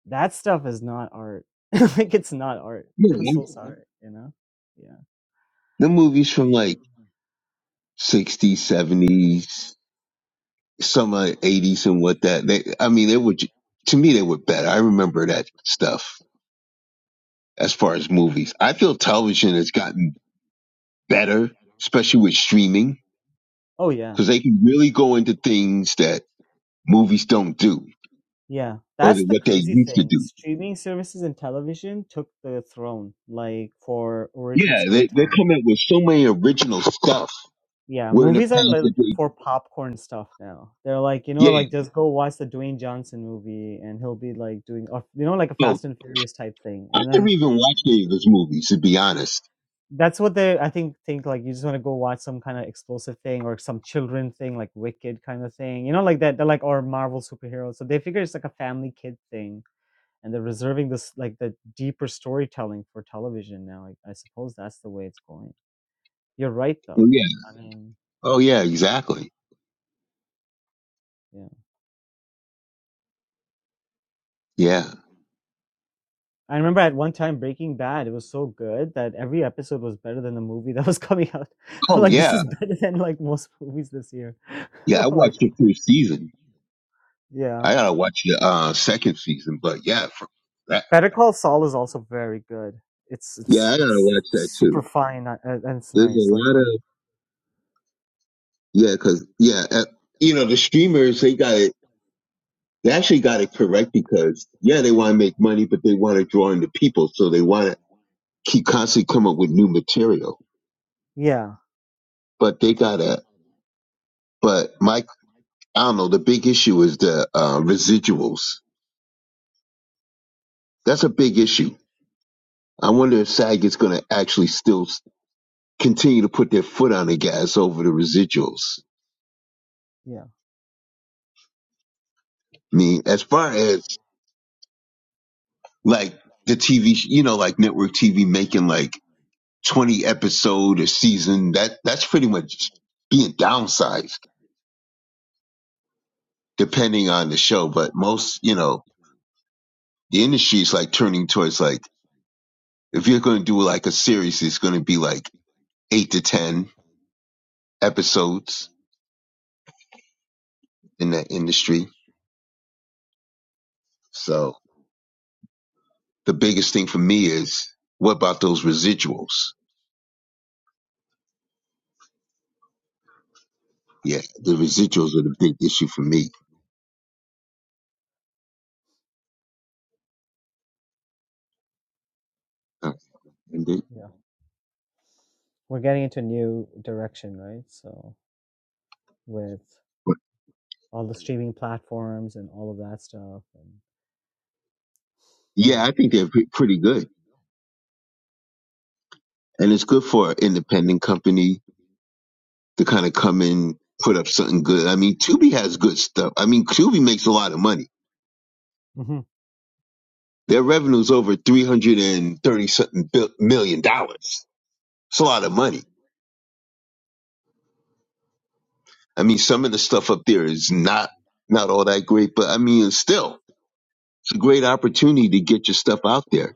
Speaker 2: That stuff is not art. [LAUGHS] like it's not art. I'm
Speaker 7: yeah.
Speaker 2: so sorry, you know? Yeah.
Speaker 7: The movies from like '60s, '70s, some uh, '80s, and what that. They, I mean, they were ju- to me they were better. I remember that stuff as far as movies. I feel television has gotten better, especially with streaming,
Speaker 2: Oh yeah.
Speaker 7: because they can really go into things that movies don't do
Speaker 2: Yeah.
Speaker 7: or
Speaker 2: That's
Speaker 7: that
Speaker 2: the
Speaker 7: what they
Speaker 2: crazy
Speaker 7: used to
Speaker 2: thing.
Speaker 7: do.
Speaker 2: Streaming services and television took the throne like for original
Speaker 7: Yeah, they they
Speaker 2: storytelling.
Speaker 7: come up with so many original stuff.
Speaker 2: Yeah,
Speaker 7: Where in the
Speaker 2: movies are
Speaker 7: past, they,
Speaker 2: like
Speaker 7: they-
Speaker 2: for popcorn stuff now. They're like, you know,
Speaker 7: yeah.
Speaker 2: like just go watch the Dwayne Johnson movie and he'll be like doing, or, you know, like a
Speaker 7: Oh,
Speaker 2: Fast and Furious type thing.
Speaker 7: I
Speaker 2: And then
Speaker 7: never even watched any of his movies, to be honest.
Speaker 2: That's what they, I think, think like you just want to go watch some kind of explosive thing or some children thing, like Wicked kind of thing, you know, like that. They're like or Marvel superheroes, so they figure it's like a family kid thing, and they're reserving this like the deeper storytelling for television now. I, I suppose that's the way it's going. You're right,
Speaker 7: Oh
Speaker 2: though.
Speaker 7: yeah.
Speaker 2: I Yeah. mean,
Speaker 7: Oh yeah. Exactly.
Speaker 2: yeah,
Speaker 7: Yeah.
Speaker 2: I remember at one time Breaking Bad, it was so good that every episode was better than the movie [LAUGHS] that was coming out. [LAUGHS] I'm
Speaker 7: Oh
Speaker 2: like, this
Speaker 7: yeah.
Speaker 2: is better than like most movies this year.
Speaker 7: Yeah. I
Speaker 2: [LAUGHS] like,
Speaker 7: watched the first season.
Speaker 2: yeah.
Speaker 7: I gotta watch the uh, second season, but yeah, for that.
Speaker 2: Better Call Saul is also very good. It's
Speaker 7: Yeah,
Speaker 2: it's
Speaker 7: I gotta
Speaker 2: it's
Speaker 7: watch that
Speaker 2: super
Speaker 7: too.
Speaker 2: fine uh, and it's
Speaker 7: There's a
Speaker 2: nice. Like,
Speaker 7: lot
Speaker 2: but
Speaker 7: of yeah, cause yeah, uh, you know the streamers they got it. They actually got it correct because yeah, they want to make money, but they want to draw in the people, so they want to keep constantly come up with new material.
Speaker 2: yeah,
Speaker 7: but they gotta. But Mike, I don't know. The big issue is the uh, residuals. That's a big issue. I wonder if SAG is going to actually still s- continue to put their foot on the gas over the residuals.
Speaker 2: yeah,
Speaker 7: I mean, as far as like the TV, sh- you know, like network TV making like twenty episode a season, that that's pretty much being downsized depending on the show. But most, you know, the industry is like turning towards like if you're going to do like a series, it's going to be like eight to ten episodes in that industry. So the biggest thing for me is what about those residuals? Yeah, the
Speaker 2: yeah,
Speaker 7: residuals are the big issue for me. Uh, and they,
Speaker 2: yeah. We're getting into a new direction, right? So with
Speaker 7: but
Speaker 2: all the streaming platforms and all of that stuff, and
Speaker 7: yeah, I
Speaker 2: yeah,
Speaker 7: think they're pre- pretty good, and it's good for an independent company to kind of come in, put up something good. I mean, Tubi has good stuff. I mean, Tubi makes a lot of money.
Speaker 2: hmm
Speaker 7: Their revenue's over three hundred and thirty something bil- million dollars. It's a lot of money. I mean, some of the stuff up there is not not all that great, but I mean, still, great opportunity to get your stuff out there.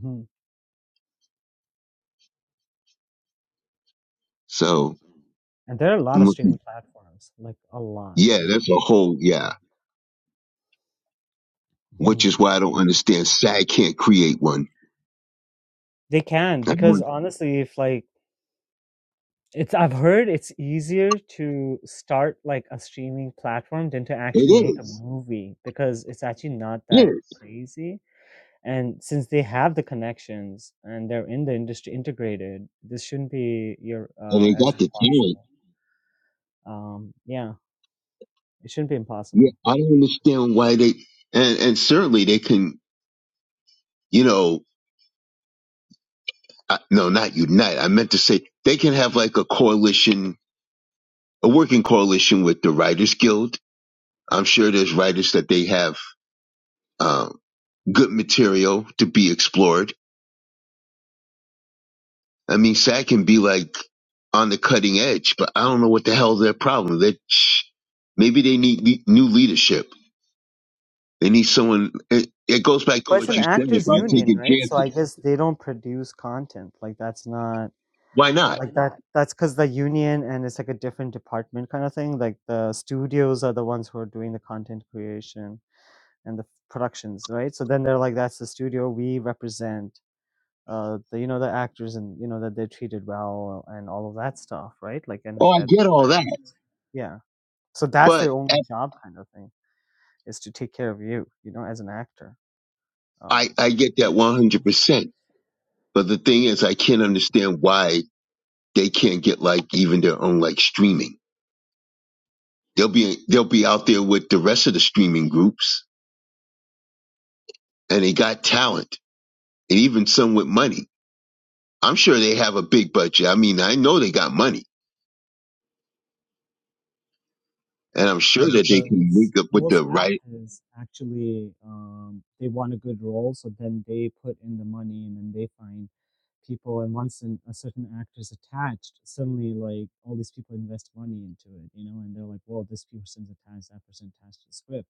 Speaker 2: hmm
Speaker 7: So
Speaker 2: and there are a lot
Speaker 7: I'm
Speaker 2: of streaming
Speaker 7: looking.
Speaker 2: platforms, like a lot
Speaker 7: Yeah,
Speaker 2: now.
Speaker 7: that's a whole yeah. Which
Speaker 2: Mhm.
Speaker 7: is why I don't understand. SAG can't create one.
Speaker 2: They can
Speaker 7: I
Speaker 2: because
Speaker 7: don't,
Speaker 2: honestly, if like It's I've heard it's easier to start like a streaming platform than to
Speaker 7: it
Speaker 2: actually make a
Speaker 7: is,
Speaker 2: movie because it's actually not
Speaker 7: it
Speaker 2: that
Speaker 7: is,
Speaker 2: crazy. And since they have the connections and they're in the industry integrated, this shouldn't be your
Speaker 7: and
Speaker 2: uh,
Speaker 7: they
Speaker 2: as
Speaker 7: got the talent.
Speaker 2: impossible. Um, yeah, it shouldn't be
Speaker 7: Yeah,
Speaker 2: impossible.
Speaker 7: I don't understand why they. And and certainly they can. You know, uh, no, not unite. I meant to say they can have like a coalition, a working coalition with the Writers Guild. I'm sure there's writers that they have um, good material to be explored I mean, Shaq can be like on the cutting edge, but I don't know what the hell's their problem. That maybe they need le- new leadership. They need someone. It, it goes back
Speaker 2: It But
Speaker 7: to
Speaker 2: goes it's an
Speaker 7: what
Speaker 2: back
Speaker 7: you
Speaker 2: to what
Speaker 7: said
Speaker 2: actors' said
Speaker 7: about
Speaker 2: union,
Speaker 7: taking
Speaker 2: right? So I
Speaker 7: chances.
Speaker 2: guess they don't produce content. Like that's not.
Speaker 7: Why not?
Speaker 2: Like that That's because the union and it's like a different department kind of thing. Like the studios are the ones who are doing the content creation and the productions, right? So then they're like, that's the studio we represent. Uh, the, you know the actors and you know that they're treated well and all of that stuff, right? Like and
Speaker 7: Oh, I
Speaker 2: that,
Speaker 7: get all
Speaker 2: that
Speaker 7: that,
Speaker 2: yeah. So that's their
Speaker 7: but
Speaker 2: only
Speaker 7: at-
Speaker 2: job kind of thing is to take care of you, you know, as an actor.
Speaker 7: I
Speaker 2: Um,
Speaker 7: I get that one hundred percent. But the thing is, I can't understand why they can't get like even their own like streaming. They'll be they'll be out there with the rest of the streaming groups, and they got talent, and even some with money I'm sure they have a big budget. I mean, I know they got money,
Speaker 2: Yeah,
Speaker 7: and I'm
Speaker 2: for sure.
Speaker 7: sure that they can
Speaker 2: Because
Speaker 7: link up with
Speaker 2: most
Speaker 7: the right.
Speaker 2: actors actually um, they want a good role, so then they put in the money and then they find people. And once an, a certain actor is attached, suddenly like all these people invest money into it, you know, and they're like, "Well, this person's attached, that person attached to the script."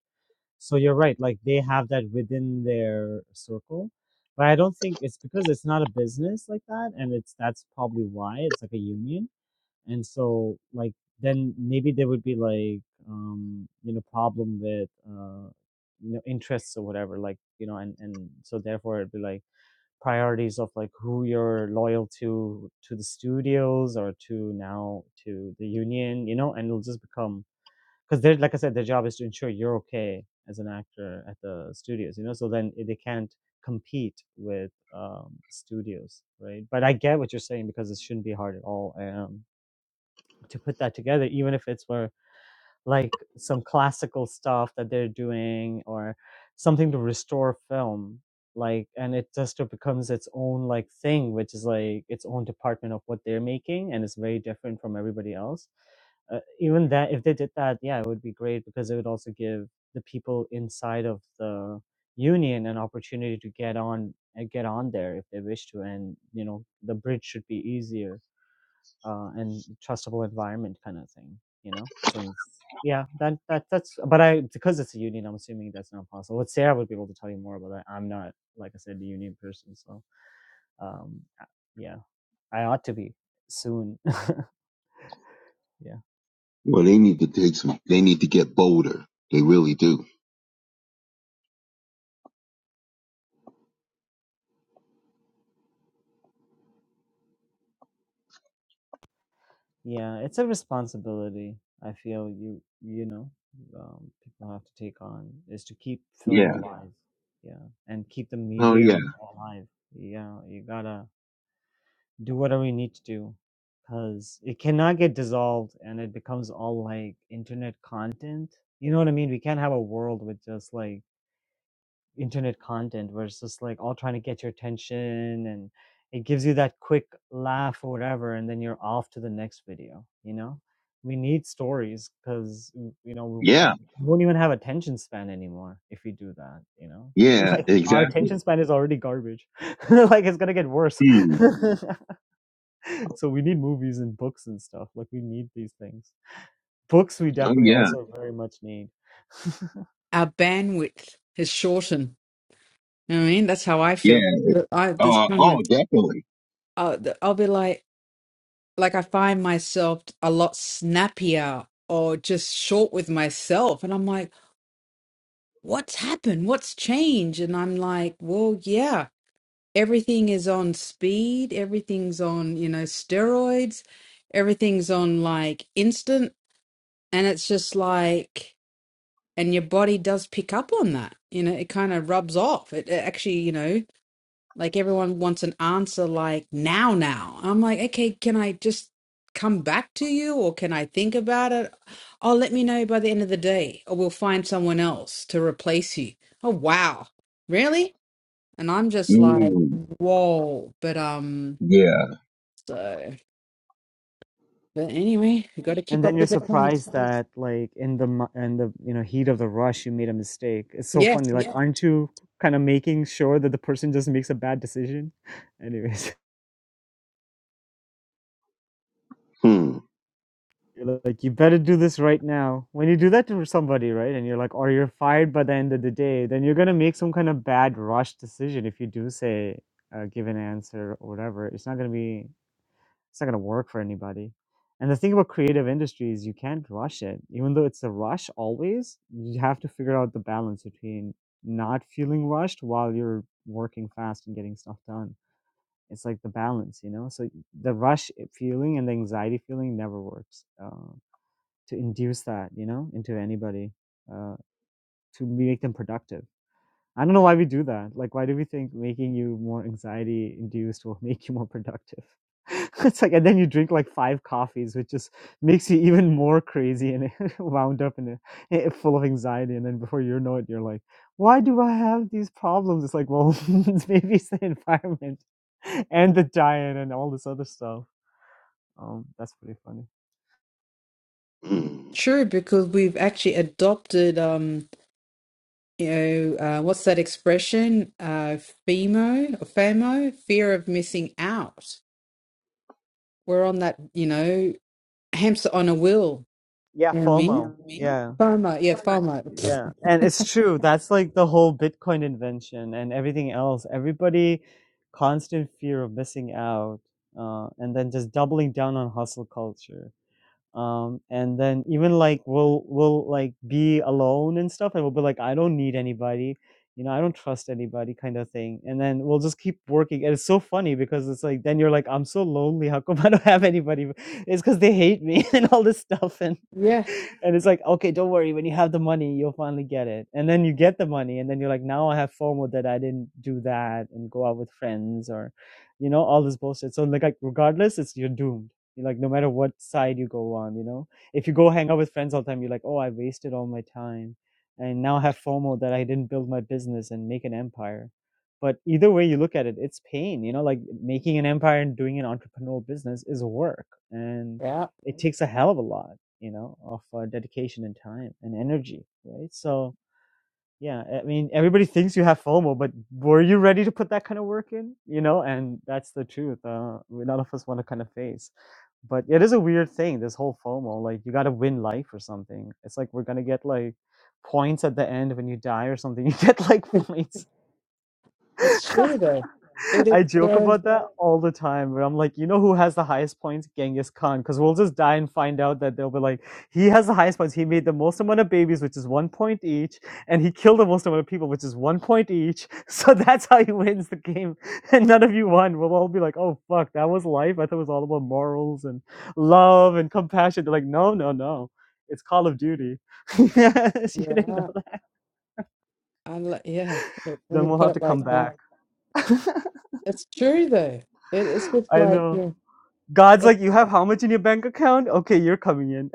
Speaker 2: So you're right. Like they have that within their circle. But I don't think it's because it's not a business like that, and it's that's probably why it's like a union and so, like, then maybe there would be like, um, you know, problem with, uh, you know, interests or whatever, like, you know, and, and so therefore it'd be like priorities of like who you're loyal to, to the studios or to now to the union, you know, and it'll just become, because they're, like I said, their job is to ensure you're okay as an actor at the studios, you know, so then they can't compete with um, studios, right? But I get what you're saying because it shouldn't be hard at all. Um, to put that together, even if it's for like some classical stuff that they're doing or something to restore film. Like, and it just becomes its own like thing, which is like its own department of what they're making, and it's very different from everybody else. Uh, even that, if they did that, yeah, it would be great because it would also give the people inside of the union an opportunity to get on and get on there if they wish to, and you know, the bridge should be easier uh, and trustable environment kind of thing you know since yeah that, that that's but i because it's a union i'm assuming that's not possible but sarah would be able to tell you more about that i'm not like i said a union person so um uh, yeah i ought to be soon [LAUGHS] yeah
Speaker 7: Well, they need to take some. They need to get bolder. They really do.
Speaker 2: yeah it's a responsibility i feel you you know um, people have to take on is to keep film Yeah.
Speaker 7: Yeah.
Speaker 2: alive yeah and keep the
Speaker 7: Oh yeah.
Speaker 2: medium alive yeah you gotta do whatever you need to do because it cannot get dissolved and it becomes all like internet content. You know what I mean? We can't have a world with just like internet content where it's just like all trying to get your attention and it gives you that quick laugh or whatever and then you're off to the next video, you know? We need stories because you know we, uh,
Speaker 7: Yeah.
Speaker 2: we won't even have attention span anymore if we do that. You know, [LAUGHS]
Speaker 7: Yeah.
Speaker 2: like our
Speaker 7: Exactly.
Speaker 2: attention span is already garbage. [LAUGHS] like it's gonna get worse.
Speaker 7: Hmm.
Speaker 2: [LAUGHS] so we need movies and books and stuff. Like we need these things. Books we
Speaker 7: Oh
Speaker 2: definitely
Speaker 7: yeah.
Speaker 2: also very much need.
Speaker 6: our bandwidth is shortened. You know what I mean, that's how I feel.
Speaker 7: Yeah.
Speaker 6: But I this
Speaker 7: Oh.
Speaker 6: kind of
Speaker 7: Oh, definitely.
Speaker 6: I'll, I'll be like like I find myself a lot snappier or just short with myself, and I'm like, what's happened? What's changed? And I'm like, well, yeah, everything is on speed. Everything's on you know steroids. Everything's on like instant, and it's just like. And your body does pick up on that, you know. It kind of rubs off. It, it actually, you know, Like everyone wants an answer like now, now. I'm like, okay, can I just come back to you or can I think about it? Oh, let me know by the end of the day or we'll find someone else to replace you. Oh, wow. Really? And I'm just like,
Speaker 7: Mm.
Speaker 6: whoa. But, um,
Speaker 7: Yeah.
Speaker 6: so, but anyway, we got to
Speaker 2: [LAUGHS] and
Speaker 6: keep up
Speaker 2: then you're
Speaker 6: with the times.
Speaker 2: surprised that like in the mo- in the you know heat of the rush you made a mistake. It's so
Speaker 6: Yes,
Speaker 2: funny. Like aren't you kind of making sure that the person just makes a bad decision? [LAUGHS] Anyways.
Speaker 7: Hmm.
Speaker 2: You're like, you better do this right now. When you do that to somebody, right? And you're like, or you're fired by the end of the day, then you're going to make some kind of bad rush decision if you do say, uh, give an answer or whatever. It's not going to be It's not going to work for anybody. And the thing about creative industries, you can't rush it. Even though it's a rush always, you have to figure out the balance between not feeling rushed while you're working fast and getting stuff done. It's like the balance, you know? So the rush feeling and the anxiety feeling never works uh, to induce that, you know, into anybody uh, to make them productive. I don't know why we do that. Like, why do we think making you more anxiety induced will [LAUGHS] make you more productive? [LAUGHS] it's like, and then you drink like five coffees, which just makes you even more crazy and [LAUGHS] wound up in a, eh, full of anxiety. And then before you know it, you're like, why do I have these problems? It's like, well, [LAUGHS] maybe it's the [LAUGHS] environment and the diet and all this other stuff. Um, that's pretty funny.
Speaker 7: Hmm.
Speaker 6: true, because we've actually adopted, um, you know, uh, what's that expression? Uh, FEMO or FOMO, fear of missing out We're on that, you know, hamster on a wheel.
Speaker 2: Yeah, Yeah,
Speaker 6: You know what I mean?
Speaker 2: FOMO. Yeah,
Speaker 6: FOMO. Yeah, FOMO.
Speaker 2: yeah, and it's true. That's like the whole Bitcoin invention and everything else. Everybody, constant fear of missing out, uh, and then just doubling down on hustle culture. um and then even like we'll we'll like be alone and stuff and we'll be like i don't need anybody you know i don't trust anybody kind of thing and then we'll just keep working and it's so funny because it's like then you're like i'm so lonely how come [LAUGHS] i don't have anybody it's because they hate me [LAUGHS] and all this stuff and
Speaker 6: Yeah.
Speaker 2: and it's like okay don't worry when you have the money you'll finally get it and then you get the money and then you're like now i have fomo that i didn't do that and go out with friends or you know all this bullshit so like like regardless it's you're doomed like no matter what side you go on you know if you go hang out with friends all the time you're like oh i wasted all my time and now i have fomo that i didn't build my business and make an empire but either way you look at it it's pain you know like making an empire and doing an entrepreneurial business is work and
Speaker 6: Yeah.
Speaker 2: it takes a hell of a lot you know of uh, dedication and time and energy right so yeah i mean everybody thinks you have fomo but were you ready to put that kind of work in you know and that's the truth uh we- none of us want to kind of face but it is a weird thing this whole fomo like you got to win life or something it's like we're gonna get like points at the end when you die or something [LAUGHS] you get like points
Speaker 6: It's
Speaker 2: [LAUGHS]
Speaker 6: true though. It is
Speaker 2: I joke
Speaker 6: so
Speaker 2: about that all the time, but I'm like, you know who has the highest points? Genghis Khan, because we'll just die and find out that they'll be like, he has the highest points. He made the most amount of babies, which is one point each, and he killed the most amount of people, which is one point each. [LAUGHS] So that's how he wins the game, [LAUGHS] and none of you won. We'll all be like, oh fuck, that was life. I thought it was all about morals and love and compassion. They're like, no, no, no. It's Call of Duty. [LAUGHS] yes, you didn't know
Speaker 6: yeah.
Speaker 2: that.
Speaker 6: I li- yeah. it- When
Speaker 2: Then
Speaker 6: you
Speaker 2: we'll
Speaker 6: put
Speaker 2: have
Speaker 6: it
Speaker 2: to
Speaker 6: like
Speaker 2: come
Speaker 6: that,
Speaker 2: back. [LAUGHS]
Speaker 6: it's true though. It is just
Speaker 2: I
Speaker 6: like
Speaker 2: know.
Speaker 6: yeah.
Speaker 2: God's
Speaker 6: It's
Speaker 2: like, you have how much in your bank account? Okay, you're coming in.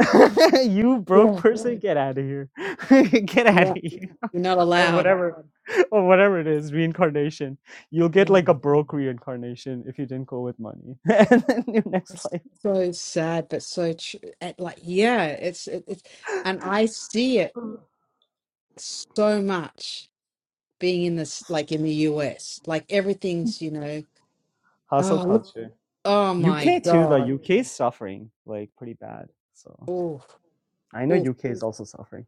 Speaker 2: [LAUGHS] you broke
Speaker 6: yeah
Speaker 2: person, get out of here. [LAUGHS] get out of
Speaker 6: yeah.
Speaker 2: here.
Speaker 6: You're not
Speaker 2: Or
Speaker 6: allowed.
Speaker 2: whatever. Or whatever it is, reincarnation. You'll get
Speaker 6: Yeah.
Speaker 2: like a broke reincarnation if you didn't go with money. [LAUGHS] and then your next
Speaker 6: It's
Speaker 2: life.
Speaker 6: so sad, but so true. Like yeah, it's it, it's and I see it so much being in this like in the US. Like everything's you know.
Speaker 2: Hustle
Speaker 6: Oh, look.
Speaker 2: culture.
Speaker 6: Oh my
Speaker 2: UK too,
Speaker 6: God.
Speaker 2: the UK is suffering like pretty bad. So
Speaker 6: Oof.
Speaker 2: I know
Speaker 6: Oof.
Speaker 2: UK is also suffering.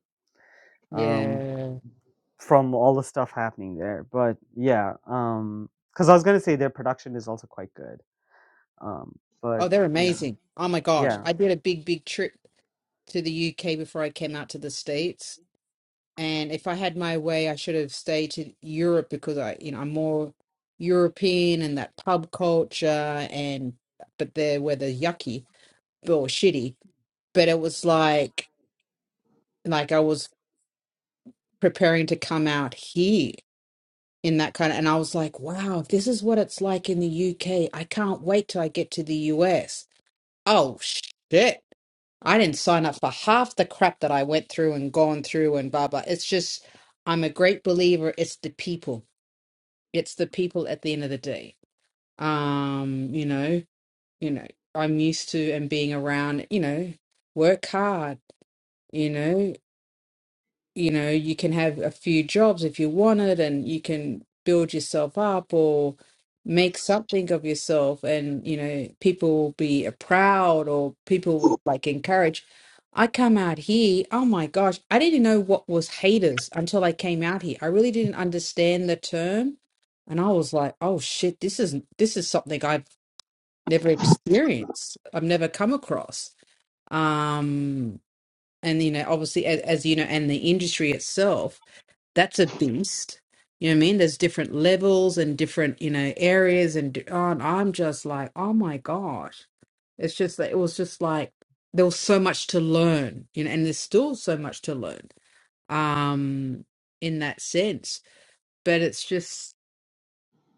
Speaker 2: Um
Speaker 6: Yeah.
Speaker 2: from all the stuff happening there. But yeah, um because I was gonna say their production is also quite good. Um, but
Speaker 6: Oh, they're amazing. Oh my gosh.
Speaker 2: Yeah.
Speaker 6: I did a big, big trip to the UK before I came out to the States. And if I had my way, I should have stayed to Europe because I, you know, I'm more European and that pub culture and but there were the yucky or shitty. But it was like like I was preparing to come out here in that kind of, and I was like, wow, if this is what it's like in the UK, I can't wait till I get to the US. Oh shit. I didn't sign up for half the crap that I went through and gone through and blah blah. It's just I'm a great believer it's the people. It's the people at the end of the day. Um, you know, you know, I'm used to and being around, you know, work hard, you know, you know you can have a few jobs if you want it and you can build yourself up or make something of yourself and you know people will be uh, proud or people will like encourage i come out here oh my gosh i didn't know what was haters until i came out here i really didn't understand the term and i was like oh shit this is this is something i've never experienced i've never come across um and you know obviously as, as you know and the industry itself that's a beast. You know what I mean? There's different levels and different, you know, areas and d- oh, and I'm just like, oh my gosh. It's just that it was just like there was so much to learn, you know, and there's still so much to learn. Um in that sense. But it's just,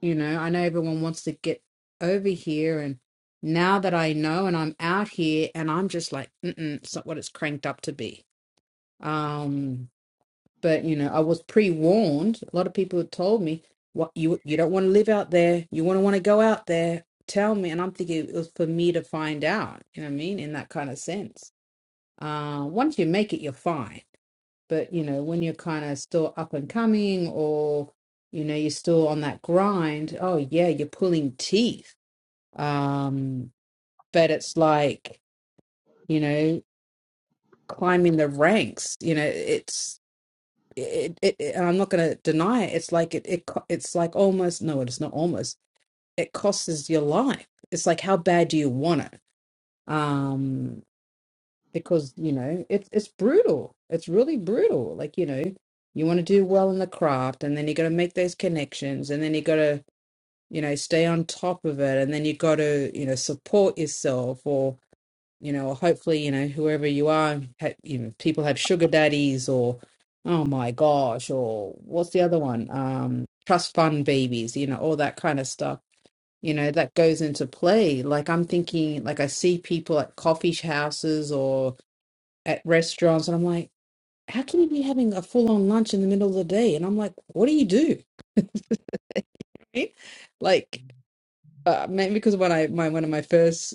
Speaker 6: you know, I know everyone wants to get over here and now that I know and I'm out here and I'm just like, mm it's not what it's cranked up to be. Um but you know, I was pre-warned. A lot of people had told me, "What you you don't want to live out there. You want to want to go out there. Tell me." And I'm thinking it was for me to find out. You know what I mean? In that kind of sense. Uh, once you make it, you're fine. But you know, when you're kind of still up and coming, or you know, you're still on that grind. Oh yeah, you're pulling teeth. Um, but it's like you know, climbing the ranks. You know, it's it, it, it- and I'm not going to deny it. It's like it, it, co- it's like almost no, it's not almost. It costs your life. It's like how bad do you want it? Um, because you know it's it's brutal. It's really brutal. Like you know, you want to do well in the craft, and then you got to make those connections, and then you got to you know stay on top of it, and then you got to you know support yourself, or you know, or hopefully, you know, whoever you are, ha- you know, people have sugar daddies or, oh my gosh, or what's the other one? Um, trust fund babies, you know, all that kind of stuff, you know, that goes into play. Like I'm thinking, like I see people at coffee houses or at restaurants, and I'm like, how can you be having a full on lunch in the middle of the day? And I'm like, what do you do? [LAUGHS] right? Like, uh, maybe because when I my one of my first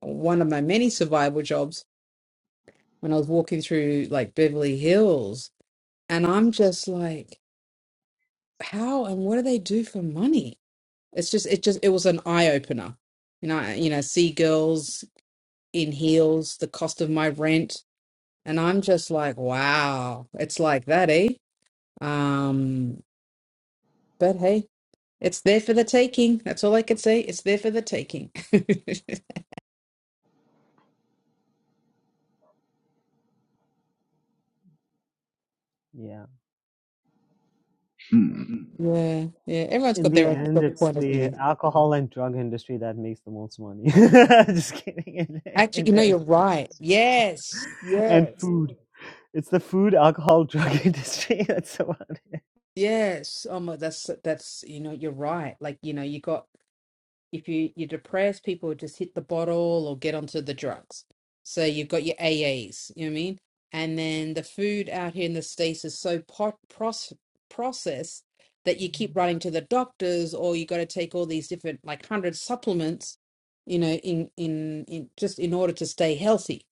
Speaker 6: one of my many survival jobs when I was walking through like Beverly Hills, and I'm just like, how and what do they do for money? It's just, it just, it was an eye opener, you know. I- You know, see girls in heels, the cost of my rent, and I'm just like, wow, it's like that, eh? Um, but hey, it's there for the taking. That's all I can say. It's there for the taking. [LAUGHS] yeah,
Speaker 2: Yeah.
Speaker 7: Hmm.
Speaker 6: yeah. Everyone's
Speaker 2: In
Speaker 6: got
Speaker 2: the
Speaker 6: their own
Speaker 2: end, it's
Speaker 6: point of
Speaker 2: the
Speaker 6: view.
Speaker 2: alcohol and drug industry that makes the most money. [LAUGHS] Just kidding. In the,
Speaker 6: Actually,
Speaker 2: in
Speaker 6: you know,
Speaker 2: the,
Speaker 6: you're
Speaker 2: end.
Speaker 6: right. Yes,
Speaker 2: and
Speaker 6: yes.
Speaker 2: food. It's the food, alcohol, drug [LAUGHS] industry. That's the one.
Speaker 6: Yes. Oh my, that's that's you know, you're right. Like, you know, you got if you you're depressed, people just hit the bottle or get onto the drugs. So you've got your AAs, you know what I mean? And then the food out here in the States is so pot process processed that you keep running to the doctors or you got to take all these different like hundred supplements, you know, in in in just in order to stay healthy.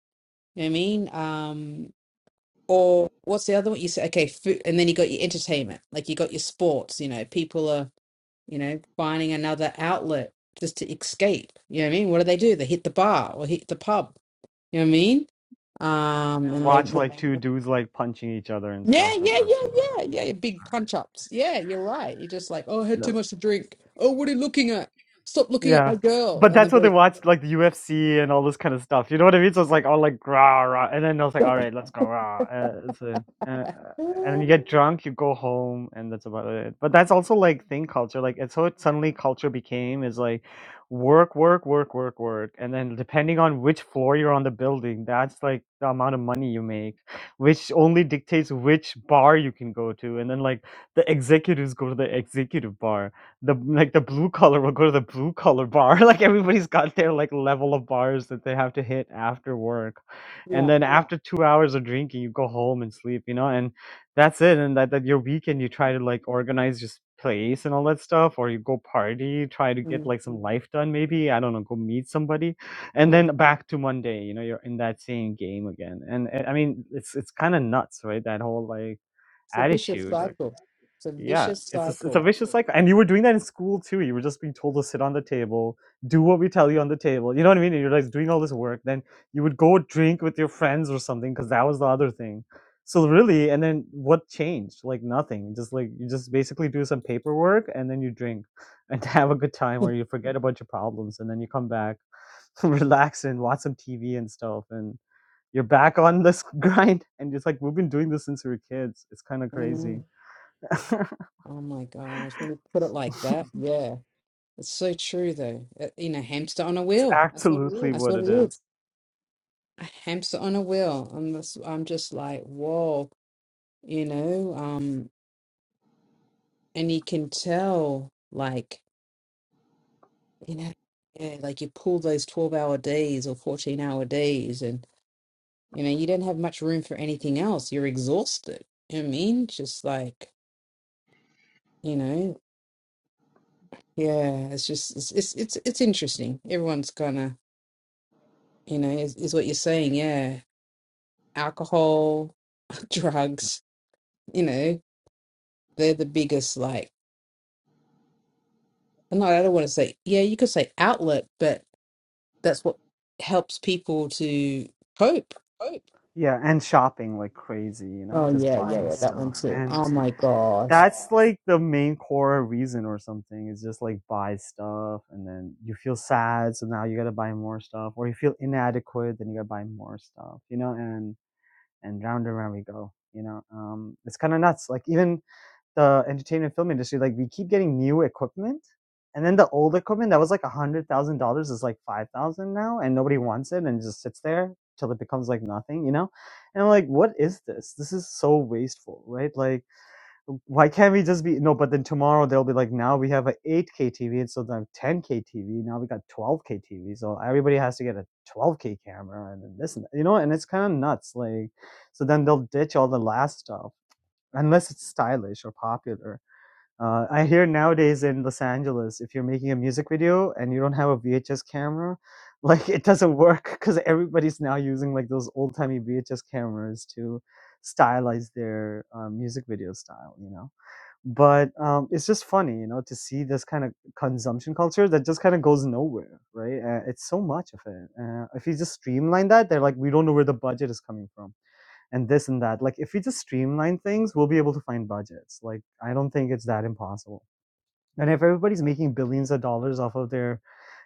Speaker 6: You know what I mean? Um, or what's the other one? You say okay, food, and then you got your entertainment, like you got your sports. You know, people are you know finding another outlet just to escape. You know what I mean? What do they do? They hit the bar or hit the pub. You know what I mean? Um,
Speaker 2: And
Speaker 6: and they
Speaker 2: watch
Speaker 6: w-
Speaker 2: like two dudes like punching each other and
Speaker 6: yeah,
Speaker 2: stuff. And
Speaker 6: yeah,
Speaker 2: that's
Speaker 6: yeah,
Speaker 2: the [LAUGHS] one.
Speaker 6: yeah, yeah. your Big punch ups. Yeah, you're right. You're just like, oh, I had too
Speaker 2: No.
Speaker 6: much to drink. Oh, what are you looking at? Stop looking at
Speaker 2: Yeah.
Speaker 6: my girl.
Speaker 2: but
Speaker 6: And the
Speaker 2: that's what they
Speaker 6: boy,
Speaker 2: watched, like the UFC and all this kind of stuff. You know what I mean? So it's like all like rah rah, and then I was like, all
Speaker 6: [LAUGHS]
Speaker 2: right, let's go rah. Uh, so, uh, uh, and then you get drunk, you go home, and that's about it. But that's also like thing culture. Like it's how it suddenly culture became is like work, work, work, work, work, and then depending on which floor you're on the building, that's like the amount of money you make, which only dictates which bar you can go to, and then like the executives go to the executive bar the like the blue collar will go to the blue collar bar. [LAUGHS] Like everybody's got their like level of bars that they have to hit after work, and
Speaker 6: yeah,
Speaker 2: then Yeah. after two hours of drinking, you go home and sleep. You know, and that's it. And that, that your weekend, you try to like organize your place and all that stuff, or you go party, try to get
Speaker 6: mm,
Speaker 2: like some life done. Maybe I don't know, go meet somebody, and
Speaker 6: yeah.
Speaker 2: then back to Monday. You know, you're in that same game again. And, and I mean, it's it's kind of nuts, right? That whole like
Speaker 6: It's a vicious
Speaker 2: attitude.
Speaker 6: cycle. It's a
Speaker 2: Yeah,
Speaker 6: vicious
Speaker 2: it's a, s- it's a
Speaker 6: cycle.
Speaker 2: vicious cycle, and you were doing that in school too. You were just being told to sit on the table, do what we tell you on the table. You know what I mean? And you're like doing all this work, then you would go drink with your friends or something because that was the other thing. So really, and then what changed? Like nothing. Just like you just basically do some paperwork and then you drink and [LAUGHS] have a good time, or you forget about your problems and then you come back, [LAUGHS] relax and watch some TV and stuff, and you're back on this [LAUGHS] grind. And it's like we've been doing this since we were kids. It's kind of
Speaker 6: Mm.
Speaker 2: crazy.
Speaker 6: Oh my gosh, when you put it like that, yeah, it's so true though. Uh, You know, hamster on a
Speaker 2: It's
Speaker 6: wheel.
Speaker 2: absolutely
Speaker 6: That's
Speaker 2: what
Speaker 6: what
Speaker 2: it
Speaker 6: it is.
Speaker 2: is.
Speaker 6: A hamster on a wheel. And this, I'm just like, whoa, you know, um, and you can tell, like, you know, yeah, like you pull those 12 hour days or 14 hour days, and you know, you don't have much room for anything else. You're exhausted. You know what I mean, just like, you know, yeah, it's just it's it's it's, it's interesting. Everyone's gonna you know, is, is what you're saying. Yeah. Alcohol, [LAUGHS] drugs, you know, they're the biggest, like, no, I don't want to say, yeah, you could say outlet, but that's what helps people to cope.
Speaker 2: Right. Yeah, and shopping like crazy, you know,
Speaker 6: Oh,
Speaker 2: just
Speaker 6: yeah,
Speaker 2: Oh
Speaker 6: yeah,
Speaker 2: buying yeah,
Speaker 6: yeah,
Speaker 2: yeah.
Speaker 6: that one
Speaker 2: stuff. Me
Speaker 6: too.
Speaker 2: And
Speaker 6: Oh my gosh.
Speaker 2: that's like the main core reason or something is just like buy stuff and then you feel sad, so now you gotta buy more stuff, or you feel inadequate, then you gotta buy more stuff, you know, and and round and round we go, you know. Um it's kinda nuts. Like even the entertainment film industry, like we keep getting new equipment, and then the old equipment that was like a hundred thousand dollars is like five thousand now, and nobody wants it, and it just sits there till it becomes like nothing, you know? And I'm like, what is this? This is so wasteful, right? Like, why can't we just be no? But then tomorrow they'll be like, now we have a eight K TV, and so then ten K TV, now we got twelve K TV, so everybody has to get a twelve K camera, and then this, and that, you know? And it's kind of nuts, like. So then they'll ditch all the last stuff unless it's stylish or popular uh, I hear nowadays in Los Angeles, if you're making a music video and you don't have a VHS camera, [LAUGHS] like it doesn't work because everybody's now using like those old timey VHS cameras to stylize their uh, music video style, you know. But um, it's just funny, you know, to see this kind of consumption culture that just kind of goes nowhere, right? Uh, it's so much of it. Uh, if you just streamline that, they're like, we don't know where the budget is coming from and this and that. Like if we just streamline things, we'll be able to find budgets. Like I don't think it's that impossible. And if everybody's making billions of dollars off of their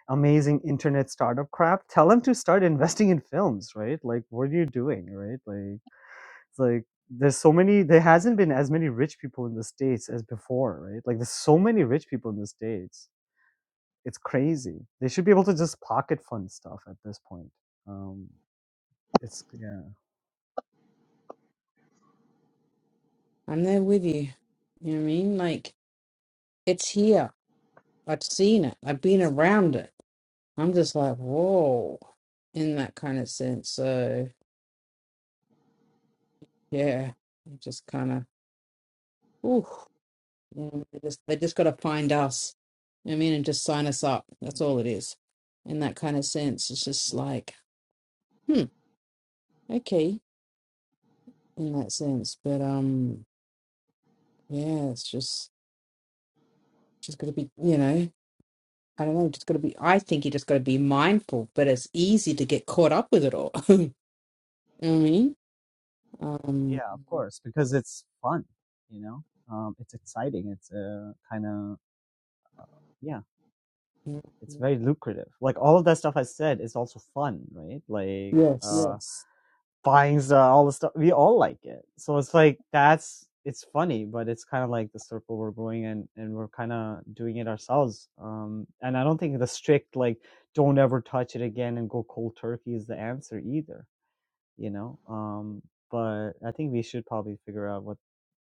Speaker 2: amazing internet startup crap, tell them to start investing in films, right? Like, what are you doing, right? Like, it's like there's so many. There hasn't been as many rich people in the states as before, right? Like, there's so many rich people in the states. It's crazy. They should be able to just pocket fund stuff at this point. Um, it's yeah,
Speaker 6: I'm there with you. You know what I mean? Like, it's here. I've seen it. I've been around it. I'm just like, whoa, in that kind of sense. So, yeah, I'm just kind of, ooh. You know, they just, they just got to find us. You know what I mean, and just sign us up. That's all it is. In that kind of sense, it's just like, hmm, okay, in that sense. But um, yeah, it's just just got to be, you know, I don't know, just got to be. I think you just got to be mindful. But it's easy to get caught up with it all. [LAUGHS] you know what I mean? Um,
Speaker 2: yeah, of course, because it's fun, you know. Um, it's exciting. It's uh, kind of yeah it's yeah. very lucrative. Like all of that stuff I said is also fun, right? Like
Speaker 6: yes,
Speaker 2: uh Yes. buying stuff, all the stuff we all like it. So it's like that's it's funny, but it's kind of like the circle we're going in and we're kind of doing it ourselves. Um and I don't think the strict like don't ever touch it again and go cold turkey is the answer either, you know? Um but I think we should probably figure out what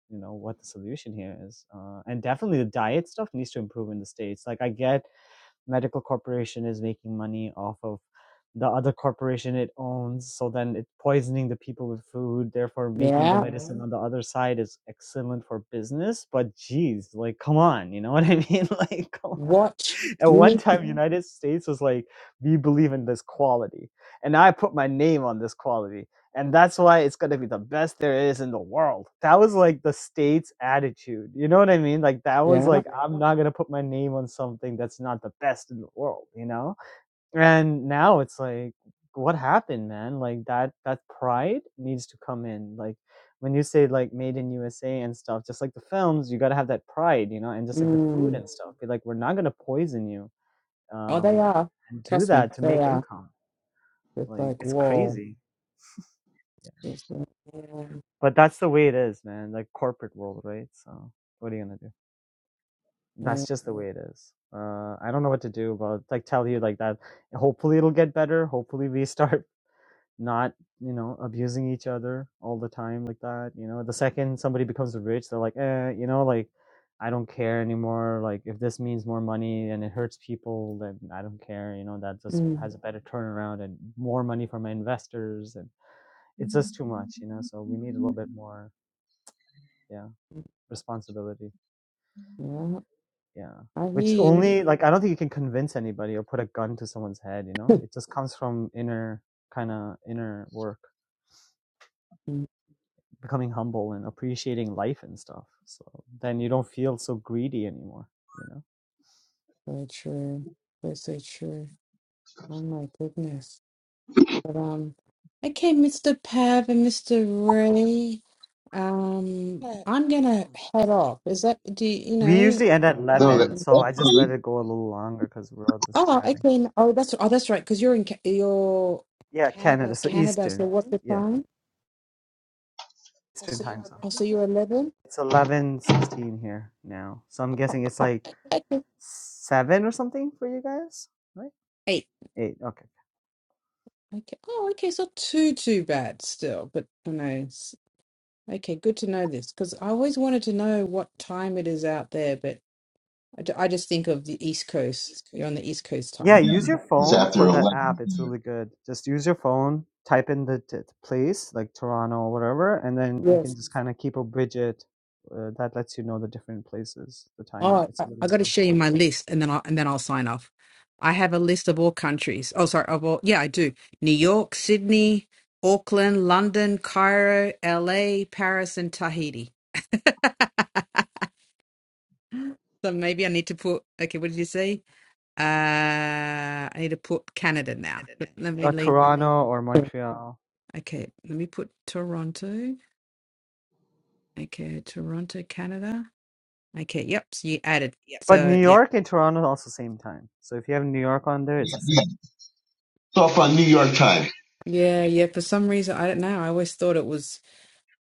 Speaker 2: you know what the solution here is uh, and definitely the diet stuff needs to improve in the states like i get medical corporation is making money off of the other corporation it owns so then it's poisoning the people with food therefore making the
Speaker 6: yeah.
Speaker 2: medicine Mhm. on the other side is excellent for business but geez like come on you know [LAUGHS] what i mean [LAUGHS] like come on
Speaker 6: Watch.
Speaker 2: at
Speaker 6: You
Speaker 2: one
Speaker 6: need. To,
Speaker 2: time Mhm. united states was like we believe in this quality and i put my name on this quality and that's why it's gonna be the best there is in the world. That was like the state's attitude. You know what I mean? Like that was
Speaker 6: yeah.
Speaker 2: like I'm not gonna put my name on something that's not the best in the world. You know? And now it's like, what happened, man? Like that that pride needs to come in. Like when you say like made in USA and stuff, just like the films, you gotta have that pride. You know? And just like the food
Speaker 6: Mm.
Speaker 2: and stuff, be like we're not gonna poison you.
Speaker 6: Oh, they
Speaker 2: Um,
Speaker 6: are.
Speaker 2: and do
Speaker 6: Trust me,
Speaker 2: that to
Speaker 6: they
Speaker 2: make
Speaker 6: are.
Speaker 2: income.
Speaker 6: It's
Speaker 2: Like
Speaker 6: like
Speaker 2: it's
Speaker 6: whoa.
Speaker 2: crazy.
Speaker 6: Yes, yeah.
Speaker 2: But that's the way it is, man. Like corporate world, right? So what are you gonna do?
Speaker 6: Yeah.
Speaker 2: That's just the way it is. Uh, I don't know what to do about like tell you like that. Hopefully it'll get better. Hopefully we [LAUGHS] start not you know abusing each other all the time like that. You know, the second somebody becomes rich, they're like, eh, you know, like I don't care anymore. Like if this means more money and it hurts people, then I don't care. You know, that just
Speaker 6: Mm.
Speaker 2: has a better turnaround and more money for my investors, and it's just too much. You know, so we need a little bit more. Yeah. responsibility.
Speaker 6: Yeah,
Speaker 2: Yeah.
Speaker 6: I
Speaker 2: Which
Speaker 6: hear you.
Speaker 2: only like I don't think you can convince anybody or put a gun to someone's head, you know?
Speaker 6: [LAUGHS]
Speaker 2: It just comes from inner kind of inner work,
Speaker 6: Mm,
Speaker 2: becoming humble and appreciating life and stuff. So then you don't feel so greedy anymore, you know?
Speaker 6: So true. That's so true. Oh my goodness. But um okay, Mr. Pav and Mr. Ray. Um I'm gonna head off. Is that do you, you
Speaker 2: We
Speaker 6: know
Speaker 2: usually end at
Speaker 7: No,
Speaker 6: um
Speaker 7: that,
Speaker 2: 11, so
Speaker 7: that
Speaker 2: I just let
Speaker 7: probably
Speaker 2: it go a little longer cuz we're all just
Speaker 6: oh
Speaker 2: chatting.
Speaker 6: okay n- oh that's oh that's right, because you're in Ca- you're
Speaker 2: Yeah, Canada. So
Speaker 6: Canada,
Speaker 2: Eastern.
Speaker 6: so what's the
Speaker 2: Yeah,
Speaker 6: time?
Speaker 2: Eastern time zone.
Speaker 6: Oh so you're eleven?
Speaker 2: It's eleven sixteen here now. So I'm guessing it's
Speaker 6: Oh
Speaker 2: like
Speaker 6: okay.
Speaker 2: seven or something for you guys, right?
Speaker 6: Eight.
Speaker 2: Eight. Okay.
Speaker 6: Okay. Oh okay, so too too bad still, but you know. Okay, good to know this because I always wanted to know what time it is out there, but I, ju- I just think of the East Coast. You're on the East Coast
Speaker 2: Yeah,
Speaker 6: time.
Speaker 2: use your
Speaker 7: is
Speaker 2: phone
Speaker 7: after
Speaker 2: for
Speaker 7: 11.
Speaker 2: that app. It's really good. Just use your phone, type in the t- place like Toronto or whatever, and then you can
Speaker 6: Yes.
Speaker 2: just kind of keep a widget uh, that lets you know the different places, the timing.
Speaker 6: Oh,
Speaker 2: It's
Speaker 6: I, I
Speaker 2: really
Speaker 6: got to show you
Speaker 2: helpful.
Speaker 6: my list, and then I and then I'll sign off. I have a list of all countries. Oh, sorry, of all. Yeah, I do. New York, Sydney, Auckland, London, Cairo, LA, Paris, and Tahiti. So maybe I need to put. Okay, what did you say? Uh, I need to put Canada now. Let me
Speaker 2: Uh,
Speaker 6: leave. [LAUGHS]
Speaker 2: Toronto or Montreal,
Speaker 6: Okay, let me put Toronto. Okay, Toronto, Canada. Okay, yep. So you added.
Speaker 2: but
Speaker 6: So
Speaker 2: New
Speaker 6: yep.
Speaker 2: York and Toronto are also same time. So if you have New York on there, it's the
Speaker 7: Yeah.
Speaker 2: same.
Speaker 7: It's off on New York time.
Speaker 6: Yeah, yeah. For some reason, I don't know. I always thought it was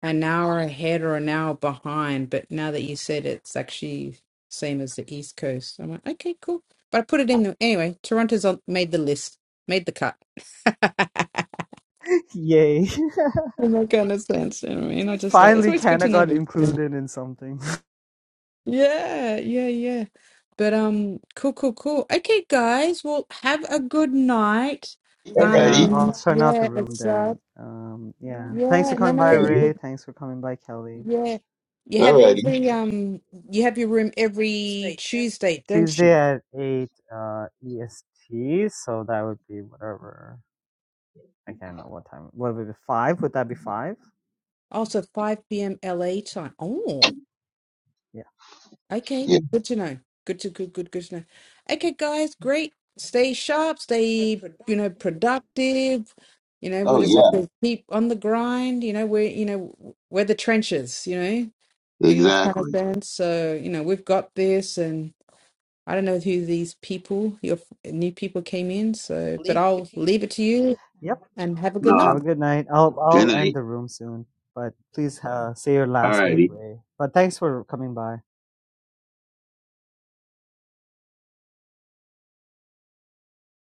Speaker 6: an hour ahead or an hour behind, but now that you said it's actually same as the East Coast, I'm like, okay, cool. But I put it in the, anyway. Toronto's on, made the list, made the cut. [LAUGHS]
Speaker 2: [LAUGHS] Yay!
Speaker 6: In that kind of sense, you know what I mean? I
Speaker 2: [LAUGHS]
Speaker 6: just like it's
Speaker 2: Finally,
Speaker 6: always good to
Speaker 2: Canada
Speaker 6: know.
Speaker 2: got
Speaker 6: this.
Speaker 2: included in something. [LAUGHS]
Speaker 6: Yeah, yeah, yeah. But um, cool, cool, cool. Okay, guys. Well, have a good night.
Speaker 2: Yeah,
Speaker 7: Alrighty.
Speaker 2: I'll
Speaker 6: Um,
Speaker 2: turn out the
Speaker 6: yeah,
Speaker 2: room
Speaker 6: it's uh,
Speaker 2: then. Um, yeah. Thanks for
Speaker 6: yeah, no,
Speaker 2: coming by,
Speaker 6: no, it's-
Speaker 2: Ray. Thanks for coming by, Kelly.
Speaker 6: yeah. You have it
Speaker 7: Alrighty.
Speaker 6: every um, you have your room every Tuesday, don't
Speaker 2: Tuesday
Speaker 6: you?
Speaker 2: at 8 uh, EST, so that would be whatever. I can't know what time. What would it be? Five? Would that be five?
Speaker 6: Also, 5 p.m. LA time. Oh.
Speaker 2: Yeah.
Speaker 6: Okay,
Speaker 7: Yeah.
Speaker 6: good to know. Good to good good good to know. Okay, guys, great. Stay sharp, stay, you
Speaker 2: productive.
Speaker 6: know, productive. You know, we
Speaker 7: Oh,
Speaker 6: just have
Speaker 7: yeah.
Speaker 6: to keep on the grind. You know, we're you know we're the trenches, you know, in that kind of
Speaker 7: Exactly.
Speaker 6: sense. So, you know, we've got this and I don't know who these people, your f- new people came in, so but
Speaker 2: Leave it
Speaker 6: I'll
Speaker 2: to you.
Speaker 6: leave it to you
Speaker 2: Yep.
Speaker 6: and have a good night.
Speaker 7: Nah.
Speaker 2: Have a good night. I'll
Speaker 7: Good
Speaker 2: I'll
Speaker 7: night.
Speaker 2: end the room soon, but please uh, say your
Speaker 7: All
Speaker 2: last
Speaker 7: righty.
Speaker 2: bit, Ray. But thanks for coming by.